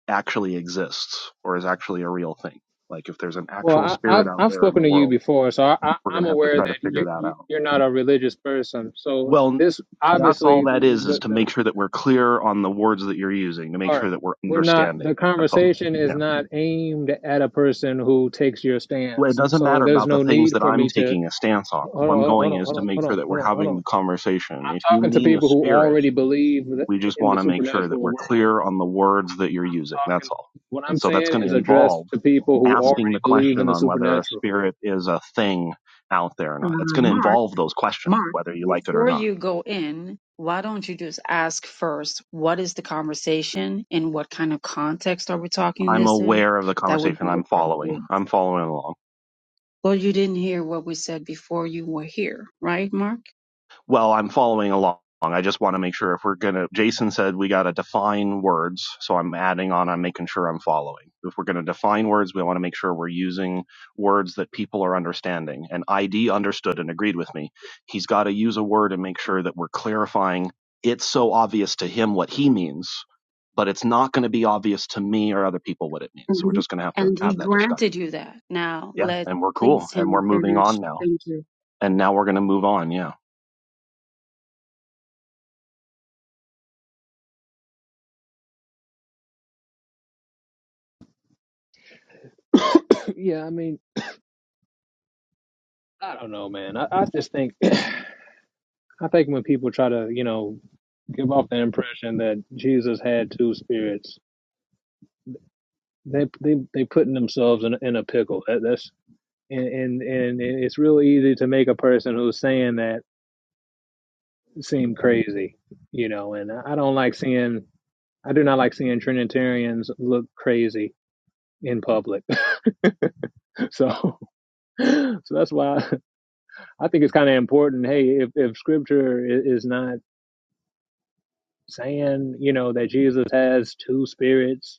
[SPEAKER 5] actually exists or is actually a real thing. Like if there's an
[SPEAKER 4] Well,
[SPEAKER 5] actual
[SPEAKER 4] I,
[SPEAKER 5] spirit
[SPEAKER 4] I've
[SPEAKER 5] out
[SPEAKER 4] I've
[SPEAKER 5] there in
[SPEAKER 4] spoken
[SPEAKER 5] the
[SPEAKER 4] to you
[SPEAKER 5] world,
[SPEAKER 4] before, so I, I,
[SPEAKER 5] we're going
[SPEAKER 4] I'm
[SPEAKER 5] to have to
[SPEAKER 4] aware
[SPEAKER 5] try to
[SPEAKER 4] that
[SPEAKER 5] figure
[SPEAKER 4] you,
[SPEAKER 5] that
[SPEAKER 4] you
[SPEAKER 5] out.
[SPEAKER 4] you're not a religious person. So
[SPEAKER 5] Well,
[SPEAKER 4] this
[SPEAKER 5] that's all
[SPEAKER 4] obviously
[SPEAKER 5] that is, is
[SPEAKER 4] the,
[SPEAKER 5] to
[SPEAKER 4] the
[SPEAKER 5] make sure that we're clear on the words that you're using, to make sure
[SPEAKER 4] part.
[SPEAKER 5] that we're
[SPEAKER 4] We're not,
[SPEAKER 5] understanding.
[SPEAKER 4] the
[SPEAKER 5] That's all.
[SPEAKER 4] conversation is
[SPEAKER 5] Yeah.
[SPEAKER 4] not aimed at a person who takes your
[SPEAKER 5] Well, it
[SPEAKER 4] stance.
[SPEAKER 5] doesn't
[SPEAKER 4] So
[SPEAKER 5] matter
[SPEAKER 4] there's
[SPEAKER 5] about the
[SPEAKER 4] no
[SPEAKER 5] things
[SPEAKER 4] need
[SPEAKER 5] that
[SPEAKER 4] for
[SPEAKER 5] I'm
[SPEAKER 4] me to,
[SPEAKER 5] taking a stance on.
[SPEAKER 4] hold on,
[SPEAKER 5] What I'm
[SPEAKER 4] hold on, hold
[SPEAKER 5] going
[SPEAKER 4] on,
[SPEAKER 5] is to make
[SPEAKER 4] hold
[SPEAKER 5] sure
[SPEAKER 4] on,
[SPEAKER 5] that we're
[SPEAKER 4] hold on, hold on.
[SPEAKER 5] having the conversation. If
[SPEAKER 4] I'm
[SPEAKER 5] you
[SPEAKER 4] talking to
[SPEAKER 5] mean a
[SPEAKER 4] people who
[SPEAKER 5] spirit,
[SPEAKER 4] already believe th-
[SPEAKER 5] We just
[SPEAKER 4] in
[SPEAKER 5] want
[SPEAKER 4] the
[SPEAKER 5] to make sure that
[SPEAKER 4] supernatural
[SPEAKER 5] we're
[SPEAKER 4] world.
[SPEAKER 5] clear on the words that you're using.
[SPEAKER 4] I'm
[SPEAKER 5] That's
[SPEAKER 4] talking,
[SPEAKER 5] all.
[SPEAKER 4] what
[SPEAKER 5] And
[SPEAKER 4] I'm
[SPEAKER 5] so that's
[SPEAKER 4] saying
[SPEAKER 5] going to
[SPEAKER 4] is addressed
[SPEAKER 5] involve
[SPEAKER 4] to people who
[SPEAKER 5] asking
[SPEAKER 4] already
[SPEAKER 5] the
[SPEAKER 4] believe in
[SPEAKER 5] question
[SPEAKER 4] the
[SPEAKER 5] on whether a
[SPEAKER 4] supernatural.
[SPEAKER 5] spirit is a thing out there or not. It's
[SPEAKER 3] Uh,
[SPEAKER 5] going to
[SPEAKER 3] Mark,
[SPEAKER 5] involve those questions,
[SPEAKER 3] Mark,
[SPEAKER 5] whether you like it or
[SPEAKER 3] before
[SPEAKER 5] not.
[SPEAKER 3] you go in, why don't you just ask first, what is the conversation? In what kind of context are we talking
[SPEAKER 5] I'm
[SPEAKER 3] this in?
[SPEAKER 5] aware of the
[SPEAKER 3] That would
[SPEAKER 5] conversation
[SPEAKER 3] be
[SPEAKER 5] I'm
[SPEAKER 3] appropriate.
[SPEAKER 5] following. I'm following along.
[SPEAKER 3] Well, you didn't hear what we said before you were here, right, Mark?
[SPEAKER 5] Well, I'm following along. I just want to make sure if we're going to, Jason said we got to define words. So I'm adding on, I'm making sure I'm following. If we're going to define words, we want to make sure we're using words that people are understanding. And ID understood and agreed with me. He's got to use a word and make sure that we're clarifying it's so obvious to him what he means, but it's not going to be obvious to me or other people what it means.
[SPEAKER 3] And
[SPEAKER 5] So we're
[SPEAKER 3] he,
[SPEAKER 5] just going to have to
[SPEAKER 3] and he
[SPEAKER 5] have that discussion.
[SPEAKER 3] granted you that. Now
[SPEAKER 5] Yeah.
[SPEAKER 3] let
[SPEAKER 5] And we're cool.
[SPEAKER 3] please
[SPEAKER 5] And we're
[SPEAKER 3] him
[SPEAKER 5] moving on
[SPEAKER 3] finish.
[SPEAKER 5] now.
[SPEAKER 3] Thank you.
[SPEAKER 5] And now we're going to move on. Yeah.
[SPEAKER 4] yeah, I mean, I don't know, man. I, I just think, I think when people try to, you know, give off the impression that Jesus had two spirits, they they they putting themselves in in a pickle. That, that's and and and it's real easy to make a person who's saying that seem crazy, you know. And I don't like seeing, I do not like seeing Trinitarians look crazy in public. so, so that's why I think it's kind of important. Hey, if if Scripture is not saying, you know, that Jesus has two spirits,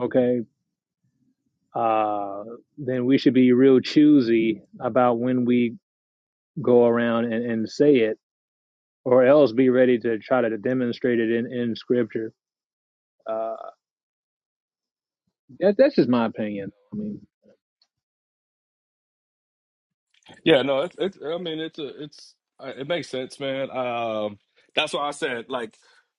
[SPEAKER 4] okay, uh, then we should be real choosy about when we go around and, and say it or else be ready to try to demonstrate it in, in scripture. Uh, that, that's just my opinion. I mean,
[SPEAKER 1] Yeah, no, it's, it's I mean, it's a, it's uh, it makes sense, man. Um, that's why I said like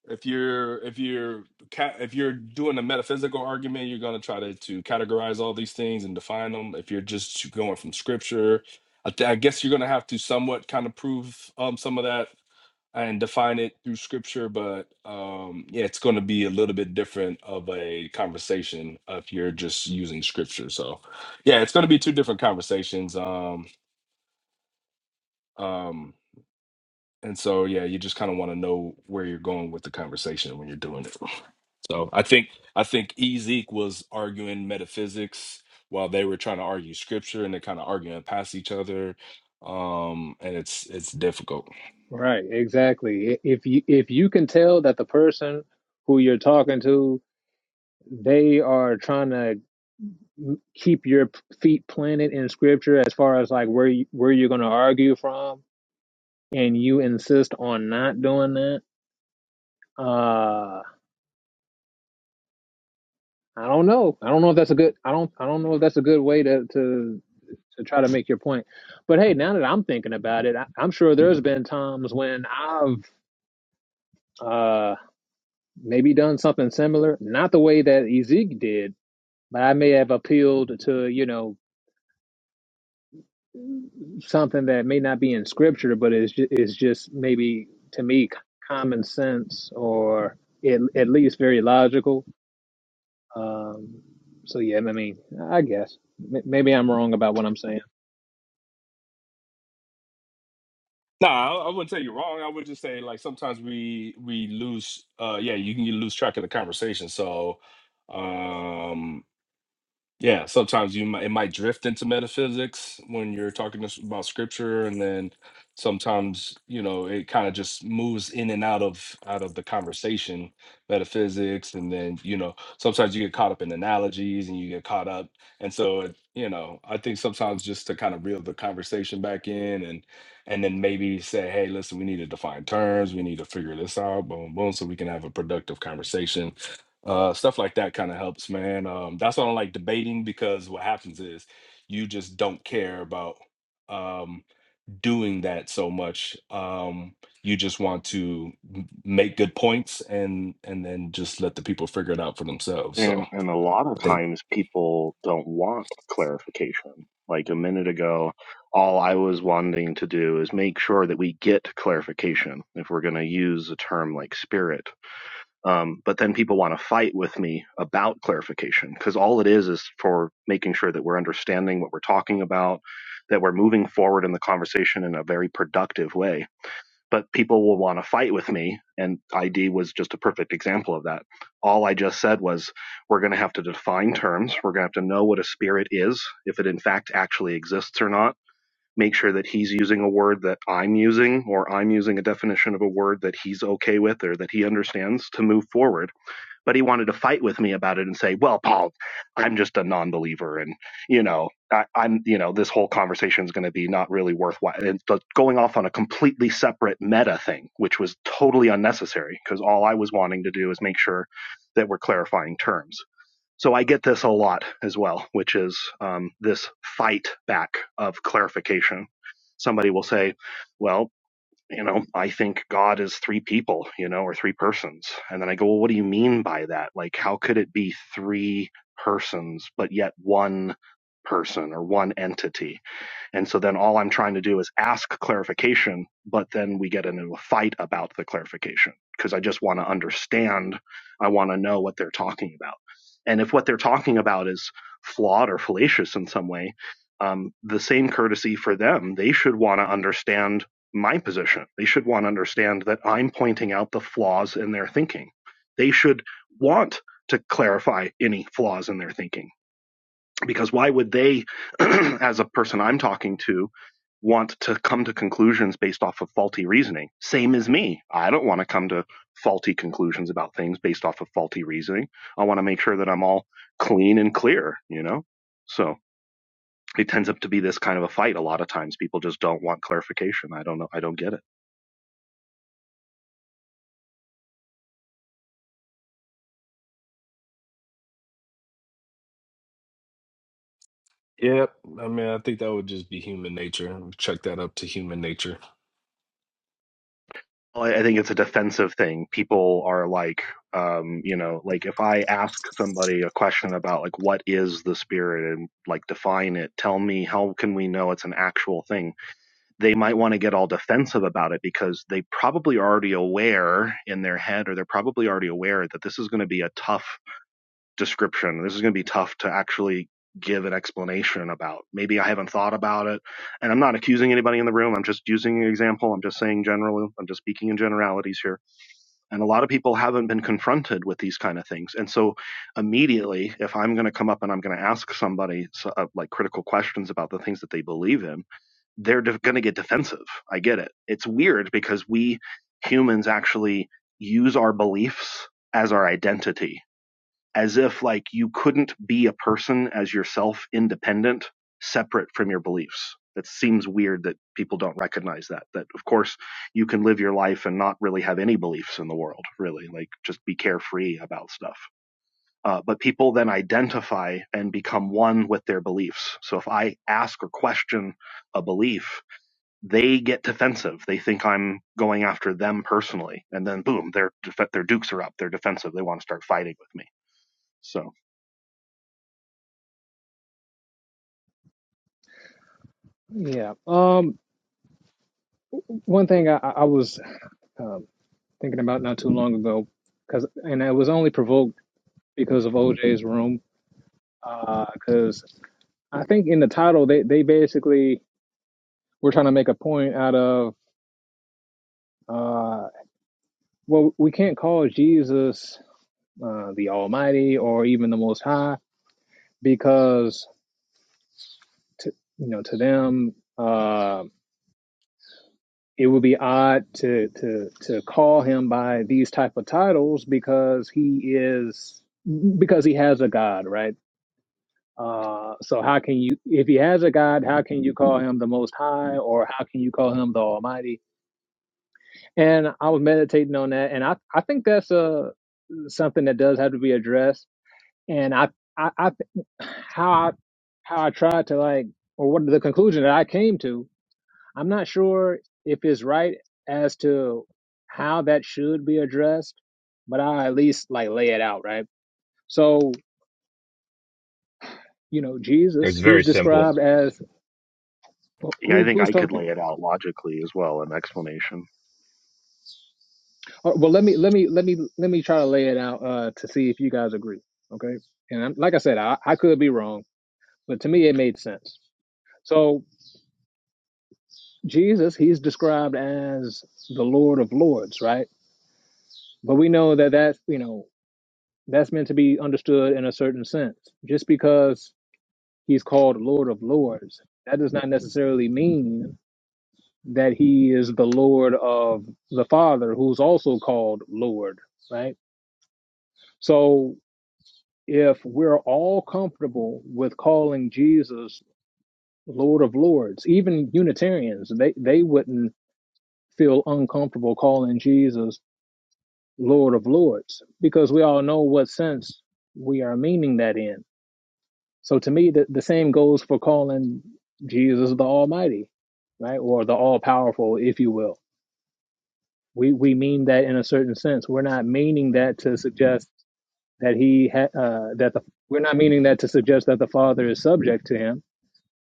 [SPEAKER 1] if you're if you're ca- if you're doing a metaphysical argument, you're gonna try to to categorize all these things and define them. If you're just going from scripture, I, th- I guess you're gonna have to somewhat kind of prove um some of that and define it through scripture. But um, yeah, it's gonna be a little bit different of a conversation if you're just using scripture. So yeah, it's gonna be two different conversations. Um um, and so yeah, you just kind of want to know where you're going with the conversation when you're doing it. So I think I think Ezek was arguing metaphysics while they were trying to argue scripture, and they're kind of arguing past each other. Um, and it's it's difficult.
[SPEAKER 4] right, exactly. If you if you can tell that the person who you're talking to, they are trying to keep your feet planted in scripture as far as like where you, where you're going to argue from, and you insist on not doing that. Uh, I don't know. I don't know if that's a good. I don't. I don't know if that's a good way to to to try to make your point. But hey, now that I'm thinking about it, I, I'm sure there's been times when I've uh, maybe done something similar, not the way that Ezek did, but I may have appealed to you know something that may not be in scripture, but is ju- is just maybe to me c- common sense or at, at least very logical. Um, so yeah, I mean, I guess M- maybe I'm wrong about what I'm saying.
[SPEAKER 1] No, I, I wouldn't say you're wrong. I would just say like sometimes we we lose. Uh, yeah, you can you lose track of the conversation. So, um, Yeah, sometimes you might it might drift into metaphysics when you're talking to s- about scripture, and then sometimes you know it kind of just moves in and out of out of the conversation, metaphysics, and then you know sometimes you get caught up in analogies and you get caught up, and so it, you know I think sometimes just to kind of reel the conversation back in and and then maybe say, hey, listen, we need to define terms, we need to figure this out, boom, boom, so we can have a productive conversation uh stuff like that kind of helps man um that's why i don't like debating because what happens is you just don't care about um doing that so much um you just want to m- make good points and and then just let the people figure it out for themselves so
[SPEAKER 5] And and a lot of
[SPEAKER 1] i think
[SPEAKER 5] times people don't want clarification. Like a minute ago, all I was wanting to do is make sure that we get clarification if we're going to use a term like spirit. Um, but then people want to fight with me about clarification because all it is is for making sure that we're understanding what we're talking about, that we're moving forward in the conversation in a very productive way but people will want to fight with me. And ID was just a perfect example of that. All I just said was, we're going to have to define terms. We're going to have to know what a spirit is, if it in fact actually exists or not. Make sure that he's using a word that I'm using, or I'm using a definition of a word that he's okay with or that he understands to move forward but he wanted to fight with me about it and say, "Well, Paul, I'm just a non-believer, and you know, I, I'm, you know, this whole conversation is going to be not really worthwhile." And going off on a completely separate meta thing, which was totally unnecessary, because all I was wanting to do is make sure that we're clarifying terms. So I get this a lot as well, which is um, this fight back of clarification. Somebody will say, "Well, you know, I think God is three people, you know, or three persons. And then I go, well, what do you mean by that? Like, how could it be three persons, but yet one person or one entity? And so then all I'm trying to do is ask clarification, but then we get into a fight about the clarification because I just want to understand. I want to know what they're talking about. And if what they're talking about is flawed or fallacious in some way, um, the same courtesy for them. They should want to understand my position. They should want to understand that I'm pointing out the flaws in their thinking. They should want to clarify any flaws in their thinking because why would they as a person i'm talking to want to come to conclusions based off of faulty reasoning same as me i don't want to come to faulty conclusions about things based off of faulty reasoning i want to make sure that i'm all clean and clear you know so it tends up to be this kind of a fight a lot of times people just don't want clarification i don't know i don't get it
[SPEAKER 1] Yep. I mean, I think that would just be human nature. Check that up to human nature.
[SPEAKER 5] Well, I I think it's a defensive thing. People are like, um, you know, like if I ask somebody a question about like what is the spirit and like define it, tell me how can we know it's an actual thing? They might want to get all defensive about it because they probably already aware in their head or they're probably already aware that this is going to be a tough description. This is going to be tough to actually give an explanation about. Maybe I haven't thought about it. And I'm not accusing anybody in the room. I'm just using an example. I'm just saying generally, I'm just speaking in generalities here. And a lot of people haven't been confronted with these kind of things. And so immediately, if I'm going to come up and I'm going to ask somebody so- uh, like critical questions about the things that they believe in, they're de- going to get defensive. I get it. It's weird because we humans actually use our beliefs as our identity as if like you couldn't be a person as yourself independent separate from your beliefs that seems weird that people don't recognize that that of course you can live your life and not really have any beliefs in the world really like just be carefree about stuff uh, but people then identify and become one with their beliefs so if i ask or question a belief they get defensive they think i'm going after them personally and then boom their def- their dukes are up they're defensive they want to start fighting with me so
[SPEAKER 4] Yeah. Um, one thing I, I I was thinking about not too long ago, because and I was only provoked because of OJ's room, because I think in the title they they basically were trying to make a point out of uh, well we can't call Jesus uh, the Almighty or even the Most High because to, you know to them uh, it would be odd to to to call him by these type of titles because he is because he has a God right Uh, so how can you, if he has a God, how can you call him the Most High, or how can you call him the Almighty? And I was meditating on that, and I I think that's uh something that does have to be addressed. And I I, I how I how I tried to like, or what the conclusion that I came to, I'm not sure if it's right as to how that should be addressed, but I at least like lay it out right. So you know,
[SPEAKER 6] It
[SPEAKER 4] Jesus,
[SPEAKER 6] was
[SPEAKER 4] he's
[SPEAKER 6] very simple.
[SPEAKER 4] described as
[SPEAKER 5] Yeah, I
[SPEAKER 4] who
[SPEAKER 5] think
[SPEAKER 4] who's
[SPEAKER 5] I could
[SPEAKER 4] talking?
[SPEAKER 5] lay it out logically as well, an explanation.
[SPEAKER 4] Uh, Well, let me let me let me let me try to lay it out uh, to see if you guys agree. Okay, and I'm, like I said, I, I could be wrong, but to me it made sense. So Jesus, he's described as the Lord of Lords, right? But we know that that's you know that's meant to be understood in a certain sense. Just because he's called Lord of Lords, that does not necessarily mean that he is the Lord of the Father, who's also called Lord, right? So if we're all comfortable with calling Jesus Lord of Lords, even Unitarians, they, they wouldn't feel uncomfortable calling Jesus Lord of Lords because we all know what sense we are meaning that in. So to me, the, the same goes for calling Jesus the Almighty, right? Or the All Powerful, if you will. We, we mean that in a certain sense. We're not meaning that to suggest that he ha- uh, that the, we're not meaning that to suggest that the Father is subject to him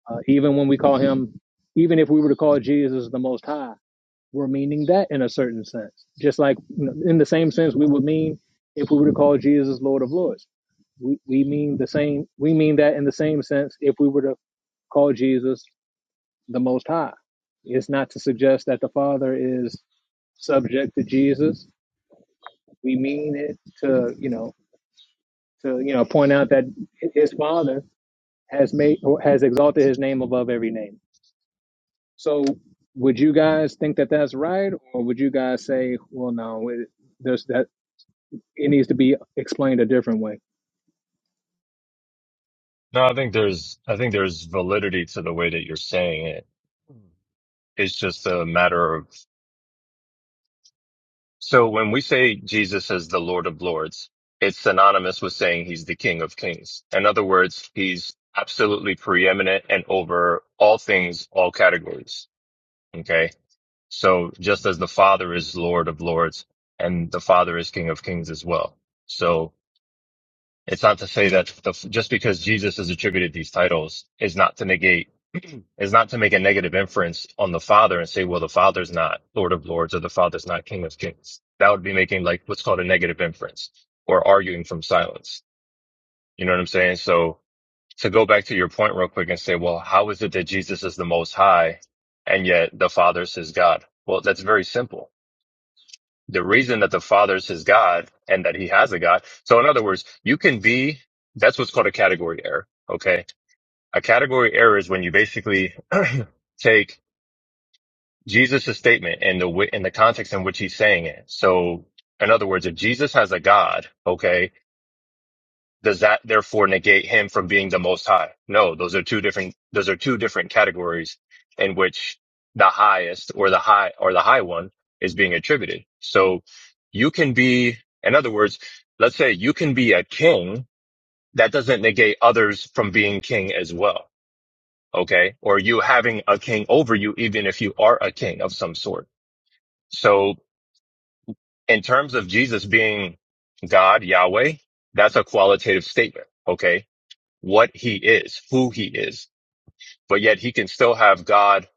[SPEAKER 4] Uh, even when we call him, even if we were to call Jesus the Most High, we're meaning that in a certain sense. Just like you know, in the same sense we would mean if we were to call Jesus Lord of Lords. We, we mean the same. We mean that in the same sense if we were to call Jesus the Most High. It's not to suggest that the Father is subject to Jesus. We mean it to you know to you know point out that his Father has made or has exalted his name above every name So, would you guys think that that's right, or would you guys say, well, no, it, there's that it needs to be explained a different way?
[SPEAKER 6] No, I think there's I think there's validity to the way that you're saying it. It's just a matter of so when we say Jesus is the Lord of Lords, it's synonymous with saying he's the King of Kings. In other words, he's absolutely preeminent and over all things, all categories. Okay. So just as the Father is Lord of Lords and the Father is King of Kings as well. so. It's not to say that the, just because Jesus is attributed these titles is not to negate, is not to make a negative inference on the Father and say, well, the Father's not Lord of Lords or the Father's not King of Kings. That would be making like what's called a negative inference or arguing from silence. You know what I'm saying? So to go back to your point real quick and say, well, how is it that Jesus is the most high and yet the Father's his God? Well, that's very simple the reason that the Father is his God and that he has a God. So in other words, you can be, that's what's called a category error. Okay. A category error is when you basically take Jesus' statement and the, wi- and the context in which he's saying it. So in other words, if Jesus has a God, okay, does that therefore negate him from being the most high? No, those are two different, those are two different categories in which the highest or the high or the high one is being attributed. So you can be, in other words, let's say you can be a king that doesn't negate others from being king as well. Okay. Or you having a king over you, even if you are a king of some sort. So in terms of Jesus being God, Yahweh, that's a qualitative statement. Okay what he is, who he is, but yet he can still have God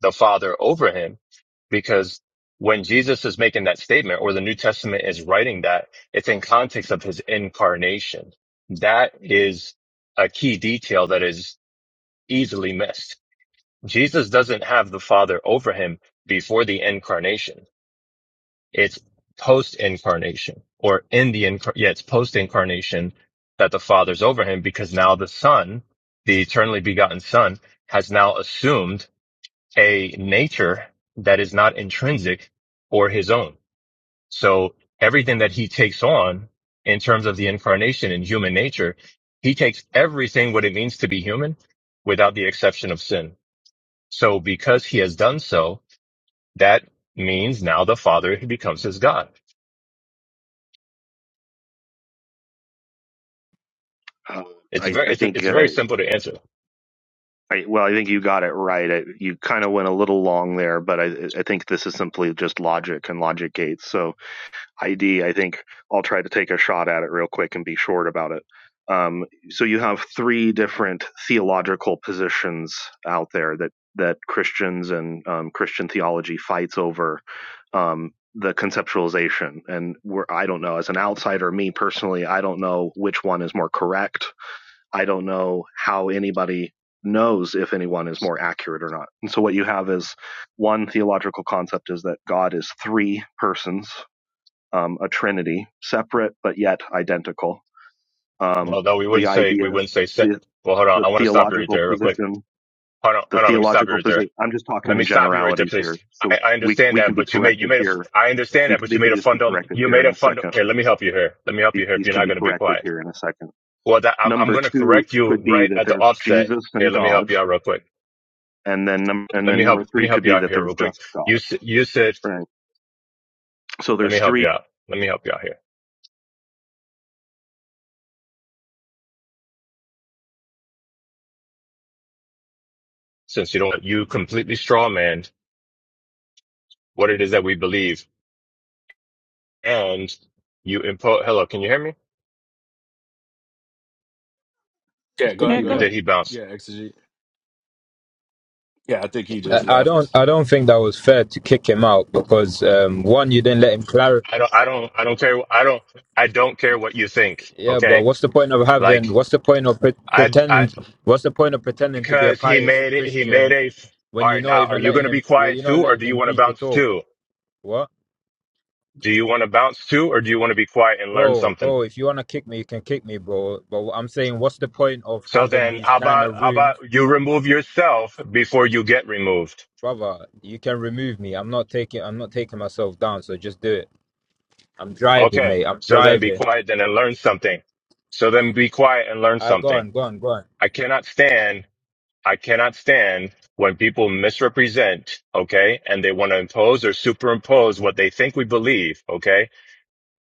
[SPEAKER 6] the Father over him because when Jesus is making that statement or the New Testament is writing that, it's in context of his incarnation. That is a key detail that is easily missed. Jesus doesn't have the Father over him before the incarnation. It's post incarnation or in the incar- yeah, it's post incarnation that the father's over him because now the son, the eternally begotten son has now assumed a nature that is not intrinsic or his own. So everything that he takes on in terms of the incarnation and human nature, he takes everything what it means to be human without the exception of sin. So because he has done so, that means now the father becomes his God.
[SPEAKER 5] Uh,
[SPEAKER 6] It's
[SPEAKER 5] I,
[SPEAKER 6] very
[SPEAKER 5] I
[SPEAKER 6] it's
[SPEAKER 5] think,
[SPEAKER 6] it's very
[SPEAKER 5] uh,
[SPEAKER 6] simple to answer.
[SPEAKER 5] I, well, I think you got it right. I, you kind of went a little long there, but I, I think this is simply just logic and logic gates. So ID, I think I'll try to take a shot at it real quick and be short about it. Um, so you have three different theological positions out there that that Christians and um, Christian theology fights over um, the conceptualization, and where I don't know as an outsider, me personally, I don't know which one is more correct. I don't know how anybody knows if anyone is more accurate or not. And so what you have is one theological concept is that God is three persons um, a trinity, separate but yet identical.
[SPEAKER 6] Well,
[SPEAKER 5] Um,
[SPEAKER 6] Although we
[SPEAKER 5] the
[SPEAKER 6] wouldn't say
[SPEAKER 5] idea,
[SPEAKER 6] we wouldn't say set.
[SPEAKER 5] the
[SPEAKER 6] Well, hold on.
[SPEAKER 5] the
[SPEAKER 6] I want to stop you right
[SPEAKER 5] theological
[SPEAKER 6] there, real quick.
[SPEAKER 5] position,
[SPEAKER 6] Hold on,
[SPEAKER 5] the
[SPEAKER 6] hold on. Let me stop you
[SPEAKER 5] theological
[SPEAKER 6] right there.
[SPEAKER 5] position. I'm just talking
[SPEAKER 6] Let me
[SPEAKER 5] in
[SPEAKER 6] stop you right there,
[SPEAKER 5] generalities
[SPEAKER 6] please.
[SPEAKER 5] here,
[SPEAKER 6] I,
[SPEAKER 5] so
[SPEAKER 6] I
[SPEAKER 5] we
[SPEAKER 6] understand
[SPEAKER 5] we can
[SPEAKER 6] that,
[SPEAKER 5] be
[SPEAKER 6] but you made you
[SPEAKER 5] corrected
[SPEAKER 6] made a.
[SPEAKER 5] here.
[SPEAKER 6] I understand
[SPEAKER 5] They,
[SPEAKER 6] that, but you
[SPEAKER 5] they
[SPEAKER 6] made
[SPEAKER 5] could
[SPEAKER 6] a
[SPEAKER 5] just be
[SPEAKER 6] fundam.
[SPEAKER 5] corrected
[SPEAKER 6] You
[SPEAKER 5] here
[SPEAKER 6] made
[SPEAKER 5] in
[SPEAKER 6] a
[SPEAKER 5] a
[SPEAKER 6] fund.
[SPEAKER 5] second.
[SPEAKER 6] Here, let me help you here. Let me help
[SPEAKER 5] Th-
[SPEAKER 6] you here. If
[SPEAKER 5] These
[SPEAKER 6] you're
[SPEAKER 5] can
[SPEAKER 6] not
[SPEAKER 5] be
[SPEAKER 6] going to be
[SPEAKER 5] corrected
[SPEAKER 6] quiet,
[SPEAKER 5] here in a second.
[SPEAKER 6] well, that, I'm I'm
[SPEAKER 5] Number
[SPEAKER 6] going to
[SPEAKER 5] two
[SPEAKER 6] correct you
[SPEAKER 5] could be
[SPEAKER 6] right
[SPEAKER 5] that
[SPEAKER 6] at the
[SPEAKER 5] there's
[SPEAKER 6] offset.
[SPEAKER 5] Jesus
[SPEAKER 6] Here,
[SPEAKER 5] and
[SPEAKER 6] let me help
[SPEAKER 5] God,
[SPEAKER 6] you out real quick.
[SPEAKER 5] and then num- and
[SPEAKER 6] Let me
[SPEAKER 5] then
[SPEAKER 6] help.
[SPEAKER 5] number
[SPEAKER 6] Let me
[SPEAKER 5] three
[SPEAKER 6] help
[SPEAKER 5] could
[SPEAKER 6] you
[SPEAKER 5] be
[SPEAKER 6] out
[SPEAKER 5] that
[SPEAKER 6] here
[SPEAKER 5] there's
[SPEAKER 6] real quick.
[SPEAKER 5] just
[SPEAKER 6] You
[SPEAKER 5] God.
[SPEAKER 6] s- you said.
[SPEAKER 5] Right. So
[SPEAKER 6] Let me
[SPEAKER 5] there's
[SPEAKER 6] help
[SPEAKER 5] three
[SPEAKER 6] you out. Let me help you out here. Since you don't, you completely straw man what it is that we believe and you impose. Hello, can you hear me?
[SPEAKER 4] I
[SPEAKER 1] Yeah, go
[SPEAKER 4] think
[SPEAKER 3] There
[SPEAKER 1] ahead.
[SPEAKER 4] he
[SPEAKER 3] you
[SPEAKER 1] Go
[SPEAKER 6] Or
[SPEAKER 3] go.
[SPEAKER 1] ahead.
[SPEAKER 4] left.
[SPEAKER 6] did he bounce?
[SPEAKER 1] Yeah, exegete. Yeah, I think he
[SPEAKER 7] Uh,
[SPEAKER 1] just
[SPEAKER 7] I don't.
[SPEAKER 1] left.
[SPEAKER 7] I don't think that was fair to kick him out because um, one, you didn't let him clarify.
[SPEAKER 6] I don't. I don't. I don't care. I don't. I don't care what you think.
[SPEAKER 7] Yeah, but
[SPEAKER 6] Okay.
[SPEAKER 7] what's the point of having?
[SPEAKER 6] Like
[SPEAKER 7] What's the point of pre-
[SPEAKER 6] I. I
[SPEAKER 7] pretending? What's the point of pretending to be a
[SPEAKER 6] because he
[SPEAKER 7] pious
[SPEAKER 6] made it. He made
[SPEAKER 7] Christian
[SPEAKER 6] a. All
[SPEAKER 7] when you're
[SPEAKER 6] right.
[SPEAKER 7] not
[SPEAKER 6] Now, are
[SPEAKER 7] even
[SPEAKER 6] you going
[SPEAKER 7] letting
[SPEAKER 6] to be
[SPEAKER 7] him? when
[SPEAKER 6] quiet
[SPEAKER 7] You're not
[SPEAKER 6] too, or
[SPEAKER 7] letting
[SPEAKER 6] do you
[SPEAKER 7] him
[SPEAKER 6] want to
[SPEAKER 7] people
[SPEAKER 6] bounce
[SPEAKER 7] talk.
[SPEAKER 6] too?
[SPEAKER 7] What,
[SPEAKER 6] Do you want to bounce too, or do you want to be quiet and learn
[SPEAKER 7] bro,
[SPEAKER 6] something?
[SPEAKER 7] bro? If you wanna kick me, you can kick me, bro. But what I'm saying, what's the point of
[SPEAKER 6] So
[SPEAKER 7] having
[SPEAKER 6] then,
[SPEAKER 7] these
[SPEAKER 6] how
[SPEAKER 7] kind
[SPEAKER 6] about
[SPEAKER 7] of
[SPEAKER 6] how about
[SPEAKER 7] rooms,
[SPEAKER 6] you remove yourself before you get removed?
[SPEAKER 7] brother? You can remove me. I'm not taking. I'm not taking myself down. So just do it. I'm driving,
[SPEAKER 6] Okay.
[SPEAKER 7] mate. I'm
[SPEAKER 6] So then, be
[SPEAKER 7] driving.
[SPEAKER 6] quiet then and learn something. So then, be quiet and learn
[SPEAKER 7] I go
[SPEAKER 6] something.
[SPEAKER 7] on, go on, go on.
[SPEAKER 6] I cannot stand I cannot stand when people misrepresent, okay, and they want to impose or superimpose what they think we believe, okay?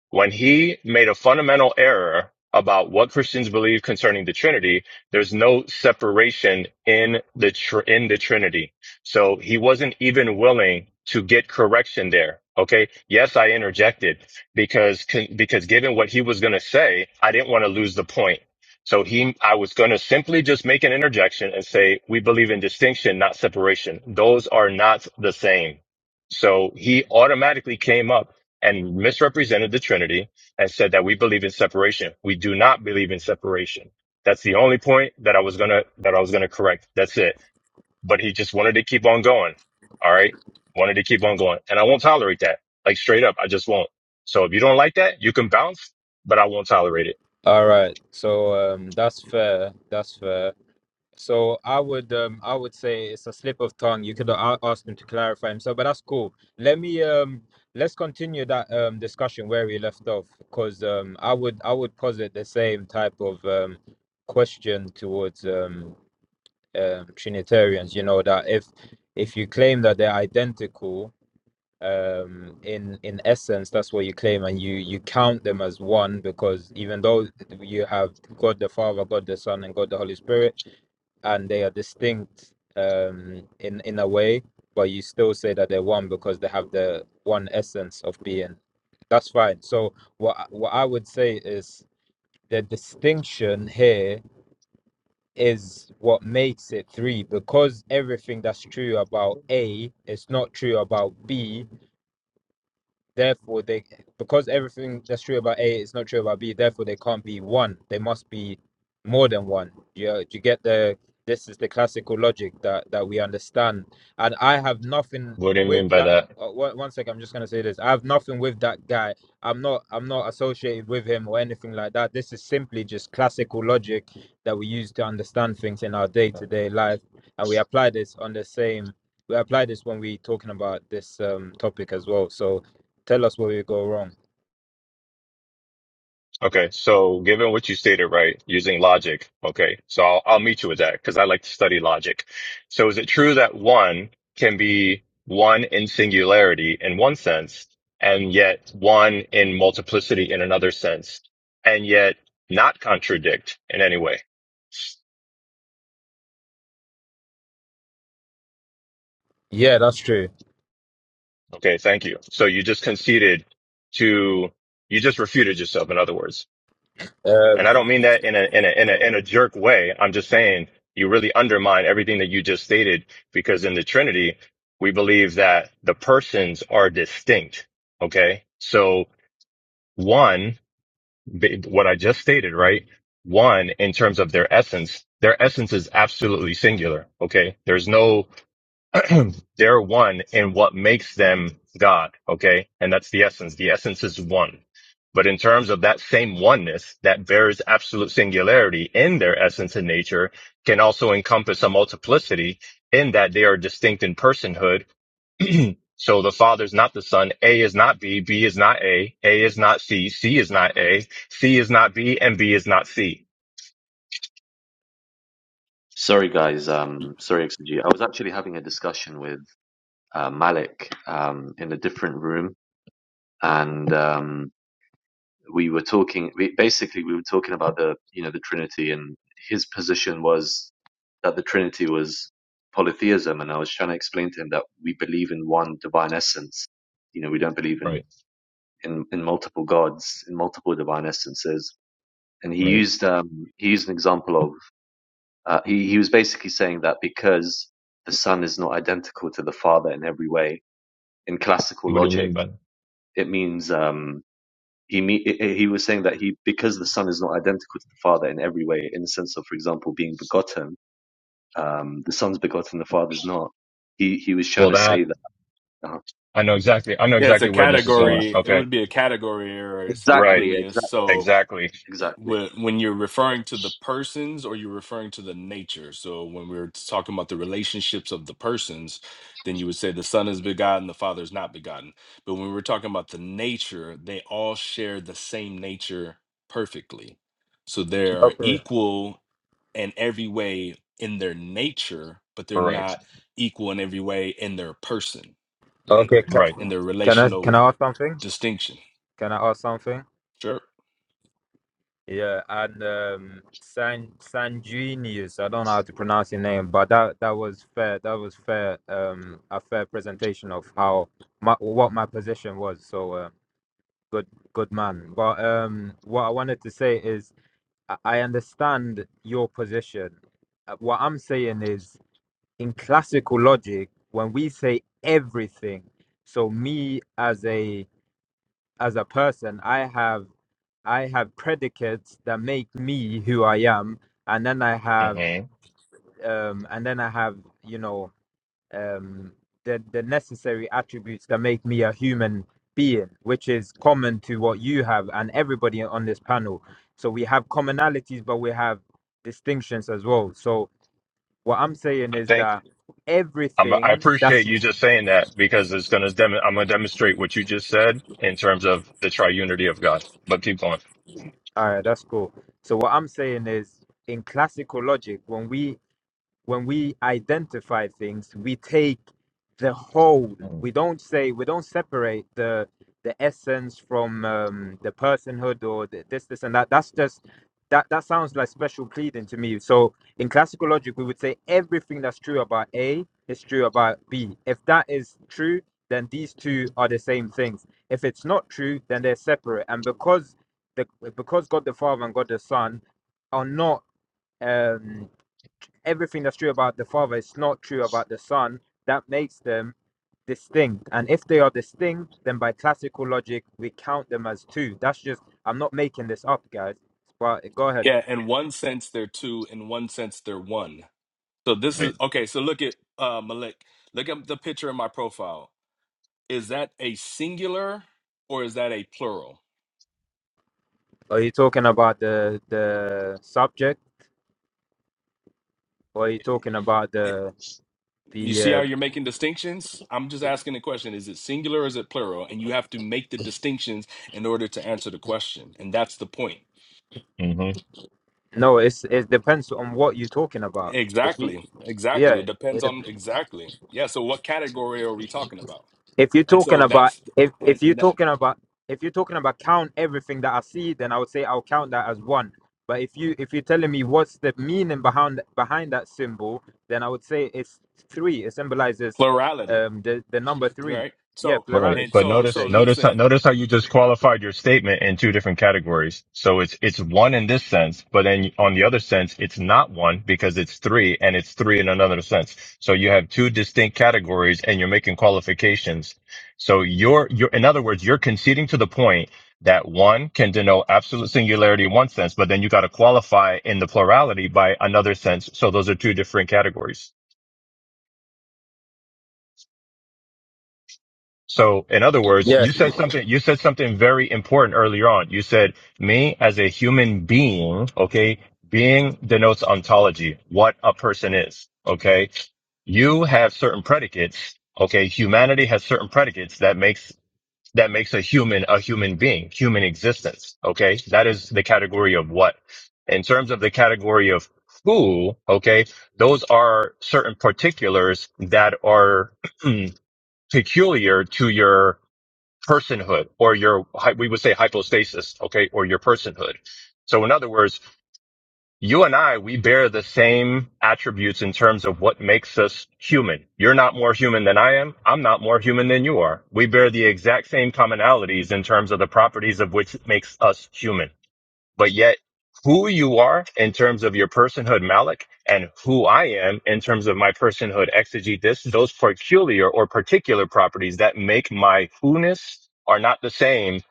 [SPEAKER 6] when he made a fundamental error about what Christians believe concerning the Trinity, there's no separation in the tr- in the Trinity. So he wasn't even willing to get correction there. Okay. Yes, I interjected because because given what he was going to say, I didn't want to lose the point. So he, I was going to simply just make an interjection and say, we believe in distinction, not separation. Those are not the same. So he automatically came up and misrepresented the Trinity and said that we believe in separation. We do not believe in separation. That's the only point that I was gonna that I was gonna correct. That's it. But he just wanted to keep on going. All right, wanted to keep on going, and I won't tolerate that. Like straight up, I just won't. So if you don't like that, you can bounce, but I won't tolerate it.
[SPEAKER 7] All right. So um, that's fair. That's fair. So I would um, I would say it's a slip of tongue. You could a- ask him to clarify himself, but that's cool. Let me um let's continue that um discussion where we left off because um I would I would posit the same type of um question towards um, um Trinitarians. You know that if if you claim that they're identical, um in in essence that's what you claim and you you count them as one because even though you have god the father god the son and god the holy spirit and they are distinct um in in a way but you still say that they're one because they have the one essence of being that's fine so what what i would say is the distinction here is what makes it three because everything that's true about a is not true about b Therefore, they because everything that's true about A is not true about B. Therefore, they can't be one. They must be more than one. Do you, do you get the? This is the classical logic that that we understand. And I have nothing
[SPEAKER 6] What do you
[SPEAKER 7] with
[SPEAKER 6] mean by
[SPEAKER 7] that.
[SPEAKER 6] that?
[SPEAKER 7] Uh, one, one second, I'm just gonna say this. I have nothing with that guy. I'm not. I'm not associated with him or anything like that. This is simply just classical logic that we use to understand things in our day-to-day life, and we apply this on the same. We apply this when we talking about this um, topic as well. So Tell us where we go wrong.
[SPEAKER 6] Okay, so given what you stated, right, using logic, okay, so I'll, I'll meet you with that because I like to study logic. So is it true that one can be one in singularity in one sense, and yet one in multiplicity in another sense, and yet not contradict in any way?
[SPEAKER 7] Yeah, that's true.
[SPEAKER 6] Okay, thank you. So you just conceded to, you just refuted yourself, in other words. And I don't
[SPEAKER 7] Um,
[SPEAKER 6] mean that in a, in a, in a, in a jerk way. I'm just saying you really undermine everything that you just stated because in the Trinity, we believe that the persons are distinct. Okay. So one, b- what I just stated, right? One, in terms of their essence, their essence is absolutely singular. Okay. There's no they're one in what makes them God. Okay. And that's the essence. The essence is one. But in terms of that same oneness that bears absolute singularity in their essence and nature can also encompass a multiplicity in that they are distinct in personhood. so the Father is not the son. A is not B. B is not A. A is not C. C is not A. C is not B and B is not C.
[SPEAKER 8] Sorry, guys. Um, sorry, XG. I was actually having a discussion with uh, Malik um, in a different room, and um, we were talking. We, basically, we were talking about the you know the Trinity, and his position was that the Trinity was polytheism, and I was trying to explain to him that we believe in one divine essence. You know, we don't believe in
[SPEAKER 6] Right.
[SPEAKER 8] in, in multiple gods, in multiple divine essences. And he used um, he used an example of Uh, he, he was basically saying that because the son is not identical to the father in every way, in classical logic, it means um, he he was saying that he because the son is not identical to the father in every way, in the sense of, for example, being begotten, um, the son's begotten, the father's not. He he was trying
[SPEAKER 6] Well,
[SPEAKER 8] to
[SPEAKER 6] that
[SPEAKER 8] say that. uh
[SPEAKER 6] I know exactly. I know
[SPEAKER 1] Yeah, it's a
[SPEAKER 6] exactly where this is going.
[SPEAKER 8] Yeah,
[SPEAKER 1] category. It
[SPEAKER 6] Okay.
[SPEAKER 1] would be a category error,
[SPEAKER 6] Right.
[SPEAKER 8] exactly,
[SPEAKER 1] sanguineous.
[SPEAKER 8] exactly,
[SPEAKER 1] So
[SPEAKER 6] Exactly.
[SPEAKER 8] exactly.
[SPEAKER 1] wh- when you're referring to the persons or you're referring to the nature. So when we're talking about the relationships of the persons, then you would say the son is begotten, the father is not begotten. But when we're talking about the nature, they all share the same nature perfectly. So they are
[SPEAKER 7] okay.
[SPEAKER 1] equal in every way in their nature, but they're
[SPEAKER 6] Correct.
[SPEAKER 1] not equal in every way in their person
[SPEAKER 7] Okay. Can,
[SPEAKER 6] Right.
[SPEAKER 1] and their
[SPEAKER 7] can I can
[SPEAKER 1] relational
[SPEAKER 7] I ask something?
[SPEAKER 1] distinction.
[SPEAKER 7] Can I ask something?
[SPEAKER 1] Sure.
[SPEAKER 7] Yeah, and um, San Sanjunius. I don't know how to pronounce your name, but that that was fair. That was fair. Um, a fair presentation of how my what my position was. So uh, good, good man. But um, what I wanted to say is, I I understand your position. Uh, What I'm saying is, in classical logic when we say everything so me as a as a person i have i have predicates that make me who i am and then i
[SPEAKER 6] hmm
[SPEAKER 7] have um and then i have you know um the the necessary attributes that make me a human being which is common to what you have and everybody on this panel so we have commonalities but we have distinctions as well so what I'm saying
[SPEAKER 6] I
[SPEAKER 7] is
[SPEAKER 6] think
[SPEAKER 7] that
[SPEAKER 6] I'm, I
[SPEAKER 7] everything that's
[SPEAKER 6] appreciate you just saying that because it's going to, dem- I'm going to demonstrate what you just said in terms of the triunity of God. But keep going.
[SPEAKER 7] all right, that's cool. So what I'm saying is in classical logic, when we when we identify things, we take the whole.
[SPEAKER 6] Mm,
[SPEAKER 7] We don't say we don't separate the the essence from um, the personhood or the, this this and that. That's just that that sounds like special pleading to me. So in classical logic, we would say everything that's true about A is true about B. If that is true, then these two are the same things. If it's not true, then they're separate. And because the because God the Father and God the Son are not. Um, everything that's true about the Father is not true about the Son. That makes them distinct. And if they are distinct, then by classical logic, we count them as two. That's just, I'm not making this up, guys. But go ahead.
[SPEAKER 1] Yeah, in one sense they're two, in one sense they're one. So this
[SPEAKER 6] Right.
[SPEAKER 1] is okay, so look at uh Malik. Look at the picture in my profile. Is that a singular or is that a plural?
[SPEAKER 7] Are you talking about the the subject, or are you talking about
[SPEAKER 1] It,
[SPEAKER 7] the
[SPEAKER 1] you
[SPEAKER 7] the?
[SPEAKER 1] see
[SPEAKER 7] Uh,
[SPEAKER 1] how you're making distinctions? I'm just asking the question, is it singular or is it plural? And you have to make the distinctions in order to answer the question. And that's the point.
[SPEAKER 6] Mm-hmm.
[SPEAKER 7] no, it's it depends on what you're talking about. If you,
[SPEAKER 1] Exactly. Exactly.
[SPEAKER 7] yeah,
[SPEAKER 1] It
[SPEAKER 7] it
[SPEAKER 1] depends
[SPEAKER 7] depends.
[SPEAKER 1] on exactly. Yeah, so what category are we talking about?
[SPEAKER 7] if you're
[SPEAKER 1] and
[SPEAKER 7] talking
[SPEAKER 1] so
[SPEAKER 7] about
[SPEAKER 1] that's
[SPEAKER 7] if
[SPEAKER 1] and
[SPEAKER 7] if you're
[SPEAKER 1] that,
[SPEAKER 7] talking about if you're talking about count everything that I see, then I would say I'll count that as one. But if you if you're telling me what's the meaning behind behind that symbol, then I would say it's three. It symbolizes
[SPEAKER 1] plurality
[SPEAKER 7] um the, the number three.
[SPEAKER 1] right
[SPEAKER 7] Yeah,
[SPEAKER 1] so
[SPEAKER 6] Right.
[SPEAKER 1] and
[SPEAKER 7] plurality
[SPEAKER 6] But
[SPEAKER 7] you
[SPEAKER 1] so
[SPEAKER 7] could
[SPEAKER 1] so
[SPEAKER 6] notice,
[SPEAKER 7] say.
[SPEAKER 6] notice, how-
[SPEAKER 1] listen
[SPEAKER 6] notice how you just qualified your statement in two different categories. So it's, it's one in this sense, but then on the other sense, it's not one because it's three and it's three in another sense. So you have two distinct categories and you're making qualifications. So you're, you're, in other words, you're conceding to the point that one can denote absolute singularity in one sense, but then you got to qualify in the plurality by another sense. So those are two different categories. So in other words,
[SPEAKER 7] Yeah.
[SPEAKER 6] you said something, you said something very important earlier on. You said me as a human being, okay? Being denotes ontology, what a person is, okay? You have certain predicates, okay? Humanity has certain predicates that makes, that makes a human a human being, human existence, okay? That is the category of what? In terms of the category of who, okay? Those are certain particulars that are peculiar to your personhood or your, hy- we would say hypostasis, okay, or your personhood. So in other words, you and I, we bear the same attributes in terms of what makes us human. You're not more human than I am. I'm not more human than you are. We bear the exact same commonalities in terms of the properties of which makes us human. But yet, who you are in terms of your personhood, Malik, and who I am in terms of my personhood, exegete this, those peculiar or particular properties that make my who-ness are not the same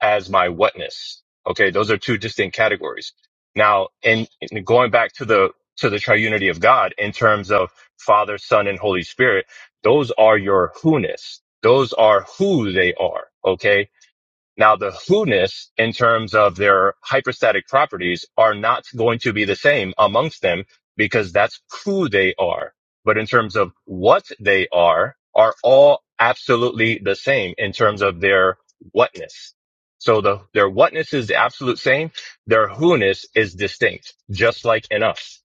[SPEAKER 6] as my whatness. Okay. Those are two distinct categories. Now, in, in going back to the, to the triunity of God in terms of Father, Son, and Holy Spirit, those are your who-ness. Those are who they are. Okay now the who-ness in terms of their hyperstatic properties are not going to be the same amongst them because that's who they are. But in terms of what they are, are all absolutely the same in terms of their whatness. So the, their whatness is the absolute same. Their who-ness is distinct, just like in us.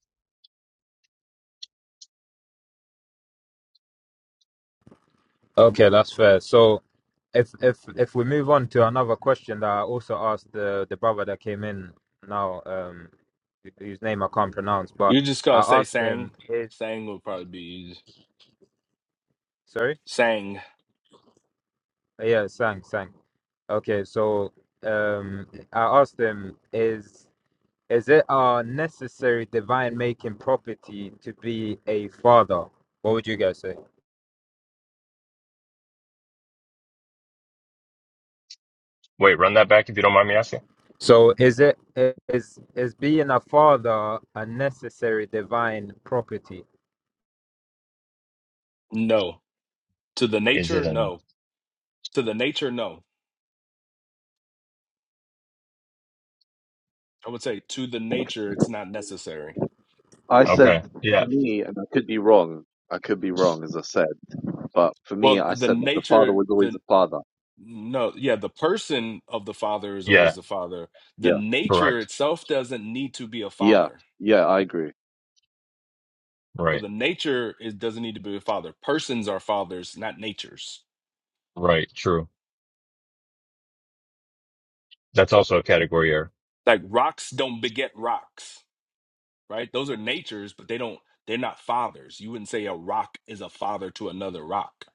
[SPEAKER 7] Okay, that's fair. So if if if we move on to another question that I also asked the the brother that came in now, um whose name I can't pronounce, but
[SPEAKER 1] you're just
[SPEAKER 7] I
[SPEAKER 1] gonna say
[SPEAKER 7] asked him
[SPEAKER 1] sang
[SPEAKER 7] eh,
[SPEAKER 1] sang will probably be easy.
[SPEAKER 7] sorry?
[SPEAKER 1] sang
[SPEAKER 7] Yeah, thanks, thanks. Okay, so um, I asked them, is is it a necessary divine making property to be a father? What would you guys say?
[SPEAKER 6] Wait, run that back if you don't mind me asking.
[SPEAKER 7] So is it is is being a father a necessary divine property?
[SPEAKER 1] no to the
[SPEAKER 6] Is
[SPEAKER 1] nature
[SPEAKER 6] it an,
[SPEAKER 1] no to the nature no i would say to the nature it's not necessary
[SPEAKER 8] I
[SPEAKER 6] okay.
[SPEAKER 8] said
[SPEAKER 6] Yeah.
[SPEAKER 8] for me, and I could be wrong. I could be wrong, as I said, but for me,
[SPEAKER 1] well
[SPEAKER 8] I
[SPEAKER 1] the
[SPEAKER 8] said that the father
[SPEAKER 1] nature
[SPEAKER 8] was always
[SPEAKER 1] the
[SPEAKER 8] the father.
[SPEAKER 1] no yeah the person of the father is
[SPEAKER 6] Yeah.
[SPEAKER 1] always the father the
[SPEAKER 8] Yeah,
[SPEAKER 1] nature
[SPEAKER 6] Correct.
[SPEAKER 1] itself doesn't need to be a
[SPEAKER 8] yeah,
[SPEAKER 1] father
[SPEAKER 8] yeah. I agree.
[SPEAKER 1] so
[SPEAKER 6] Right.
[SPEAKER 1] the nature is doesn't need to be a father persons are fathers not natures
[SPEAKER 6] Right. True. That's also a category error.
[SPEAKER 1] Like rocks don't beget rocks, right? Those are natures, but they don't they're not fathers. You wouldn't say a rock is a father to another rock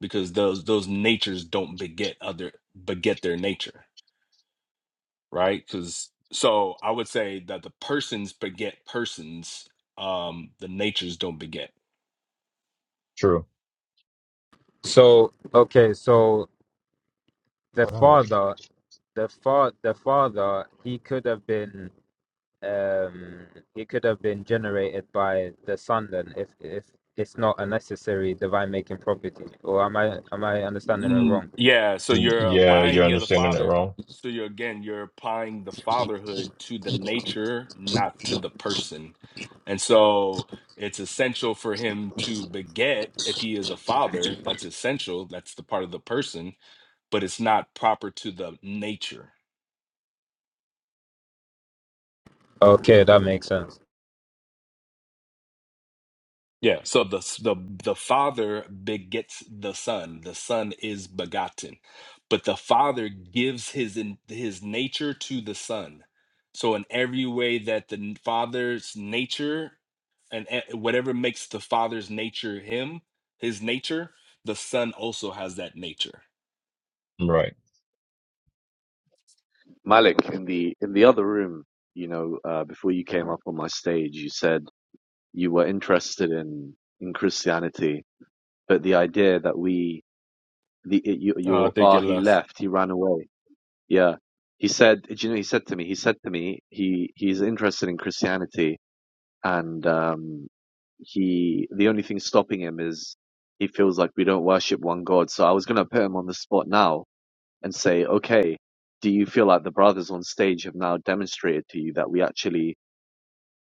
[SPEAKER 1] because those those natures don't beget other beget their nature, right? Cuz so I would say that the persons beget persons, um the natures don't beget.
[SPEAKER 6] True.
[SPEAKER 7] So okay, so the
[SPEAKER 6] Got it.
[SPEAKER 7] father, the fa the father, he could have been. um, it could have been generated by the sun then if if it's not a necessary divine making property or am i am i understanding it
[SPEAKER 1] Mm,
[SPEAKER 7] wrong
[SPEAKER 1] yeah, so
[SPEAKER 6] Mm,
[SPEAKER 1] you're
[SPEAKER 6] Yeah, you're
[SPEAKER 1] applying the
[SPEAKER 6] understanding it
[SPEAKER 1] father.
[SPEAKER 6] wrong.
[SPEAKER 1] So you're again, you're applying the fatherhood to the nature, not to the person. And so it's essential for him to beget if he is a father. That's essential. That's the part of the person, but it's not proper to the nature.
[SPEAKER 7] okay that makes sense
[SPEAKER 1] Yeah, so the the the father begets the son. The son is begotten. But the father gives his in, his nature to the son. So in every way that the n- father's nature and e- whatever makes the father's nature him, his nature, the son also has that nature.
[SPEAKER 6] Right.
[SPEAKER 8] Malik, in the in the other room, you know, uh, before you came up on my stage, you said you were interested in in Christianity, but the idea that we the it, your,
[SPEAKER 1] Oh, I
[SPEAKER 8] your
[SPEAKER 1] think
[SPEAKER 8] ah
[SPEAKER 1] you
[SPEAKER 8] he
[SPEAKER 1] left.
[SPEAKER 8] left, he ran away. Yeah, he said. Do you know? He said to me. He said to me. He he's interested in Christianity, and um, he the only thing stopping him is he feels like we don't worship one God. So I was gonna put him on the spot now and say, okay, do you feel like the brothers on stage have now demonstrated to you that we actually,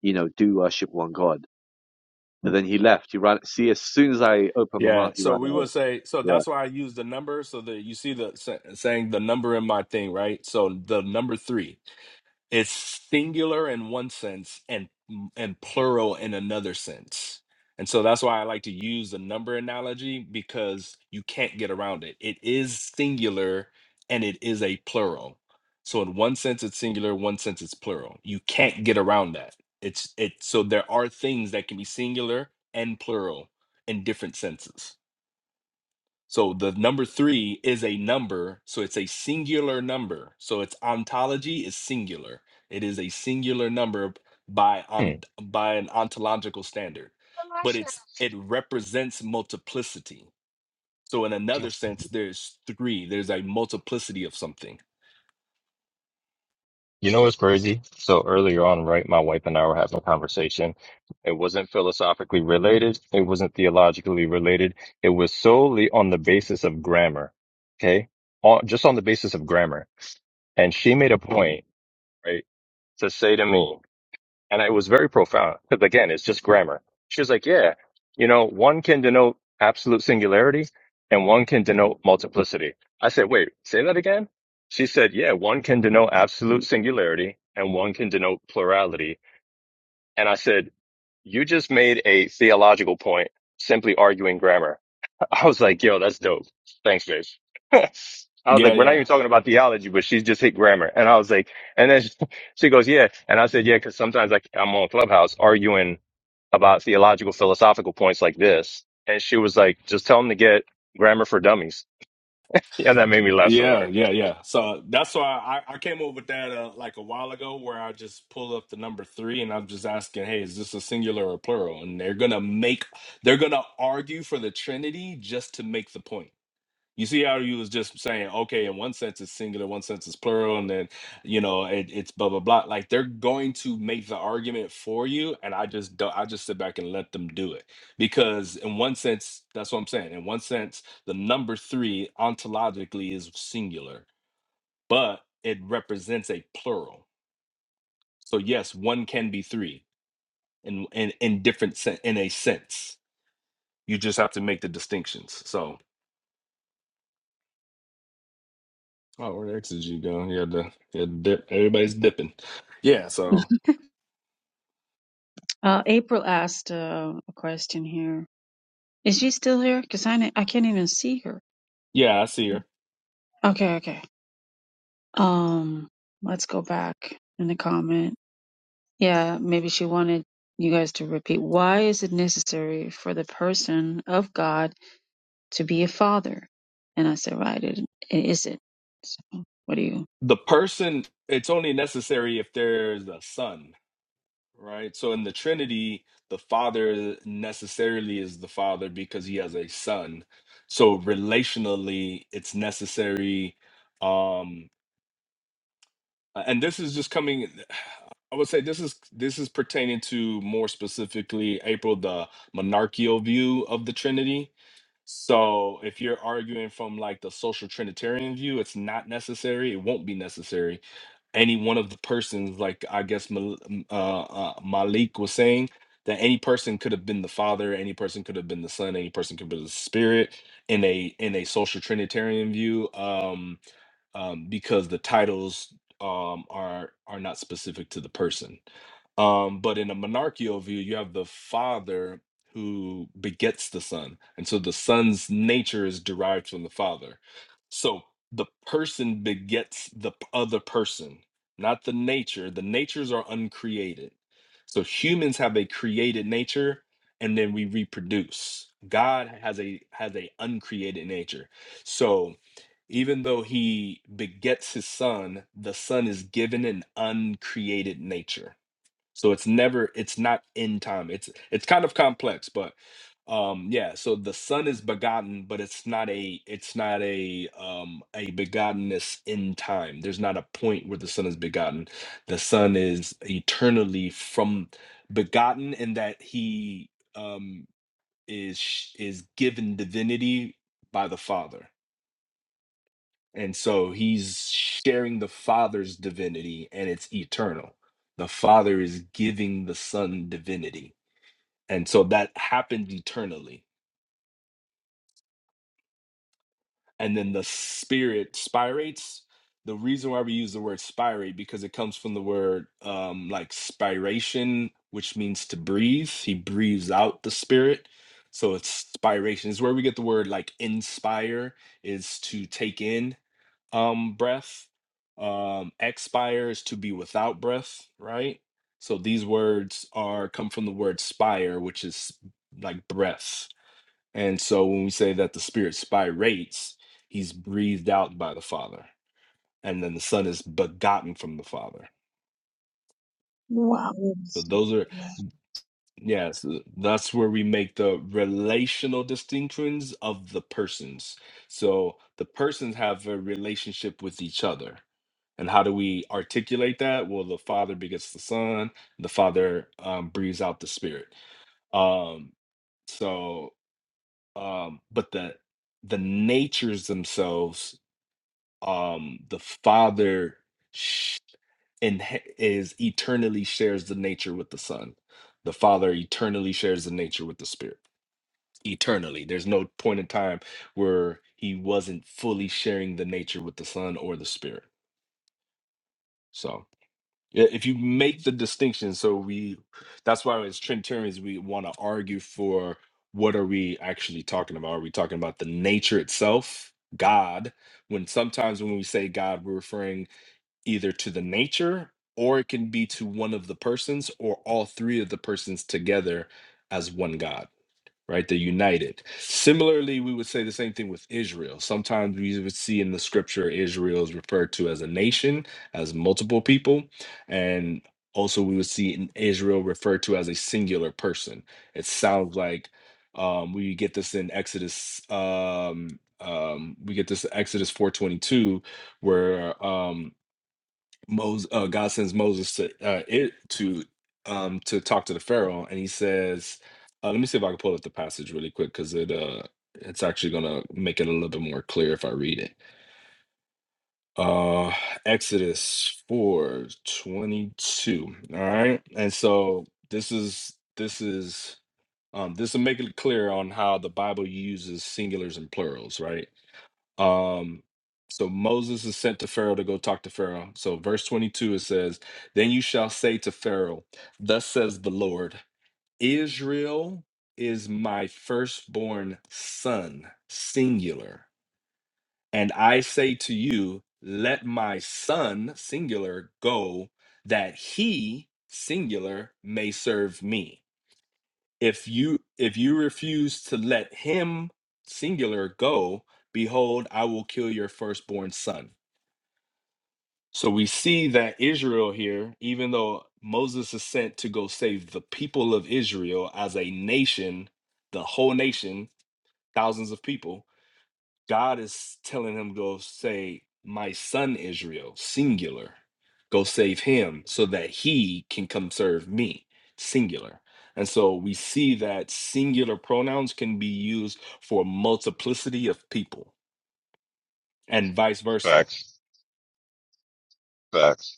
[SPEAKER 8] you know, do worship one God? But then he left. He ran. See, as soon as I opened my
[SPEAKER 1] Yeah,
[SPEAKER 8] mouth, he
[SPEAKER 1] so
[SPEAKER 8] ran
[SPEAKER 1] we
[SPEAKER 8] away.
[SPEAKER 1] would say so that's why I use the number so that you see the sa- saying the number in my thing, right? So the number 3 It's singular in one sense and and plural in another sense. And so that's why I like to use the number analogy because you can't get around it. It is singular and it is a plural. So in one sense it's singular, one sense it's plural. You can't get around that. It's it so there are things that can be singular and plural in different senses. So the number three is a number, so it's a singular number. So its ontology is singular. It is a singular number by
[SPEAKER 6] Hmm.
[SPEAKER 1] on by an ontological standard, but it's it represents multiplicity. So in another sense, there's three. There's a multiplicity of something.
[SPEAKER 6] You know what's crazy? So earlier on, right, my wife and I were having a conversation. It wasn't philosophically related. It wasn't theologically related. It was solely on the basis of grammar. Okay. On, just on the basis of grammar. And she made a point, right, to say to me. And it was very profound because again, it's just grammar. She was like, yeah, you know, one can denote absolute singularity and one can denote multiplicity. I said, wait, say that again. She said, yeah, one can denote absolute singularity and one can denote plurality. And I said, you just made a theological point simply arguing grammar. I was like, yo, that's dope. Thanks, babe. I was like,
[SPEAKER 1] Yeah,
[SPEAKER 6] we're not
[SPEAKER 1] yeah.
[SPEAKER 6] even talking about theology, but she's just hit grammar. And I was like, and then she goes, yeah. And I said, yeah, cause sometimes like I'm on Clubhouse arguing about theological, philosophical points like this. And she was like, just tell them to get grammar for dummies. Yeah, that made me laugh so
[SPEAKER 1] Yeah,
[SPEAKER 6] hard.
[SPEAKER 1] yeah, yeah. So that's why I, I came up with that uh, like a while ago, where I just pull up the number three and I'm just asking, hey, is this a singular or plural? And they're gonna make, they're gonna argue for the Trinity just to make the point. You see how you was just saying, okay, in one sense it's singular, one sense it's plural, and then you know it, it's blah blah blah. Like they're going to make the argument for you, and I just don't. I just sit back and let them do it because in one sense, that's what I'm saying. In one sense, the number three ontologically is singular, but it represents a plural. So yes, one can be three in in in different sen- in a sense. You just have to make the distinctions. So. Oh, where the exes go? Yeah, the yeah, dip. Everybody's dipping. Yeah, so
[SPEAKER 3] Uh, April asked uh, a question here. Is she still here? Because I, ne- I can't even see her.
[SPEAKER 1] yeah, I see her.
[SPEAKER 3] Okay, okay. Um, let's go back in the comment. Yeah, maybe she wanted you guys to repeat. Why is it necessary for the person of God? to be a father. And I said, right, it, it is it. So what do you?
[SPEAKER 1] The person, it's only necessary if there's a son, right? So in the Trinity, the Father necessarily is the Father because he has a son. So relationally, it's necessary. Um, and this is just coming. I would say this is this is pertaining to more specifically April the monarchical view of the Trinity So if you're arguing from like the social trinitarian view, it's not necessary. It won't be necessary. Any one of the persons, like I guess Mal- m- uh, uh, Malik was saying, that any person could have been the father, any person could have been the son, any person could be the spirit in a in a social trinitarian view. Um, um, because the titles um, are are not specific to the person. Um, but in a monarchical view, you have the father who begets the son, and so the son's nature is derived from the father. So the person begets the p- other person, not the nature. The natures are uncreated. So humans have a created nature, and then we reproduce. God has a has a uncreated nature. So even though he begets his son, the son is given an uncreated nature. So it's never, it's not in time. It's it's kind of complex, but um yeah, so the son is begotten, but it's not a it's not a um a begottenness in time. There's not a point where the son is begotten. The son is eternally from begotten in that he um is is given divinity by the father and so he's sharing the Father's divinity and it's eternal. The Father is giving the Son divinity. And so that happens eternally. And then the Spirit spirates. The reason why we use the word spirate because it comes from the word um, like spiration, which means to breathe. He breathes out the Spirit. So it's spiration. It's where we get the word like inspire is to take in. um breath um expire is to be without breath right so these words are come from the word spire which is like breath and so when we say that the spirit spirates he's breathed out by the father and then the son is begotten from the father
[SPEAKER 3] Wow.
[SPEAKER 1] so those are
[SPEAKER 3] Yes.
[SPEAKER 1] Yes, that's where we make the relational distinctions of the persons. So the persons have a relationship with each other. And how do we articulate that? Well, the Father begets the Son, the Father um, breathes out the Spirit. Um, so, um, but the the natures themselves um the father sh- and is eternally shares the nature with the son the father eternally shares the nature with the spirit eternally there's no point in time where he wasn't fully sharing the nature with the son or the spirit so yeah, if you make the distinction so we that's why as trinitarians we want to argue for what are we actually talking about are we talking about the nature itself god when sometimes when we say god we're referring either to the nature or it can be to one of the persons or all three of the persons together as one God, right? They're united. Similarly, we would say the same thing with Israel. Sometimes we would see in the scripture Israel is referred to as a nation, as multiple people, and also we would see in Israel referred to as a singular person. It sounds like um, we get this in Exodus. Um, um, we get this in Exodus 422 where um, Moses, uh, God sends Moses to uh, it to um to talk to the Pharaoh, and he says, uh, "Let me see if I can pull up the passage really quick because it uh it's actually gonna make it a little bit more clear if I read it." Uh, Exodus four twenty two. All right, and so this is this is um this will make it clear on how the Bible uses singulars and plurals, right? Um, so Moses is sent to Pharaoh to go talk to Pharaoh. So verse 22 it says, "Then you shall say to Pharaoh, thus says the Lord, Israel is my firstborn son, singular. And I say to you, let my son, singular, go that he, singular, may serve me." if you if you refuse to let him singular go behold i will kill your firstborn son so we see that israel here even though moses is sent to go save the people of israel as a nation the whole nation thousands of people God is telling him go say, "My son Israel, singular, go save him, so that he can come serve me, singular." And so we see that singular pronouns can be used for multiplicity of people, and vice versa.
[SPEAKER 6] Facts, facts.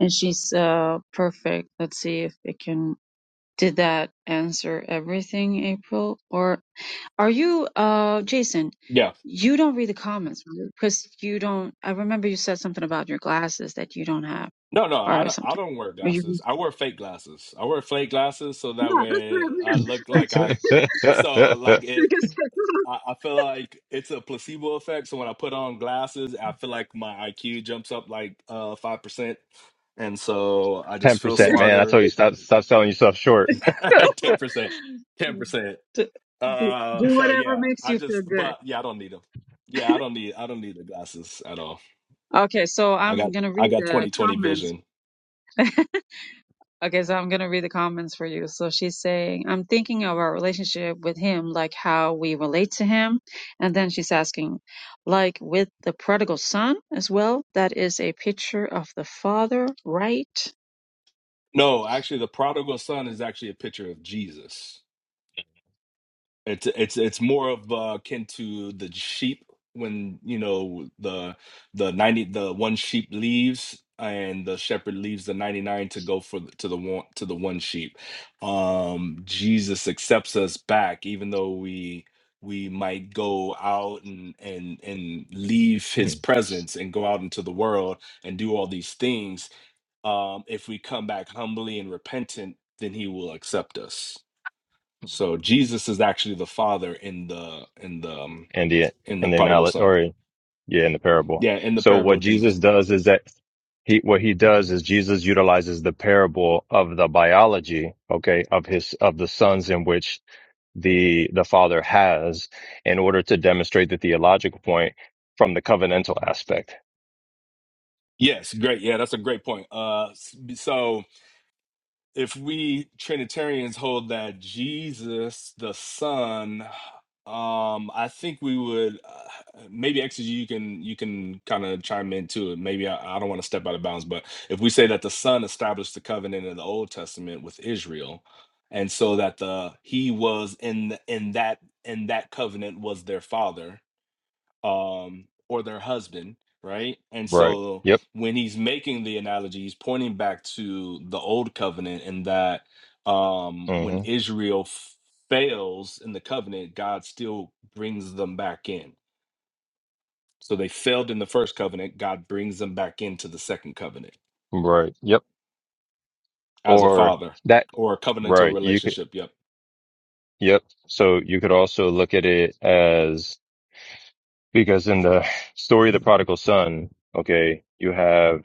[SPEAKER 3] And she's uh, perfect. Let's see if it can. Did that answer everything, April? Or are you, uh, Jason?
[SPEAKER 1] Yeah.
[SPEAKER 3] You don't read the comments right? because you don't. I remember you said something about your glasses that you don't have
[SPEAKER 1] No, no, I
[SPEAKER 3] or
[SPEAKER 1] don't, I
[SPEAKER 3] something.
[SPEAKER 1] don't wear
[SPEAKER 3] Or you?
[SPEAKER 1] glasses. I wear fake glasses. I wear fake glasses so that
[SPEAKER 3] Yeah, that's what
[SPEAKER 1] way
[SPEAKER 3] I
[SPEAKER 1] I
[SPEAKER 3] meant.
[SPEAKER 1] look
[SPEAKER 3] Like,
[SPEAKER 1] like I. So like
[SPEAKER 6] 10%,
[SPEAKER 1] it. I, I feel like it's a placebo effect. So when I put on glasses, I feel like my IQ jumps up like uh five percent, and so I just feel
[SPEAKER 6] man. I
[SPEAKER 1] smarter.
[SPEAKER 6] told you, stop, stop selling yourself short,
[SPEAKER 1] Ten percent, ten percent.
[SPEAKER 3] like said, do, do
[SPEAKER 1] Uh,
[SPEAKER 3] do
[SPEAKER 1] so
[SPEAKER 3] whatever
[SPEAKER 1] yeah,
[SPEAKER 3] makes
[SPEAKER 1] I
[SPEAKER 3] you feel
[SPEAKER 1] just
[SPEAKER 3] good.
[SPEAKER 1] but yeah, I don't need them. Yeah, I don't need I don't need the glasses at all.
[SPEAKER 3] Okay, so
[SPEAKER 1] I
[SPEAKER 3] I'm
[SPEAKER 1] got
[SPEAKER 3] gonna
[SPEAKER 1] I
[SPEAKER 3] read
[SPEAKER 1] got
[SPEAKER 3] the
[SPEAKER 1] twenty twenty
[SPEAKER 3] comments.
[SPEAKER 1] vision.
[SPEAKER 3] Okay, so I'm gonna read the comments for you. So she's saying, I'm thinking of our relationship with him, like how we relate to him. And then she's asking, like with the prodigal son as well, that is a picture of the father, right?
[SPEAKER 1] No, actually, the prodigal son is actually a picture of Jesus. It's it's it's more of uh, akin to the sheep when you know the the ninety the one sheep leaves and the shepherd leaves the ninety nine to go for the, to the one to the one sheep. Um, Jesus accepts us back, even though we we might go out and and and leave
[SPEAKER 6] Hmm.
[SPEAKER 1] His presence and go out into the world and do all these things um, if we come back humbly and repentant, then he will accept us. So Jesus is actually the father in the in the um,
[SPEAKER 6] India.
[SPEAKER 1] in the
[SPEAKER 6] And then
[SPEAKER 1] prodigal son.
[SPEAKER 6] or Yeah, in the parable.
[SPEAKER 1] Yeah, in the
[SPEAKER 6] So
[SPEAKER 1] parable
[SPEAKER 6] what
[SPEAKER 1] of Jesus.
[SPEAKER 6] Jesus does is that he, what he does is Jesus utilizes the parable of the biology, okay, of his, of the sons in which the, the father has in order to demonstrate the theological point from the covenantal aspect.
[SPEAKER 1] Yes, great. Yeah, that's a great point. Uh, s- so if we Trinitarians hold that Jesus the Son, um, I think we would uh, maybe actually you can you can kind of chime into it. Maybe I, I don't want to step out of bounds, but if we say that the Son established the covenant in the Old Testament with Israel, and so that the He was in the, in that in that covenant was their Father, um, or their husband, right? And
[SPEAKER 6] Right.
[SPEAKER 1] so
[SPEAKER 6] Yep.
[SPEAKER 1] when he's making the analogy, he's pointing back to the old covenant and that um, when
[SPEAKER 6] hmm
[SPEAKER 1] Israel f- fails in the covenant, God still brings them back in. So they failed in the first covenant, God brings them back into the second covenant
[SPEAKER 6] Right. Yep.
[SPEAKER 1] as a
[SPEAKER 6] Or
[SPEAKER 1] father
[SPEAKER 6] that,
[SPEAKER 1] or a covenantal
[SPEAKER 6] right. You could,
[SPEAKER 1] relationship.
[SPEAKER 6] yep. So you could also look at it as, because in the story of the prodigal son, okay, you have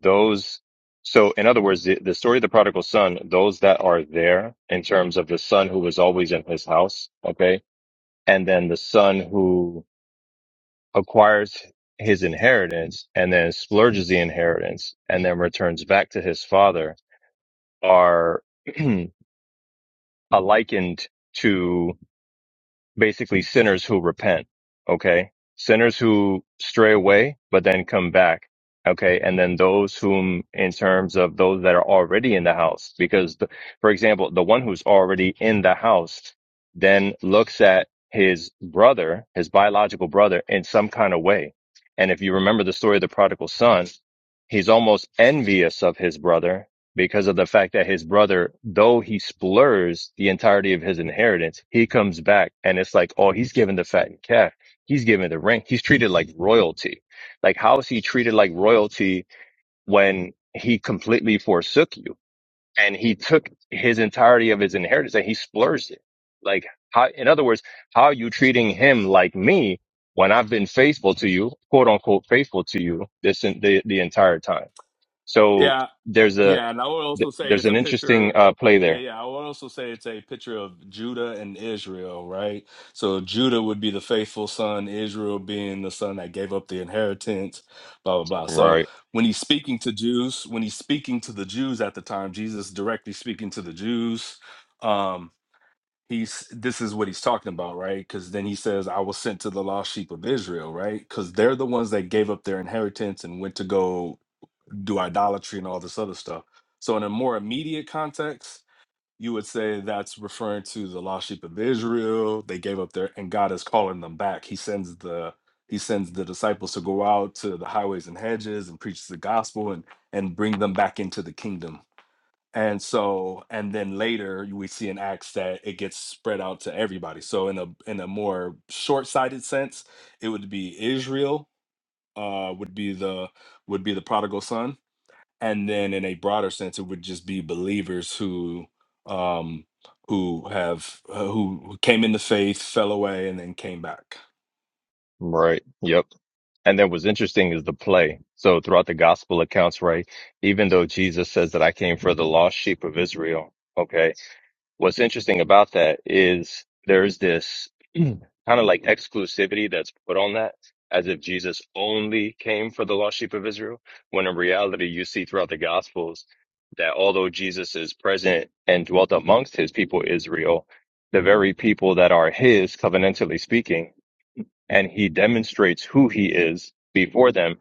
[SPEAKER 6] those so in other words the, the story of the prodigal son those that are there in terms of the son who was always in his house okay and then the son who acquires his inheritance and then splurges the inheritance and then returns back to his father are likened to. basically sinners who repent. Okay. Sinners who stray away, but then come back. Okay. And then those whom, in terms of those that are already in the house, because the, for example, the one who's already in the house then looks at his brother, his biological brother in some kind of way. And if you remember the story of the prodigal son, he's almost envious of his brother because of the fact that his brother, though he splurs the entirety of his inheritance, he comes back and it's like, oh, he's given the fattened calf. He's given the ring. He's treated like royalty. Like, how is he treated like royalty when he completely forsook you and he took his entirety of his inheritance and he splurged it? Like, how, in other words, how are you treating him like me when I've been faithful to you, quote unquote, faithful to you this, the, the entire time? So
[SPEAKER 1] Yep.
[SPEAKER 6] there's a,
[SPEAKER 1] Yeah, and I would
[SPEAKER 6] th-
[SPEAKER 1] also say
[SPEAKER 6] there's
[SPEAKER 1] it's a
[SPEAKER 6] an interesting
[SPEAKER 1] picture.
[SPEAKER 6] uh, play
[SPEAKER 1] Yeah,
[SPEAKER 6] there.
[SPEAKER 1] yeah. I would also say it's a picture of Judah and Israel, right? So Judah would be the faithful son, Israel being the son that gave up the inheritance, blah, blah, blah. So
[SPEAKER 6] Right.
[SPEAKER 1] when he's speaking to Jews, when he's speaking to the Jews at the time, Jesus directly speaking to the Jews, um, he's this is what he's talking about, right? Because then he says, I was sent to the lost sheep of Israel, right? Because they're the ones that gave up their inheritance and went to go do idolatry and all this other stuff. So, in a more immediate context, you would say that's referring to the lost sheep of Israel. They gave up their, and God is calling them back. He sends the he sends the disciples to go out to the highways and hedges and preach the gospel and and bring them back into the kingdom. And so, and then later we see in Acts that it gets spread out to everybody. So, in a in a more short sighted sense, it would be Israel uh, would be the would be the prodigal son and then in a broader sense it would just be believers who um who have uh, who who came into faith fell away and then came back
[SPEAKER 6] Right. Yep. And then what's interesting is the play. So throughout the gospel accounts, right? Even though Jesus says that I came for the lost sheep of Israel, okay? What's interesting about that is there's this kind of like exclusivity that's put on that as if Jesus only came for the lost sheep of Israel, when in reality, you see throughout the Gospels that although Jesus is present and dwelt amongst his people Israel, the very people that are his, covenantally speaking, and he demonstrates who he is before them,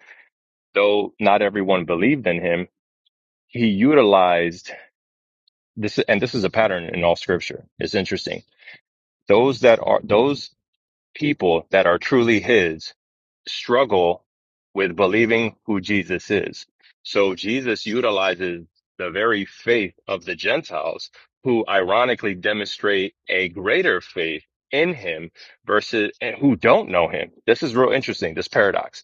[SPEAKER 6] though not everyone believed in him, he utilized this, and this is a pattern in all scripture. It's interesting Those that are those people that are truly his struggle with believing who Jesus is. So Jesus utilizes the very faith of the Gentiles who ironically demonstrate a greater faith in him versus and who don't know him. This is real interesting, this paradox.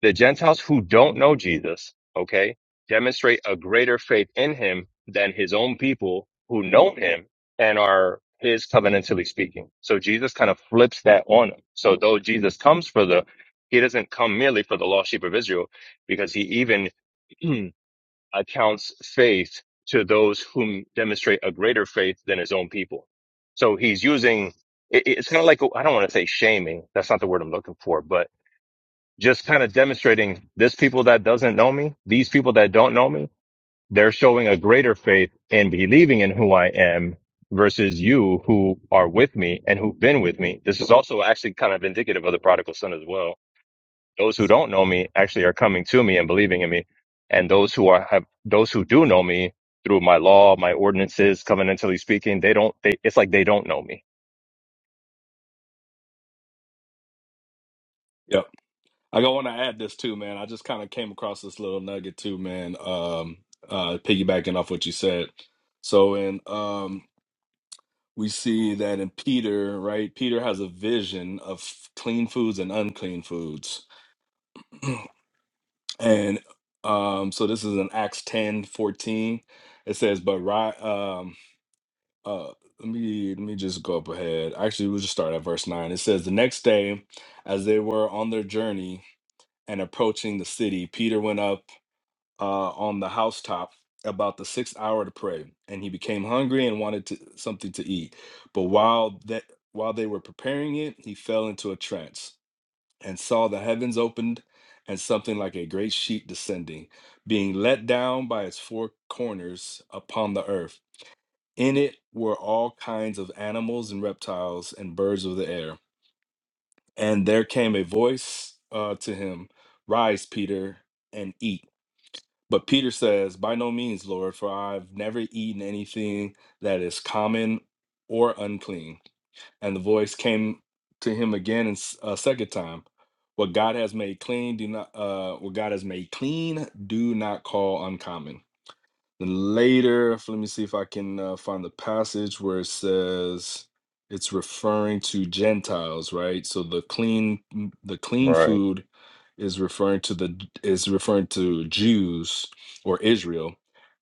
[SPEAKER 6] The Gentiles who don't know Jesus, okay, demonstrate a greater faith in him than his own people who know him and are his covenantally speaking. So Jesus kind of flips that on him. So though Jesus comes for the, he doesn't come merely for the lost sheep of Israel because he even accounts faith to those whom demonstrate a greater faith than his own people. So he's using, it, it's kind of like, oh, I don't want to say shaming. That's not the word I'm looking for, but just kind of demonstrating this people that doesn't know me, these people that don't know me, they're showing a greater faith in believing in who I am versus you who are with me and who've been with me. This is also actually kind of indicative of the prodigal son as well. Those who don't know me actually are coming to me and believing in me. And those who are have those who do know me through my law, my ordinances, covenantally speaking, they don't they it's like they don't know me.
[SPEAKER 1] yep i want to add this too man i just kind of came across this little nugget too man um uh piggybacking off what you said so in um we see that in peter right peter has a vision of clean foods and unclean foods and um so this is in acts 10 14. it says but right uh let me let me just go up ahead actually we'll just start at verse 9 it says the next day as they were on their journey and approaching the city peter went up uh on the housetop about the sixth hour to pray and he became hungry and wanted to, something to eat but while that while they were preparing it he fell into a trance and saw the heavens opened and something like a great sheet descending being let down by its four corners upon the earth in it were all kinds of animals and reptiles and birds of the air. And there came a voice uh, to him, Rise, Peter, and eat. But Peter says, By no means, Lord, for I've never eaten anything that is common or unclean. And the voice came to him again and s- a second time. What God has made clean, do not. Uh, what God has made clean, do not call uncommon later, f- let me see if I can uh, find the passage where it says it's referring to Gentiles, right? So the clean m- the clean
[SPEAKER 6] Right.
[SPEAKER 1] food is referring to the J- is referring to Jews or Israel,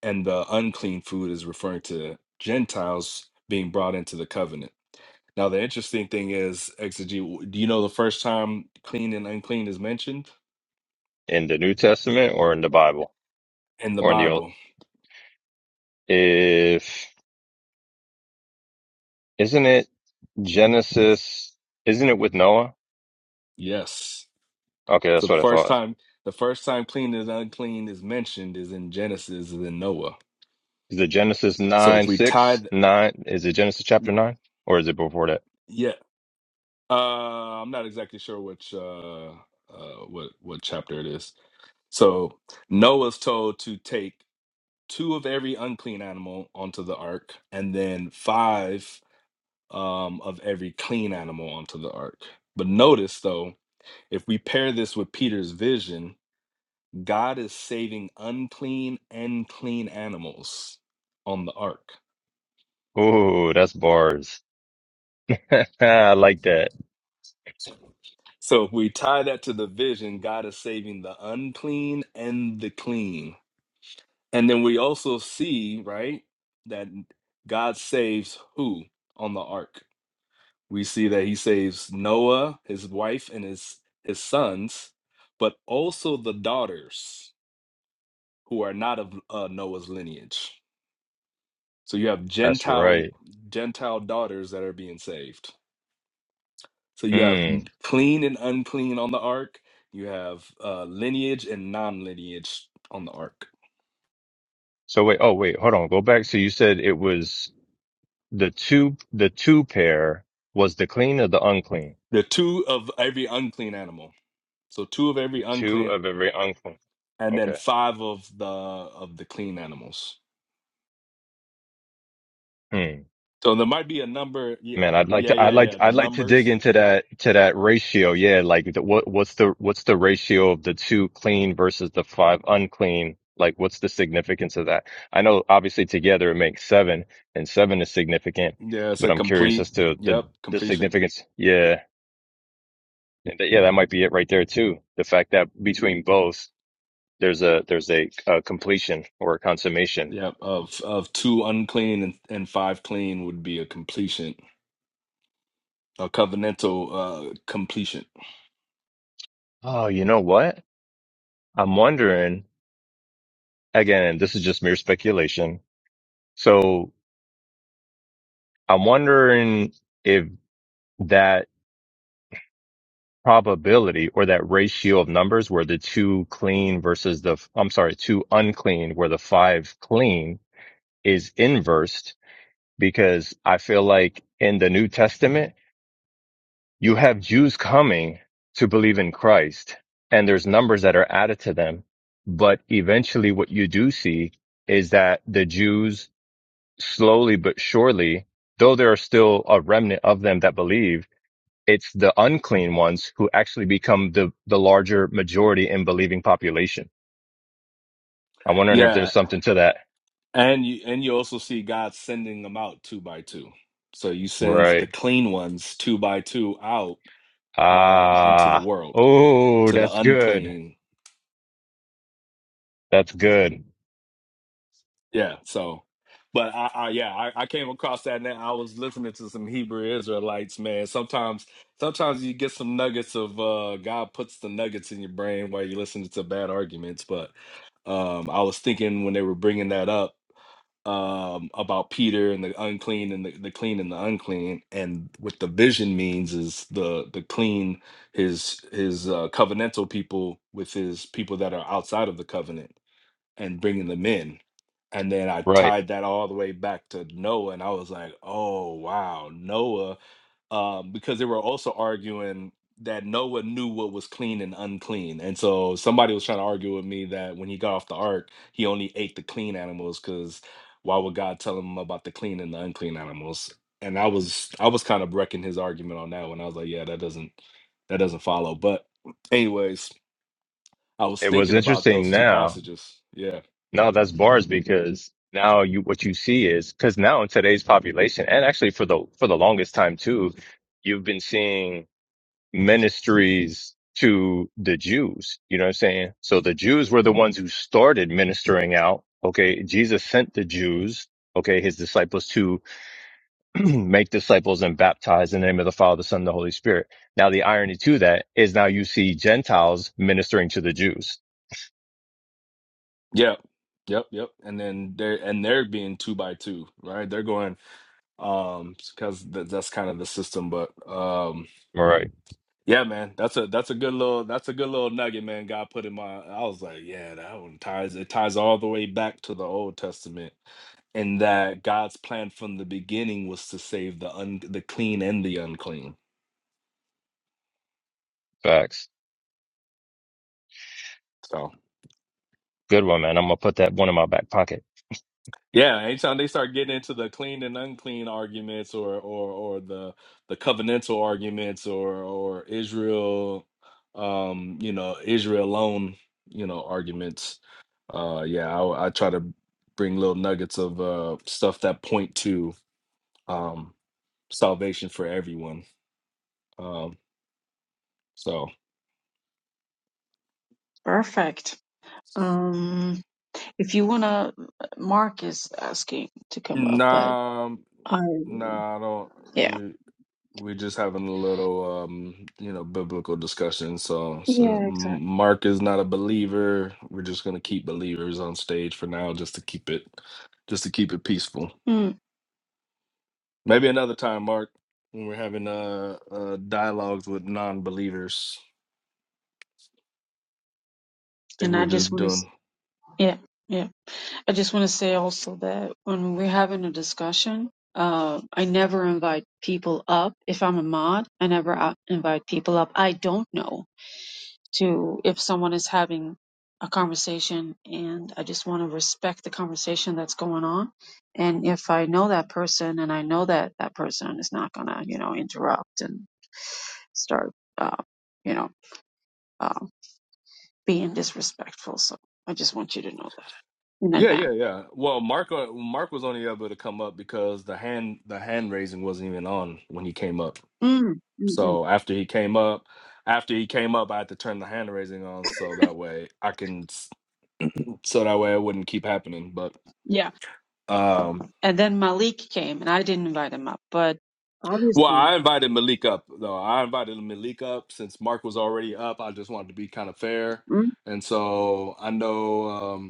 [SPEAKER 1] and the unclean food is referring to Gentiles being brought into the covenant. Now the interesting thing is, Exegete, w- do you know the first time clean and unclean is mentioned
[SPEAKER 6] In the New Testament or in the Bible
[SPEAKER 1] in the
[SPEAKER 6] or in the old
[SPEAKER 1] Bible?
[SPEAKER 6] if isn't it Genesis, isn't it with Noah?
[SPEAKER 1] Yes.
[SPEAKER 6] Okay,
[SPEAKER 1] So
[SPEAKER 6] that's
[SPEAKER 1] the
[SPEAKER 6] what I
[SPEAKER 1] first
[SPEAKER 6] thought.
[SPEAKER 1] time the first time clean and unclean is mentioned is in Genesis and in Noah.
[SPEAKER 6] Is it Genesis
[SPEAKER 1] So if
[SPEAKER 6] 9
[SPEAKER 1] we
[SPEAKER 6] 6
[SPEAKER 1] tied
[SPEAKER 6] 9? Is it Genesis chapter 9? Or is it before that?
[SPEAKER 1] yeah, uh I'm not exactly sure which uh uh what what chapter it is. So Noah's told to take two of every unclean animal onto the ark and then five um of every clean animal onto the ark. But notice though, if we pair this with Peter's vision, God is saving unclean and clean animals on the ark.
[SPEAKER 6] Ooh, that's bars. I like that.
[SPEAKER 1] So if we tie that to the vision, God is saving the unclean and the clean. And then we also see, right, that God saves who on the ark? We see that he saves Noah, his wife, and his his sons, but also the daughters who are not of uh, Noah's lineage. So you have
[SPEAKER 6] That's
[SPEAKER 1] Gentile
[SPEAKER 6] right.
[SPEAKER 1] Gentile daughters that are being saved. So you have
[SPEAKER 6] Mm.
[SPEAKER 1] n- clean and unclean on the ark. You have uh, lineage and non-lineage on the ark.
[SPEAKER 6] So wait, oh wait, hold on. Go back. So you said it was the two, the two pair was the clean or the unclean?
[SPEAKER 1] There are two of every unclean animal. So two of every
[SPEAKER 6] Two
[SPEAKER 1] unclean,
[SPEAKER 6] of every unclean.
[SPEAKER 1] and then
[SPEAKER 6] Okay.
[SPEAKER 1] five of the of the clean animals.
[SPEAKER 6] Hmm.
[SPEAKER 1] So there might be a number. Yeah,
[SPEAKER 6] Man, I'd like
[SPEAKER 1] yeah,
[SPEAKER 6] to, I'd
[SPEAKER 1] yeah,
[SPEAKER 6] like,
[SPEAKER 1] yeah. The
[SPEAKER 6] I'd like to dig
[SPEAKER 1] numbers.
[SPEAKER 6] into that, to that ratio. Yeah. Like the, what, what's the, what's the ratio of the two clean versus the five unclean? Like what's the significance of that? I know obviously together it makes seven and seven is significant,
[SPEAKER 1] Yeah, it's
[SPEAKER 6] but
[SPEAKER 1] a
[SPEAKER 6] I'm curious
[SPEAKER 1] complete.
[SPEAKER 6] as to the,
[SPEAKER 1] Yep,
[SPEAKER 6] the
[SPEAKER 1] completion.
[SPEAKER 6] significance. Yeah. And that- Yeah. That might be it right there too. The fact that between both, there's a, there's a, a completion or a consummation.
[SPEAKER 1] Yep, of of two unclean and, and five clean would be a completion, a covenantal uh completion.
[SPEAKER 6] Oh, you know what? I'm wondering again, this is just mere speculation. So I'm wondering if that probability or that ratio of numbers where the two clean versus the, I'm sorry, two unclean, where the five clean is inversed because I feel like in the New Testament, you have Jews coming to believe in Christ and there's numbers that are added to them. But eventually what you do see is that the Jews slowly but surely, though there are still a remnant of them that believe, It's the unclean ones who actually become the, the larger majority in believing population. I'm wondering if
[SPEAKER 1] Yeah,
[SPEAKER 6] there's something to that.
[SPEAKER 1] And you and you also see God sending them out two by two. So you sends the
[SPEAKER 6] Right.
[SPEAKER 1] clean ones two by two out um into the
[SPEAKER 6] Ah.
[SPEAKER 1] world
[SPEAKER 6] Oh,
[SPEAKER 1] to the
[SPEAKER 6] that's good.
[SPEAKER 1] unclean.
[SPEAKER 6] That's good.
[SPEAKER 1] Yeah. So but I, I yeah, I, I came across that and I was listening to some Hebrew Israelites, man. Sometimes sometimes you get some nuggets of uh God puts the nuggets in your brain while you're listening to bad arguments, but um I was thinking when they were bringing that up um, about Peter and the unclean and the, the clean and the unclean, and what the vision means is the the clean, his his uh, covenantal people with his people that are outside of the covenant and bringing them in, and then I
[SPEAKER 6] Right.
[SPEAKER 1] tied that all the way back to Noah, and I was like, oh wow, Noah um, because they were also arguing that Noah knew what was clean and unclean. And so somebody was trying to argue with me that when he got off the ark, he only ate the clean animals because why would God tell him about the clean and the unclean animals? And I was I was kind of wrecking his argument on that one. I was like, yeah, that doesn't that doesn't follow. But anyways, I was
[SPEAKER 6] It was
[SPEAKER 1] thinking about
[SPEAKER 6] interesting
[SPEAKER 1] those two
[SPEAKER 6] now.
[SPEAKER 1] passages. Yeah.
[SPEAKER 6] No, that's bars because now you, what you see is, cause now in today's population and actually for the, for the longest time too, you've been seeing ministries to the Jews. You know what I'm saying? So the Jews were the ones who started ministering out. Okay. Jesus sent the Jews, okay, his disciples to make disciples and baptize in the name of the Father, the Son, and the Holy Spirit. Now the irony to that is now you see Gentiles ministering to the Jews.
[SPEAKER 1] Yeah. Yep, yep. And then they're and they're being two by two, right? They're going um because th- that's kind of the system but um
[SPEAKER 6] All right.
[SPEAKER 1] yeah man that's a that's a good little that's a good little nugget man god put in my i was like yeah that one ties it ties all the way back to the old testament and that god's plan from the beginning was to save the un the clean and the unclean
[SPEAKER 6] Facts.
[SPEAKER 1] so.
[SPEAKER 6] Good one, man. I'm going to put that one in my back pocket.
[SPEAKER 1] Yeah, anytime they start getting into the clean and unclean arguments or or or the the covenantal arguments or or Israel um you know Israel alone you know arguments uh yeah I, I try to bring little nuggets of uh stuff that point to um salvation for everyone um so
[SPEAKER 3] Perfect. Um, if you wanna, Mark is asking to come up, but
[SPEAKER 1] nah
[SPEAKER 3] I,
[SPEAKER 1] nah I
[SPEAKER 3] yeah.
[SPEAKER 1] don't We're just having a little, um, you know, biblical discussion. So, so
[SPEAKER 3] Yeah,
[SPEAKER 1] M-
[SPEAKER 3] exactly.
[SPEAKER 1] Mark is not a believer. We're just gonna keep believers on stage for now, just to keep it, just to keep it peaceful.
[SPEAKER 3] Mm,
[SPEAKER 1] Maybe another time, Mark, when we're having uh, uh dialogues with non-believers. I think
[SPEAKER 3] and
[SPEAKER 1] we're
[SPEAKER 3] I just
[SPEAKER 1] just
[SPEAKER 3] wanna, s-
[SPEAKER 1] doing.
[SPEAKER 3] yeah. yeah. I just want to say also that when we're having a discussion, uh, I never invite people up. If I'm a mod, I never uh, invite people up. I don't know to if someone is having a conversation, and I just want to respect the conversation that's going on. And if I know that person, and I know that that person is not gonna, you know, interrupt and start, uh, you know, uh, being disrespectful. So I just want you to know that in
[SPEAKER 1] Yeah,
[SPEAKER 3] advance.
[SPEAKER 1] yeah, yeah. Well, Mark, uh, Mark was only able to come up because the hand, the hand raising wasn't even on when he came up.
[SPEAKER 3] Mm, mm, mm.
[SPEAKER 1] So after he came up, after he came up, I had to turn the hand raising on so that way I can, s- so that way it wouldn't keep happening. But
[SPEAKER 3] Yeah.
[SPEAKER 1] um,
[SPEAKER 3] And then Malik came, and I didn't invite him up, but
[SPEAKER 1] well, I
[SPEAKER 3] obviously,
[SPEAKER 1] invited Malik up though. I invited Malik up since Mark was already up. I just wanted to be kind of fair,
[SPEAKER 3] mm,
[SPEAKER 1] and so I know. Um,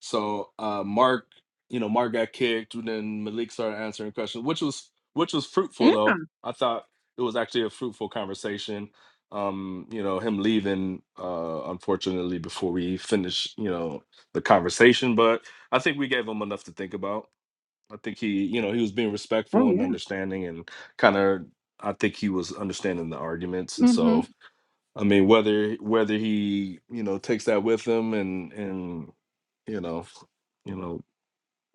[SPEAKER 1] So uh, Mark, you know, Mark got kicked, and then Malik started answering questions, which was which was fruitful
[SPEAKER 3] yeah,
[SPEAKER 1] though. I thought it was actually a fruitful conversation. Um, you know, him leaving uh unfortunately before we finish, you know, the conversation, but I think we gave him enough to think about. I think he, you know, he was being
[SPEAKER 3] oh
[SPEAKER 1] respectful
[SPEAKER 3] yeah.
[SPEAKER 1] and understanding and kind of I think he was understanding the arguments and
[SPEAKER 3] hmm
[SPEAKER 1] so I mean, whether whether he you know takes that with him and and you know you know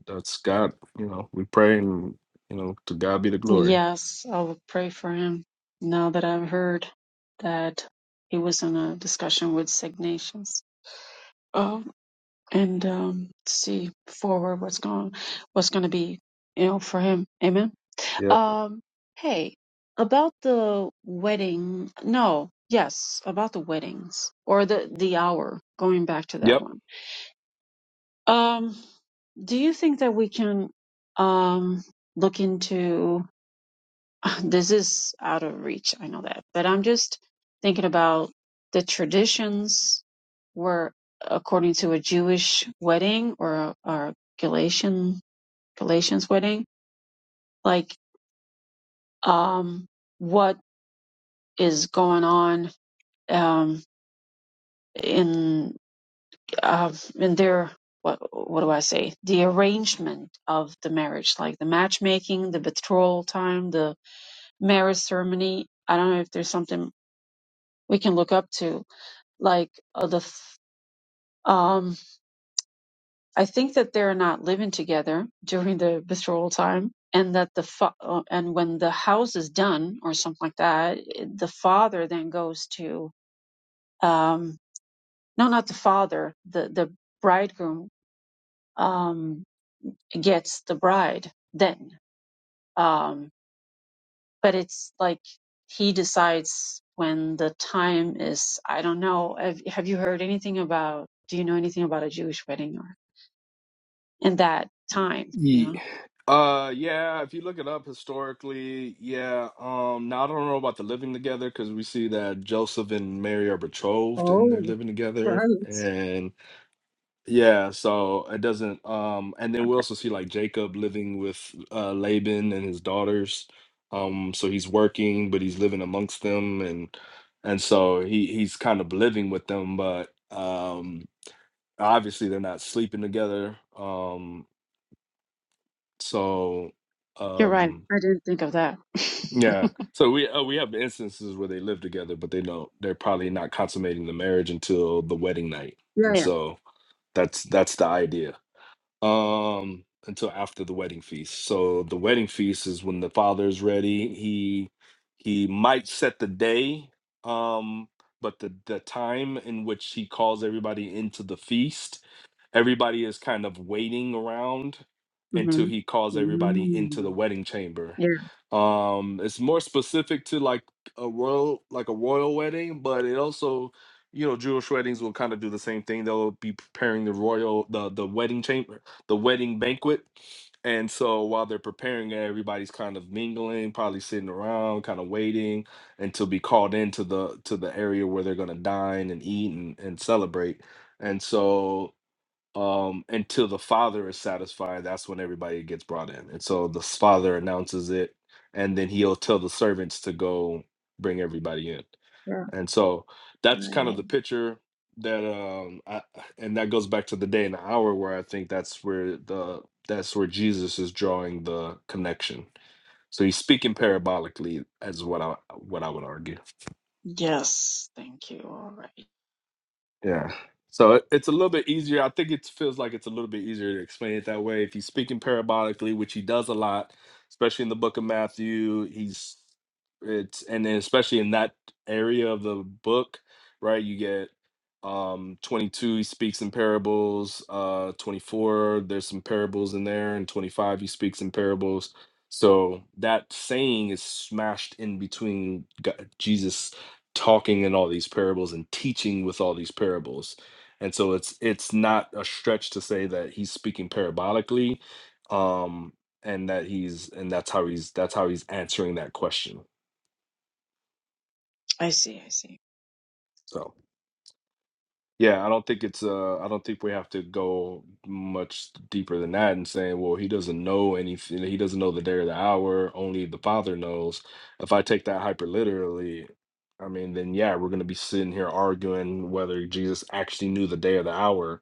[SPEAKER 1] that's God. You know, we pray and you know to God be the glory.
[SPEAKER 3] Yes, I will pray for him now that I've heard that he was in a discussion with Sig Nations. Oh, and um, see forward what's going, what's going to be, you know, for him. Amen.
[SPEAKER 1] Yep.
[SPEAKER 3] Um, hey, about the wedding. No, yes, about the weddings or the the hour. Going back to that
[SPEAKER 1] Yep.
[SPEAKER 3] one Um, do you think that we can um, look into this is out of reach, I know that, but I'm just thinking about the traditions were according to a Jewish wedding or a, or a Galatian Galatians wedding, like um, what is going on um, in uh, in their what what do I say? The arrangement of the marriage, like the matchmaking, the betrothal time, the marriage ceremony. I don't know if there's something we can look up to, like uh, the. f- Um, I think that they're not living together during the betrothal time, and that the fa- uh, and when the house is done or something like that, it- the father then goes to um, no, not the father, the the bridegroom. Um, gets the bride then. Um, but it's like he decides when the time is. I don't know. Have, have you heard anything about? Do you know anything about a Jewish wedding or in that time? You know,
[SPEAKER 1] Ye- Uh yeah, if you look it up historically, yeah. Um now I don't know about the living together because we see that Joseph and Mary are betrothed and they're
[SPEAKER 3] Oh,
[SPEAKER 1] living together.
[SPEAKER 3] right.
[SPEAKER 1] Yeah, so it doesn't um and then we also see like Jacob living with uh Laban and his daughters. Um so he's working but he's living amongst them and and so he he's kind of living with them but um obviously they're not sleeping together. Um so
[SPEAKER 3] you're right.
[SPEAKER 1] um
[SPEAKER 3] I didn't think of that.
[SPEAKER 1] yeah. So we uh, we have instances where they live together but they don't they're probably not consummating the marriage until the wedding night.
[SPEAKER 3] Yeah,
[SPEAKER 1] And
[SPEAKER 3] yeah.
[SPEAKER 1] so that's that's the idea. um until after the wedding feast so the wedding feast is when the father is ready he he might set the day um but the the time in which he calls everybody into the feast Everybody is kind of waiting around until
[SPEAKER 3] hmm
[SPEAKER 1] he calls everybody into the
[SPEAKER 3] Mm.
[SPEAKER 1] wedding chamber.
[SPEAKER 3] Yeah.
[SPEAKER 1] Um, it's more specific to like a royal, like a royal wedding, but it also, you know, Jewish weddings will kind of do the same thing. They'll be preparing the royal, the the wedding chamber, the wedding banquet. And so while they're preparing, it, everybody's kind of mingling, probably sitting around, kind of waiting until be called into the to the area where they're going to dine and eat and, and celebrate and so um, until the father is satisfied. That's when everybody gets brought in. And so the s- father announces it, and then he'll tell the servants to go bring everybody in.
[SPEAKER 3] Yeah,
[SPEAKER 1] And so that's kind of
[SPEAKER 3] right.
[SPEAKER 1] the picture that um I, and that goes back to the day and the hour where I think that's where the that's where Jesus is drawing the connection. So he's speaking parabolically as what I what I would argue.
[SPEAKER 3] Yes. Thank you. All right.
[SPEAKER 1] Yeah. So it- it's a little bit easier. I think it feels like it's a little bit easier to explain it that way. If he's speaking parabolically, which he does a lot, especially in the book of Matthew, he's it's and then especially in that area of the book, right? You get um 22 he speaks in parables, uh 24 there's some parables in there and 25 he speaks in parables. So that saying is smashed in between God, Jesus talking in all these parables and teaching with all these parables. And so it's it's not a stretch to say that he's speaking parabolically um and that he's and that's how he's that's how he's answering that question.
[SPEAKER 3] I see. I see.
[SPEAKER 1] So yeah, I don't think it's uh I don't think we have to go much deeper than that and saying, well, he doesn't know anything he doesn't know the day or the hour, only the father knows. If I take that hyper literally, I mean, then yeah, we're gonna be sitting here arguing whether Jesus actually knew the day or the hour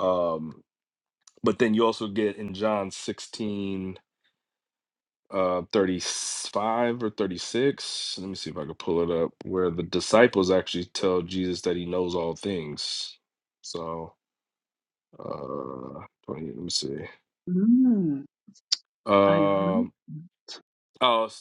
[SPEAKER 1] Um, but then you also get in John 16, uh, 35 or 36. Let me see if I can pull it up, where the disciples actually tell Jesus that he knows all things. So, uh, 20, let me see.
[SPEAKER 3] Mm. I.
[SPEAKER 1] Um, oh,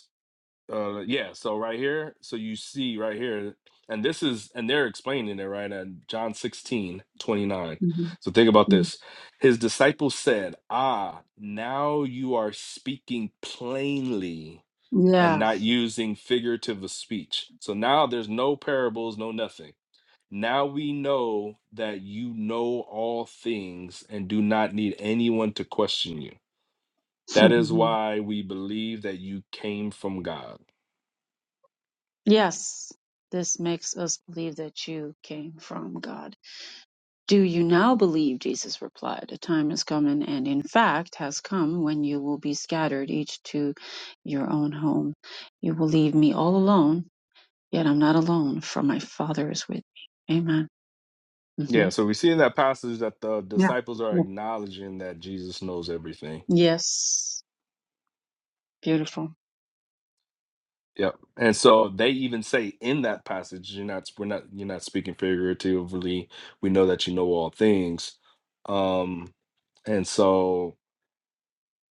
[SPEAKER 1] uh yeah so right here so you see right here and this is and they're explaining it right at john 16 29.
[SPEAKER 3] Mm-hmm.
[SPEAKER 1] so think about this his disciples said ah now you are speaking plainly
[SPEAKER 3] Mhm.
[SPEAKER 1] and not using figurative of speech so now there's no parables no nothing now we know that you know all things and do not need anyone to question you that is
[SPEAKER 3] Mhm.
[SPEAKER 1] why we believe that you came from god
[SPEAKER 3] yes, this makes us believe that you came from God. Do you now believe? Jesus replied, A time is coming, and in fact has come, when you will be scattered, each to your own home. You will leave me all alone, yet I'm not alone, for my Father is with me. Amen.
[SPEAKER 1] Yeah,
[SPEAKER 3] hmm
[SPEAKER 1] so we see in that passage that the
[SPEAKER 3] Yeah.
[SPEAKER 1] disciples are
[SPEAKER 3] yeah.
[SPEAKER 1] acknowledging that Jesus knows everything.
[SPEAKER 3] Yes. Beautiful.
[SPEAKER 1] Yep. And so they even say in that passage, you're not we're not you're not speaking figuratively. We know that you know all things. Um and so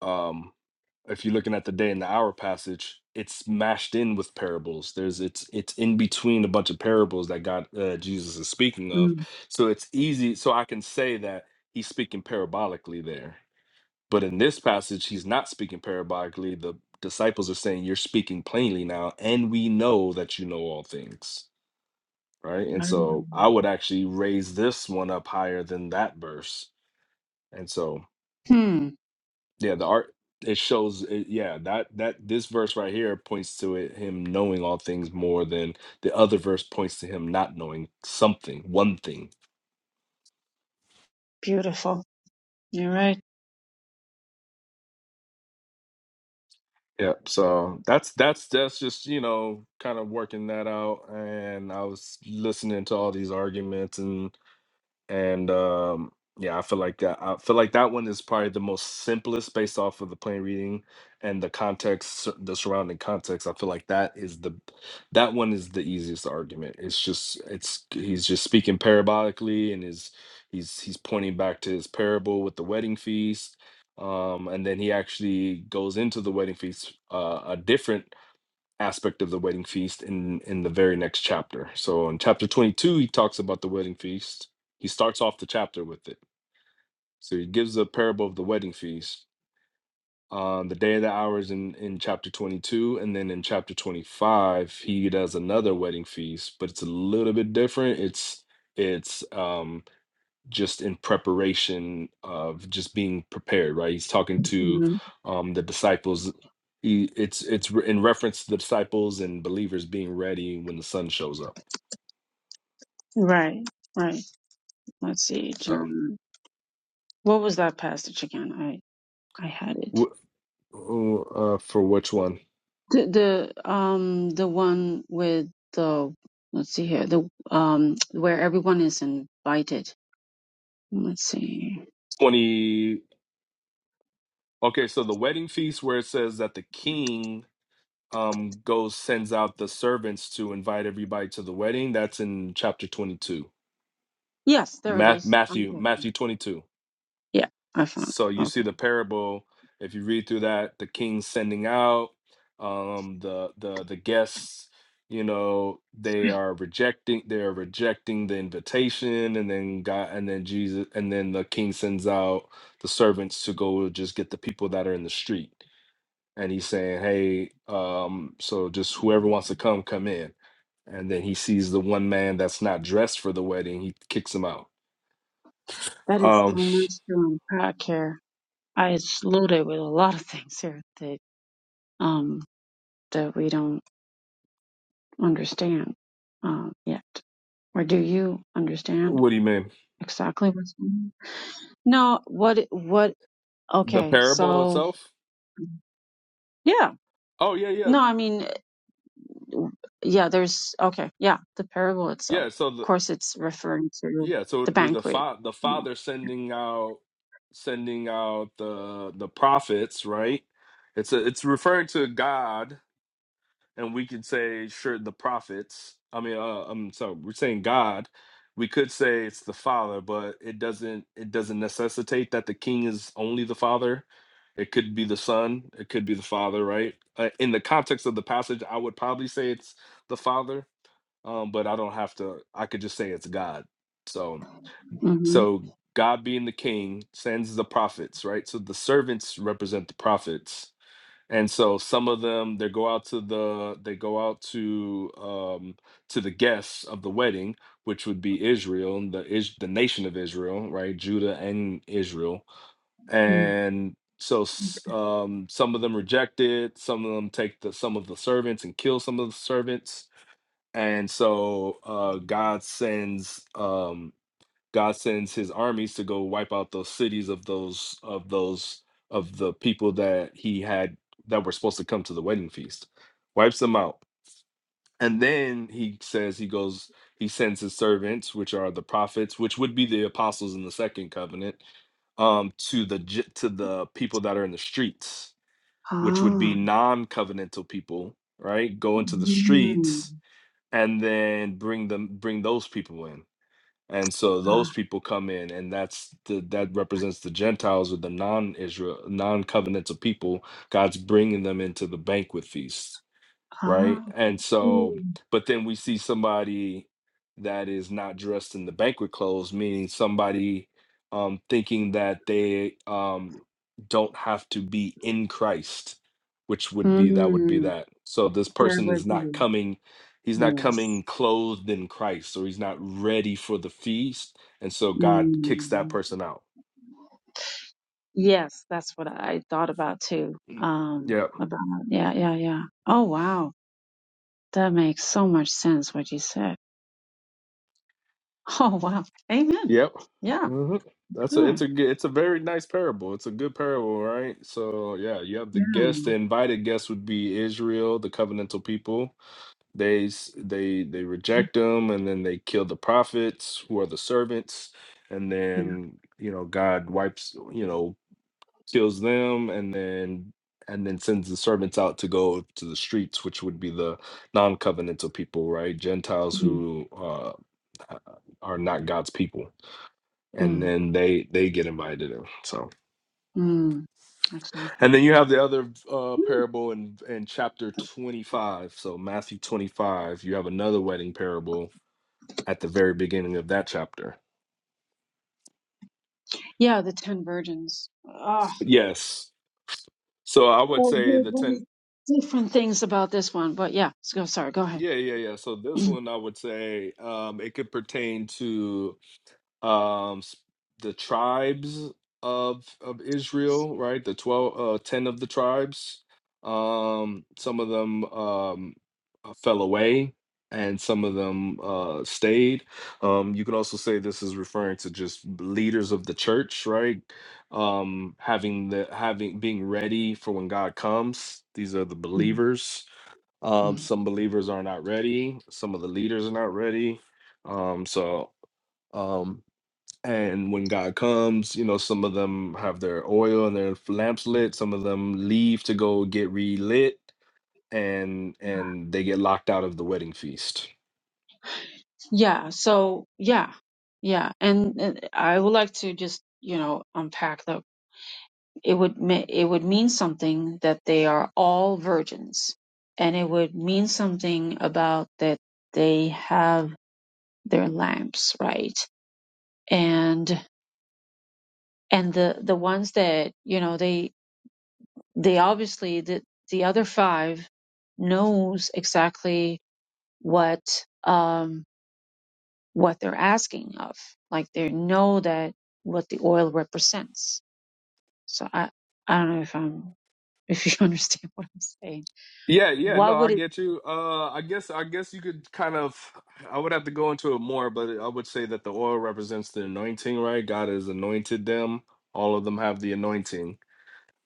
[SPEAKER 1] um if you're looking at the day and the hour passage, it's mashed in with parables. There's it's it's in between a bunch of parables that God uh, Jesus is speaking of.
[SPEAKER 3] Mm.
[SPEAKER 1] So it's easy so I can say that he's speaking parabolically there But in this passage, he's not speaking parabolically. The disciples are saying, You're speaking plainly now, and we know that you know all things. Right. And
[SPEAKER 3] I
[SPEAKER 1] so
[SPEAKER 3] remember.
[SPEAKER 1] I would actually raise this one up higher than that verse. And so,
[SPEAKER 3] Hmm.
[SPEAKER 1] yeah, the art it shows it, yeah that that this verse right here points to it him knowing all things more than the other verse points to him not knowing something one thing
[SPEAKER 3] Beautiful. You're right.
[SPEAKER 1] Yep. So that's that's that's just you know kind of working that out, and I was listening to all these arguments and and um yeah i feel like that i feel like that one is probably the most simplest based off of the plain reading and the context sur- the surrounding context i feel like that is the that one is the easiest argument it's just it's he's just speaking parabolically and is he's he's pointing back to his parable with the wedding feast um and then he actually goes into the wedding feast uh a different aspect of the wedding feast in in the very next chapter. So in chapter 22 he talks about the wedding feast. He starts off the chapter with it. So he gives a parable of the wedding feast on the day of the hours in in chapter 22 and then in chapter 25 he does another wedding feast, but it's a little bit different. It's it's um just in preparation of just being prepared right he's talking to
[SPEAKER 3] hmm
[SPEAKER 1] um the disciples he, it's it's re- in reference to the disciples and believers being ready when the sun shows up
[SPEAKER 3] Right. Right. Let's see,
[SPEAKER 1] so
[SPEAKER 3] John. What was that passage again? I I had it.
[SPEAKER 1] wh- uh, for which one
[SPEAKER 3] The the um the one with the let's see here the um where everyone is invited. Let's see.
[SPEAKER 1] 20 okay so the wedding feast where it says that the king um goes sends out the servants to invite everybody to the wedding that's in chapter 22
[SPEAKER 3] Yes, there it
[SPEAKER 1] Ma-
[SPEAKER 3] is.
[SPEAKER 1] matthew
[SPEAKER 3] Okay.
[SPEAKER 1] matthew 22
[SPEAKER 3] Yeah, I found.
[SPEAKER 1] So
[SPEAKER 3] it.
[SPEAKER 1] you see
[SPEAKER 3] Okay,
[SPEAKER 1] the parable. If you read through that, the king sending out um, the the the guests. You know they are rejecting. They are rejecting the invitation, and then God, and then Jesus, and then the king sends out the servants to go just get the people that are in the street. And he's saying, "Hey, um, so just whoever wants to come, come in." And then he sees the one man that's not dressed for the wedding. He kicks him out.
[SPEAKER 3] that is so
[SPEAKER 1] Um,
[SPEAKER 3] much to unpack here. I it's loaded with a lot of things here that um that we don't understand um yet. Or do you understand
[SPEAKER 1] what do you mean?
[SPEAKER 3] exactly what's going on? No. What what?
[SPEAKER 1] The
[SPEAKER 3] Okay.
[SPEAKER 1] parable
[SPEAKER 3] So.
[SPEAKER 1] itself?
[SPEAKER 3] Yeah.
[SPEAKER 1] Oh yeah, yeah,
[SPEAKER 3] No, I mean, yeah, there's okay, yeah, the parable itself.
[SPEAKER 1] yeah. So
[SPEAKER 3] Of
[SPEAKER 1] the
[SPEAKER 3] course, it's referring to
[SPEAKER 1] yeah, so it
[SPEAKER 3] the
[SPEAKER 1] would be the
[SPEAKER 3] banquet.
[SPEAKER 1] fa- the
[SPEAKER 3] You know.
[SPEAKER 1] father sending out sending out the the prophets, right? It's a, it's referring to God, and we could say sure the prophets. I mean, uh, um, so we're saying God. We could say it's the father, but it doesn't it doesn't necessitate that the king is only the father. It could be the son. It could be the father, right? Uh, in the context of the passage, I would probably say it's the father um, but I don't have to. I could just say it's God. So,
[SPEAKER 3] hmm
[SPEAKER 1] so God being the King sends the prophets, right? So the servants represent the prophets, and so some of them they go out to the they go out to um, to the guests of the wedding, which would be Israel, and the is the nation of Israel, right? Judah and Israel,
[SPEAKER 3] Mm.
[SPEAKER 1] and so s- um, some of them reject it. Some of them take the some of the servants and kill some of the servants and so uh, God sends um, God sends His armies to go wipe out those cities of those of those of the people that He had that were supposed to come to the wedding feast, wipes them out, and then He says He goes He sends His servants, which are the prophets, which would be the apostles in the second covenant, um, to the j- to the people that are in the streets, which would
[SPEAKER 3] Ah.
[SPEAKER 1] be non-covenantal people, right? Go into the
[SPEAKER 3] Mm.
[SPEAKER 1] streets and then bring them bring those people in and so those people come in and that's the that represents the gentiles or the non-israel non-covenantal people god's bringing them into the banquet feast right?
[SPEAKER 3] Ah.
[SPEAKER 1] And so,
[SPEAKER 3] Mm.
[SPEAKER 1] but then we see somebody that is not dressed in the banquet clothes, meaning somebody um, thinking that they um, don't have to be in Christ, which would be that would be
[SPEAKER 3] Mm.
[SPEAKER 1] that. So this
[SPEAKER 3] There
[SPEAKER 1] person
[SPEAKER 3] would
[SPEAKER 1] is not
[SPEAKER 3] be.
[SPEAKER 1] coming. He's not
[SPEAKER 3] Yes.
[SPEAKER 1] coming clothed in Christ, or he's not ready for the feast, and so God kicks that
[SPEAKER 3] Mm.
[SPEAKER 1] person out.
[SPEAKER 3] Yes, that's what I thought about too.
[SPEAKER 1] Mm,
[SPEAKER 3] Um,
[SPEAKER 1] Yeah,
[SPEAKER 3] about yeah, yeah, yeah. Oh wow, that makes so much sense what you said. Oh wow, amen.
[SPEAKER 1] Yep.
[SPEAKER 3] Yeah.
[SPEAKER 1] hmm That's a it's
[SPEAKER 3] Sure.
[SPEAKER 1] a good it's a very nice parable. It's a good parable, right? So yeah, you have the guests. The invited guests would be Israel, the covenantal people. They s- they they reject them, and then they kill the prophets, who are the servants, and
[SPEAKER 3] Yeah.
[SPEAKER 1] then you know God wipes you know kills them, and then and then sends the servants out to go to the streets, which would be the non-covenantal people, right? Gentiles
[SPEAKER 3] Mm,
[SPEAKER 1] who uh, are not God's people and
[SPEAKER 3] mm,
[SPEAKER 1] then they they get invited in so
[SPEAKER 3] mm, exactly.
[SPEAKER 1] and then you have the other uh
[SPEAKER 3] Mm.
[SPEAKER 1] parable in in chapter 25 so matthew 25 you have another wedding parable at the very beginning of that chapter
[SPEAKER 3] Yeah, the ten virgins. Ah,
[SPEAKER 1] yes so i would
[SPEAKER 3] oh,
[SPEAKER 1] say
[SPEAKER 3] there's
[SPEAKER 1] the 10
[SPEAKER 3] different things about this one, but yeah, let's go. Sorry, go ahead.
[SPEAKER 1] yeah yeah yeah so this one i would say um it could pertain to um s- the tribes of of Israel, right? The 12 uh 10 of the tribes. Um some of them um uh, fell away and some of them uh stayed. Um you could also say this is referring to just leaders of the church, right? Um having the having being ready for when God comes. These are the
[SPEAKER 3] Mm,
[SPEAKER 1] believers. Um
[SPEAKER 3] mm.
[SPEAKER 1] some believers are not ready, some of the leaders are not ready. Um so um. And when God comes, you know, some of them have their oil and their lamps lit. Some of them leave to go get relit, and and they get locked out of the wedding feast.
[SPEAKER 3] Yeah. So yeah, yeah, and, and I would like to just you know unpack the. It would me- it would mean something that they are all virgins, and it would mean something about that they have their lamps right, And and the the ones that you know they they obviously the the other five knows exactly what um what they're asking of like they know that what the oil represents so i i don't know if i'm if you understand what i'm saying
[SPEAKER 1] Yeah, yeah, no,
[SPEAKER 3] what
[SPEAKER 1] I
[SPEAKER 3] would it
[SPEAKER 1] get you. Uh, I guess, I guess you could kind of. I would have to go into it more, but I would say that the oil represents the anointing, right? God has anointed them. All of them have the anointing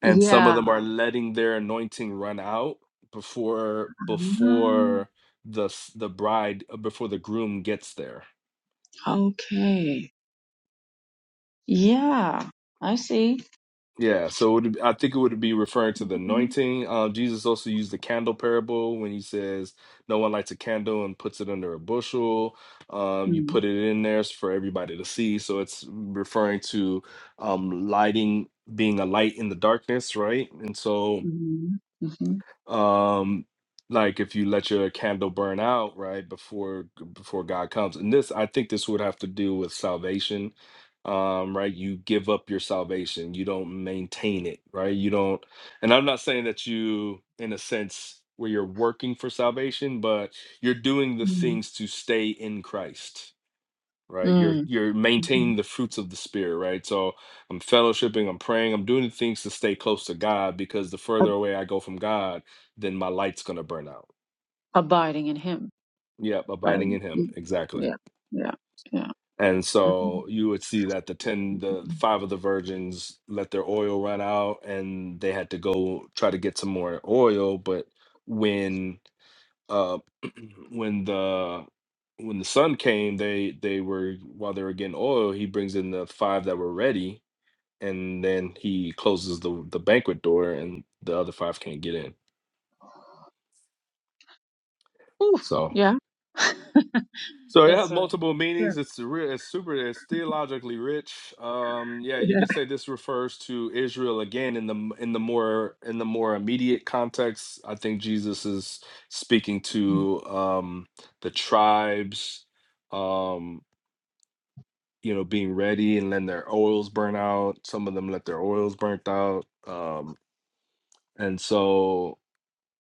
[SPEAKER 1] and some of
[SPEAKER 3] yeah
[SPEAKER 1] them are letting their anointing run out before before the s- the bride uh, before the groom gets there
[SPEAKER 3] Ah, okay yeah i see
[SPEAKER 1] yeah so it would, i think it would be referring to the
[SPEAKER 3] mm-hmm.
[SPEAKER 1] anointing uh, jesus also used the candle parable when he says no one lights a candle and puts it under a bushel um, you put it in there for everybody to see so it's referring to um, lighting being a light in the darkness right and so
[SPEAKER 3] Mm-hmm. Mm-hmm.
[SPEAKER 1] um like if you let your candle burn out right before before god comes and this i think this would have to do with salvation um right you give up your salvation you don't maintain it right you don't and i'm not saying that you in a sense where you're working for salvation but you're doing the things to stay in christ right you're
[SPEAKER 3] Mm-hmm.
[SPEAKER 1] you're maintaining the fruits of the spirit right so i'm fellowshipping i'm praying i'm doing the things to stay close to god because the further away i go from god then my light's going to burn out
[SPEAKER 3] Abiding in him
[SPEAKER 1] yep abiding
[SPEAKER 3] Um,
[SPEAKER 1] in him exactly
[SPEAKER 3] yeah, yeah, yeah.
[SPEAKER 1] and
[SPEAKER 3] Mhm.
[SPEAKER 1] so you would see that the 10 the five of the virgins let their oil run out and they had to go try to get some more oil but when uh when the when the sun came they they were while they were getting oil he brings in the five that were ready and then he closes the the banquet door, and the other five can't get in.
[SPEAKER 3] Oof,
[SPEAKER 1] So,
[SPEAKER 3] yeah.
[SPEAKER 1] so it has
[SPEAKER 3] it's a
[SPEAKER 1] multiple
[SPEAKER 3] yeah,
[SPEAKER 1] meanings. It's real. It's super. It's theologically rich. Um, yeah, you
[SPEAKER 3] yeah,
[SPEAKER 1] could say this refers to Israel again in the m- in the more in the more immediate context. I think Jesus is speaking to um, the tribes. Um, you know, being ready and letting their oils burn out. Some of them let their oils burnt out. Um, and so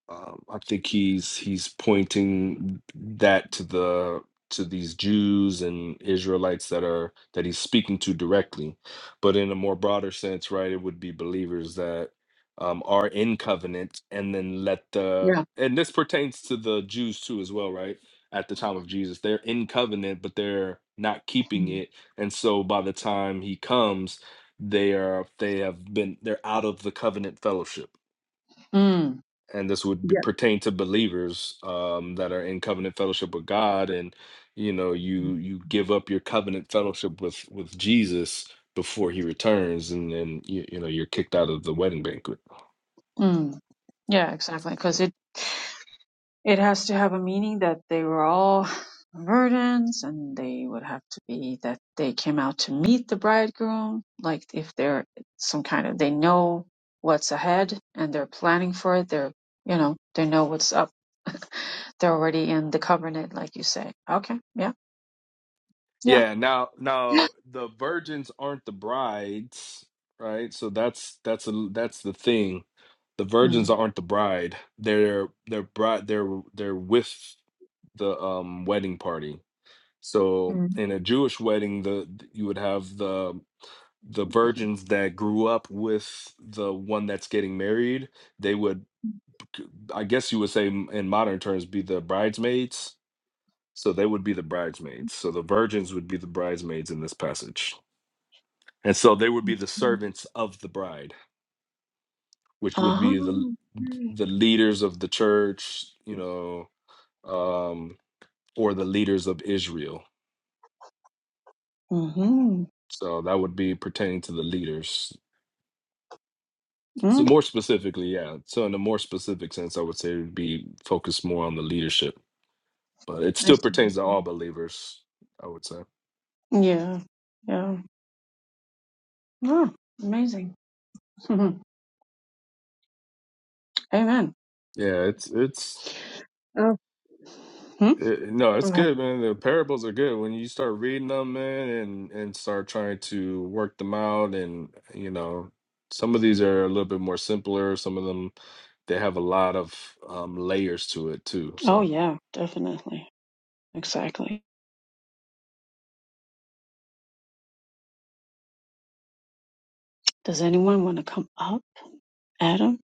[SPEAKER 1] Um, I think he's he's pointing that to the to these Jews and Israelites that are that he's speaking to directly, but in a more broader sense, right? It would be believers that um, are in covenant, and then let the
[SPEAKER 3] yeah.
[SPEAKER 1] and this pertains to the Jews too as well, right? At the time of Jesus, they're in covenant, but they're not keeping
[SPEAKER 3] Mm.
[SPEAKER 1] it, and so by the time he comes, they are they have been they're out of the covenant fellowship
[SPEAKER 3] Mm,
[SPEAKER 1] and this would be,
[SPEAKER 3] Yeah.
[SPEAKER 1] pertain to believers um, that are in covenant fellowship with God, and you know, you you give up your covenant fellowship with with Jesus before He returns, and then you, you know you're kicked out of the wedding banquet.
[SPEAKER 3] Mm. Yeah, exactly. Because it. It has to have a meaning that they were all virgins and they would have to be that they came out to meet the bridegroom. Like if they're some kind of, they know what's ahead and they're planning for it. They're, you know, they know what's up. they're already in the covenant, like you say. Okay. Yeah. Yeah.
[SPEAKER 1] Yeah. Now, now the virgins aren't the brides, right? So that's that's a that's the thing. The virgins
[SPEAKER 3] Mm,
[SPEAKER 1] aren't the bride. They're they're bride. They're they're with the um wedding party So
[SPEAKER 3] mm,
[SPEAKER 1] in a Jewish wedding, the th- you would have the the virgins that grew up with the one that's getting married. They would, I guess you would say m- in modern terms, be the bridesmaids. So they would be the bridesmaids. So the virgins would be the bridesmaids in this passage, and so they would
[SPEAKER 3] mm,
[SPEAKER 1] be the
[SPEAKER 3] mm.
[SPEAKER 1] servants of the bride, which would
[SPEAKER 3] Uh-huh.
[SPEAKER 1] be the the leaders of the church, you know, um, or the leaders of Israel.
[SPEAKER 3] Mm-hmm.
[SPEAKER 1] So that would be pertaining to the leaders So
[SPEAKER 3] Mm.
[SPEAKER 1] more specifically, yeah. So in a more specific sense, I would say it would be focused more on the leadership, but it
[SPEAKER 3] I
[SPEAKER 1] still
[SPEAKER 3] see.
[SPEAKER 1] pertains to all believers. I would say,
[SPEAKER 3] Yeah. Yeah. Oh, amazing. Amen.
[SPEAKER 1] yeah, it's it's
[SPEAKER 3] Hmm?
[SPEAKER 1] it, no, it's
[SPEAKER 3] Right.
[SPEAKER 1] good, man. The parables are good when you start reading them, man, and and start trying to work them out, and you know, some of these are a little bit more simpler. Some of them they have a lot of um, layers to it too.
[SPEAKER 3] Oh,
[SPEAKER 1] So
[SPEAKER 3] yeah, definitely. Exactly. Does anyone want to come up? Adam?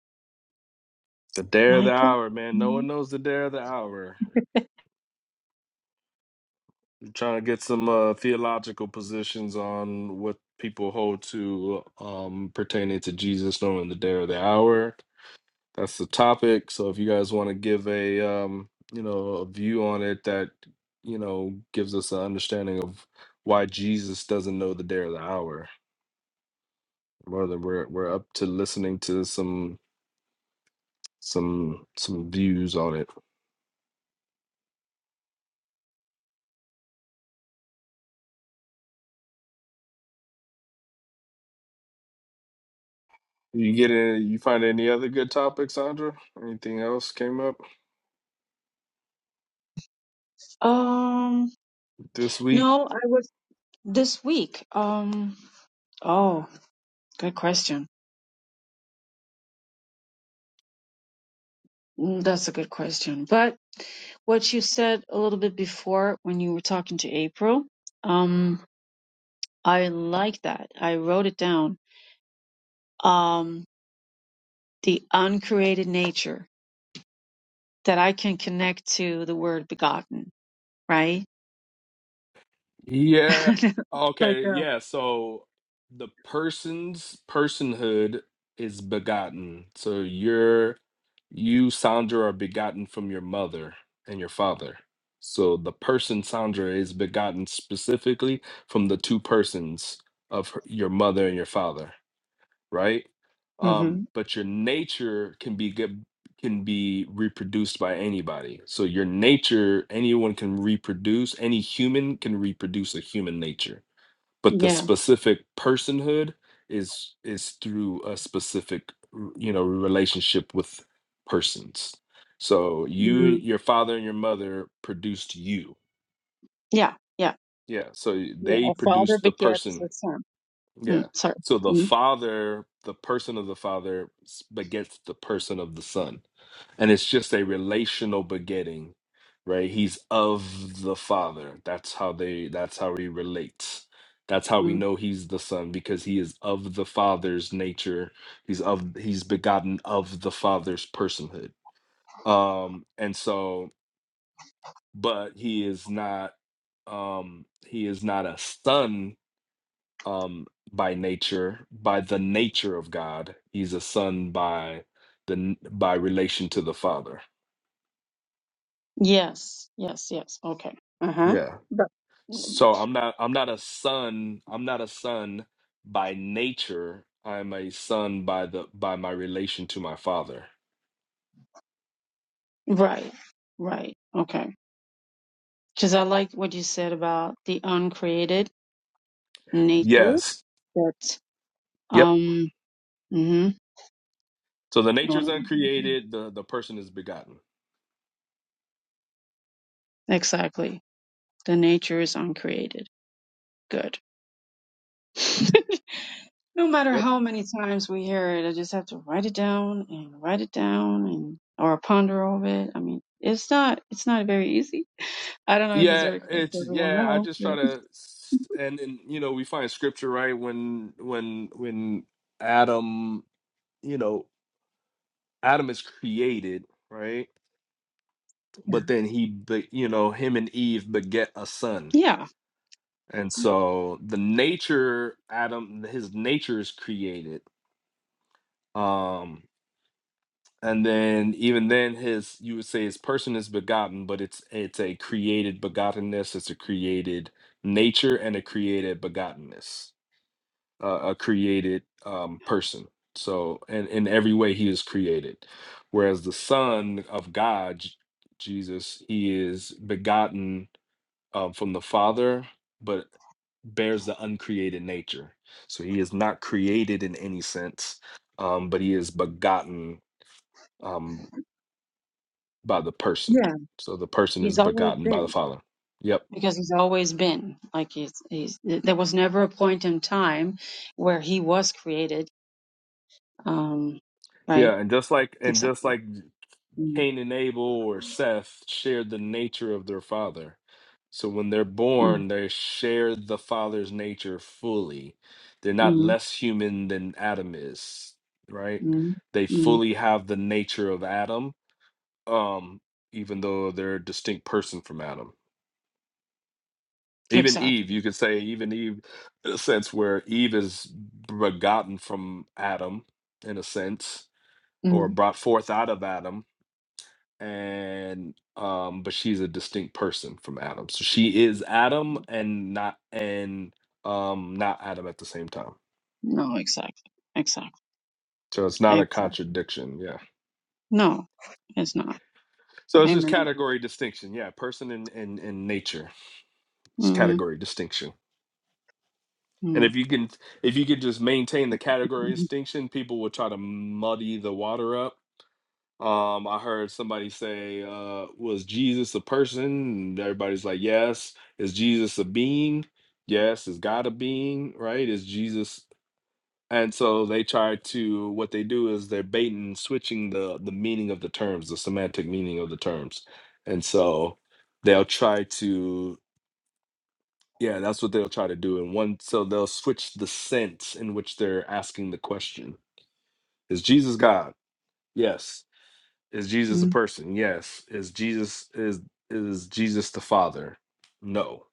[SPEAKER 1] the dare of the
[SPEAKER 3] Michael?
[SPEAKER 1] hour, man. No one knows the dare of the hour. trying to get some uh, theological positions on what people hold to um, pertaining to Jesus knowing the day or the hour. That's the topic. So if you guys want to give a um, you know a view on it that you know gives us an understanding of why Jesus doesn't know the day or the hour, rather we're we're up to listening to some some some views on it. You get any, you find any other good topics, Sandra? Anything else came up
[SPEAKER 3] Um,
[SPEAKER 1] this week?
[SPEAKER 3] no, I was this week. Um, oh, good question. Mm, That's a good question. But what you said a little bit before when you were talking to April, um, I like that. I wrote it down. Um, the uncreated nature that I can connect to the word begotten, right?
[SPEAKER 1] Yeah.
[SPEAKER 3] like
[SPEAKER 1] Okay.
[SPEAKER 3] uh,
[SPEAKER 1] Yeah. So the person's personhood is begotten. So you're, you, Sandra, are begotten from your mother and your father. So the person, Sandra, is begotten specifically from the two persons of her, your mother and your father right? Um,
[SPEAKER 3] hmm
[SPEAKER 1] but your nature can be good can be reproduced by anybody. So your nature, anyone can reproduce, any human can reproduce a human nature. But the
[SPEAKER 3] yeah
[SPEAKER 1] specific personhood is is through a specific r- you know relationship with persons. So you and
[SPEAKER 3] mm
[SPEAKER 1] your father and your mother produced you.
[SPEAKER 3] yeah yeah
[SPEAKER 1] Yeah. So y-
[SPEAKER 3] yeah
[SPEAKER 1] they
[SPEAKER 3] a father
[SPEAKER 1] produced the
[SPEAKER 3] begets
[SPEAKER 1] person
[SPEAKER 3] a son mm,
[SPEAKER 1] yeah.
[SPEAKER 3] sorry
[SPEAKER 1] So the
[SPEAKER 3] mm
[SPEAKER 1] Father, the person of the Father s- begets the person of the Son. And it's just a relational begetting, right? He's of the Father. That's how they that's how he relates. That's how we
[SPEAKER 3] mm.
[SPEAKER 1] know he's the son because he is of the father's nature. He's of he's begotten of the father's personhood. Um and so but he is not um he is not a son um, by nature, by the nature of God. He's a son by the n- by relation to the Father.
[SPEAKER 3] yes yes yes okay uh-huh
[SPEAKER 1] Yeah.
[SPEAKER 3] but
[SPEAKER 1] So I'm not I'm not a son. I'm not a son by nature. I'm a son by the by my relation to my Father.
[SPEAKER 3] right right okay because i like what you said about the uncreated nature
[SPEAKER 1] Yes.
[SPEAKER 3] that
[SPEAKER 1] Yep.
[SPEAKER 3] um hmm
[SPEAKER 1] So the nature is uncreated. The the person is begotten.
[SPEAKER 3] Exactly. The nature is uncreated. Good. no matter
[SPEAKER 1] Yep.
[SPEAKER 3] how many times we hear it, I just have to write it down and write it down and or ponder over it. I mean, it's not it's not very easy. I don't know if it's
[SPEAKER 1] Yeah,
[SPEAKER 3] very clear
[SPEAKER 1] it's
[SPEAKER 3] for everyone
[SPEAKER 1] yeah, I
[SPEAKER 3] else.
[SPEAKER 1] just try
[SPEAKER 3] but-
[SPEAKER 1] to s- and and you know, we find scripture right when when when Adam, you know, Adam is created, right?
[SPEAKER 3] Yeah.
[SPEAKER 1] But then he, be, you know, him and Eve beget a son,
[SPEAKER 3] Yeah.
[SPEAKER 1] and so the nature Adam, his nature is created. Um, and then even then, his you would say his person is begotten, but it's it's a created begottenness. It's a created nature and a created begottenness. uh, a created um, person. So, and in every way, he is created. Whereas the Son of God, J- Jesus, he is begotten um, from the Father, but bears the uncreated nature. So he is not created in any sense, um, but he is begotten um, by the person.
[SPEAKER 3] Yeah.
[SPEAKER 1] So the person is
[SPEAKER 3] He's always
[SPEAKER 1] begotten by
[SPEAKER 3] been.
[SPEAKER 1] the Father. Yep.
[SPEAKER 3] because he's always been like he's he's there was never a point in time where he was created um right
[SPEAKER 1] Yeah, and just like and just
[SPEAKER 3] exactly
[SPEAKER 1] like
[SPEAKER 3] mm
[SPEAKER 1] Cain and Abel or Seth shared the nature of their father. So when they're
[SPEAKER 3] mm
[SPEAKER 1] born, they share the father's nature fully. They're not
[SPEAKER 3] mm
[SPEAKER 1] less human than Adam is, right?
[SPEAKER 3] mm
[SPEAKER 1] They
[SPEAKER 3] mm
[SPEAKER 1] fully have the nature of Adam, um, even though they're a distinct person from Adam. Even Eve,
[SPEAKER 3] exactly
[SPEAKER 1] you could say, even Eve, in a sense where Eve is begotten from Adam, in a sense, or
[SPEAKER 3] mm
[SPEAKER 1] brought forth out of Adam and um but she's a distinct person from adam so she is adam and not and um not adam at the same time
[SPEAKER 3] no exactly exactly
[SPEAKER 1] so it's not a
[SPEAKER 3] exactly
[SPEAKER 1] contradiction yeah
[SPEAKER 3] no it's not
[SPEAKER 1] so it's just
[SPEAKER 3] amen
[SPEAKER 1] category distinction yeah person and and, and nature it's
[SPEAKER 3] mm
[SPEAKER 1] category distinction and
[SPEAKER 3] mm
[SPEAKER 1] if you can if you could just maintain the category
[SPEAKER 3] mm
[SPEAKER 1] distinction people will try to muddy the water up Um, I heard somebody say, uh, was Jesus a person? And everybody's like, yes. Is Jesus a being? Yes. Is God a being? Right? Is Jesus? And so they try to, what they do is they're baiting, switching the, the meaning of the terms, the semantic meaning of the terms. And so they'll try to, yeah, that's what they'll try to do. And one, so they'll switch the sense in which they're asking the question. Is Jesus God? Yes. Is Jesus a
[SPEAKER 3] mm
[SPEAKER 1] person? Yes. Is Jesus is is Jesus the Father? No.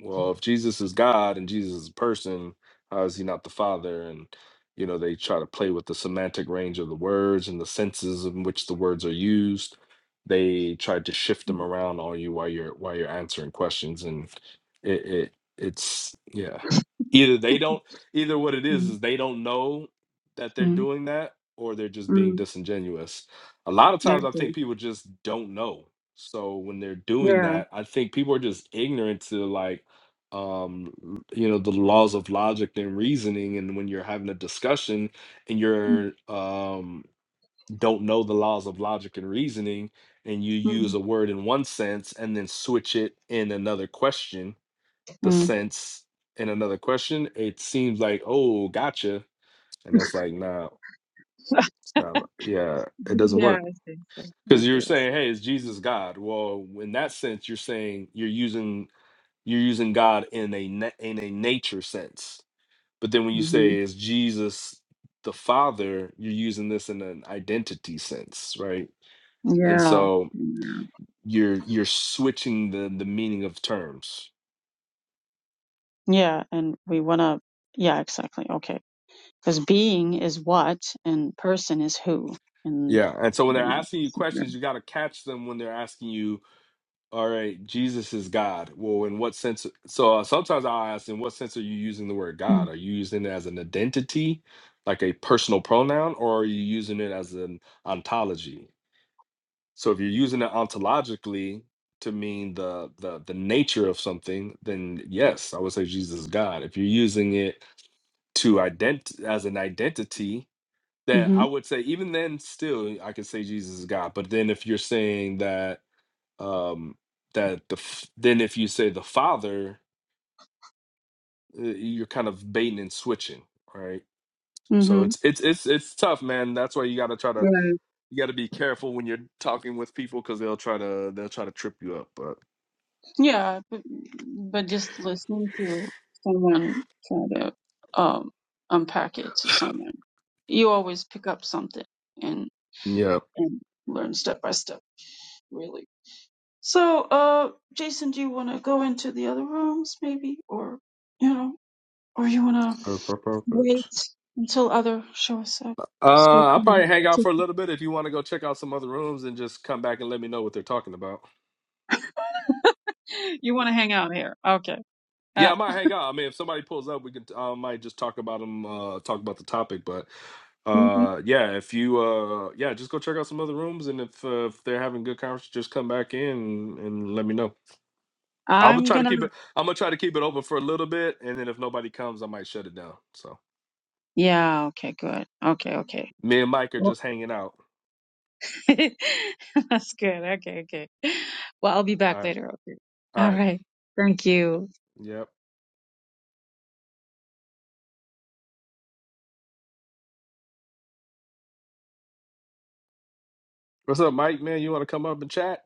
[SPEAKER 1] Well, if Jesus is God and Jesus is a person, how is he not the Father? And you know, they try to play with the semantic range of the words and the senses in which the words are used. They tried to shift them around on you while you're while you're answering questions, and it, it it's yeah. Either they don't either what it is
[SPEAKER 3] mm
[SPEAKER 1] is they don't know that they're doing that, or they're
[SPEAKER 3] mm
[SPEAKER 1] just being
[SPEAKER 3] mm
[SPEAKER 1] disingenuous a lot of
[SPEAKER 3] I
[SPEAKER 1] times I
[SPEAKER 3] see.
[SPEAKER 1] think people just don't know. So when they're doing
[SPEAKER 3] yeah
[SPEAKER 1] that, I think people are just ignorant to like um l- you know the laws of logic and reasoning and when you're having a discussion and
[SPEAKER 3] mm
[SPEAKER 1] you're um don't know the laws of logic and reasoning and you use a word in one sense and then switch it in another question the
[SPEAKER 3] mm
[SPEAKER 1] sense in another question it seems like oh gotcha and that's like nah it's not yeah it doesn't
[SPEAKER 3] yeah
[SPEAKER 1] work
[SPEAKER 3] I see I see I
[SPEAKER 1] because
[SPEAKER 3] see,
[SPEAKER 1] you're
[SPEAKER 3] I
[SPEAKER 1] saying
[SPEAKER 3] see.
[SPEAKER 1] hey is jesus god well in that sense you're saying you're using you're using god in a na- in a nature sense but then when you
[SPEAKER 3] hmm
[SPEAKER 1] say is jesus the father you're using this in an identity sense right and
[SPEAKER 3] yeah
[SPEAKER 1] so
[SPEAKER 3] Yeah.
[SPEAKER 1] you're you're switching the the meaning of terms
[SPEAKER 3] Yeah, and we want to, yeah, exactly. Okay. Because being is what and person is who. And
[SPEAKER 1] yeah and so when they're asking you questions you got to catch them when they're asking you All right, Jesus is God. Well, in what sense? So uh, sometimes I ask, in what sense are you using the word God? Are you using it as an identity, like a personal pronoun, or are you using it as an ontology? So if you're using it ontologically to mean the the the nature of something, then yes, I would say Jesus is God. If you're using it to ident as an identity,
[SPEAKER 3] hmm
[SPEAKER 1] then I would say even then still I could say Jesus is God. But then if you're saying that um that the f- then if you say the father uh, you're kind of baiting and switching right so
[SPEAKER 3] hmm
[SPEAKER 1] it's it's it's it's tough man that's why you got to try to
[SPEAKER 3] Yeah.
[SPEAKER 1] you got to be careful when you're talking with people because they'll try to they'll try to trip you up but
[SPEAKER 3] yeah, but, but just listening to someone try to um, unpack it to someone, you always pick up something and,
[SPEAKER 1] yeah
[SPEAKER 3] and learn step by step, really. So, uh, Jason, do you want to go into the other rooms maybe? Or, you know, or you want to?
[SPEAKER 1] per- per-
[SPEAKER 3] Wait
[SPEAKER 1] perfect
[SPEAKER 3] until other shows up. So
[SPEAKER 1] uh i'll
[SPEAKER 3] come
[SPEAKER 1] probably hang out
[SPEAKER 3] on.
[SPEAKER 1] for a little bit if you want to go check out some other rooms and just come back and let me know what they're talking about
[SPEAKER 3] You want to hang out here. Okay.
[SPEAKER 1] Yeah,
[SPEAKER 3] Uh,
[SPEAKER 1] I might hang out. I mean, if somebody pulls up, we could I might just talk about them, uh, talk about the topic. But
[SPEAKER 3] mhm.
[SPEAKER 1] uh, yeah, if you uh, yeah, just go check out some other rooms, and if uh, if they're having good conversation, just come back in and let me know. I'm gonna
[SPEAKER 3] I'm
[SPEAKER 1] try to
[SPEAKER 3] gonna.
[SPEAKER 1] keep it. I'm gonna try to keep it open for a little bit, and then if nobody comes, I might shut it down. So
[SPEAKER 3] Yeah. Okay. Good. Okay. Okay.
[SPEAKER 1] me and Mike are
[SPEAKER 3] Well-
[SPEAKER 1] just hanging out.
[SPEAKER 3] That's good. Okay. Okay. Well, I'll be back
[SPEAKER 1] All right,
[SPEAKER 3] later. Okay.
[SPEAKER 1] all
[SPEAKER 3] All
[SPEAKER 1] right,
[SPEAKER 3] right. Thank you.
[SPEAKER 1] yep. What's up, Mike? Man, you want to come up and chat?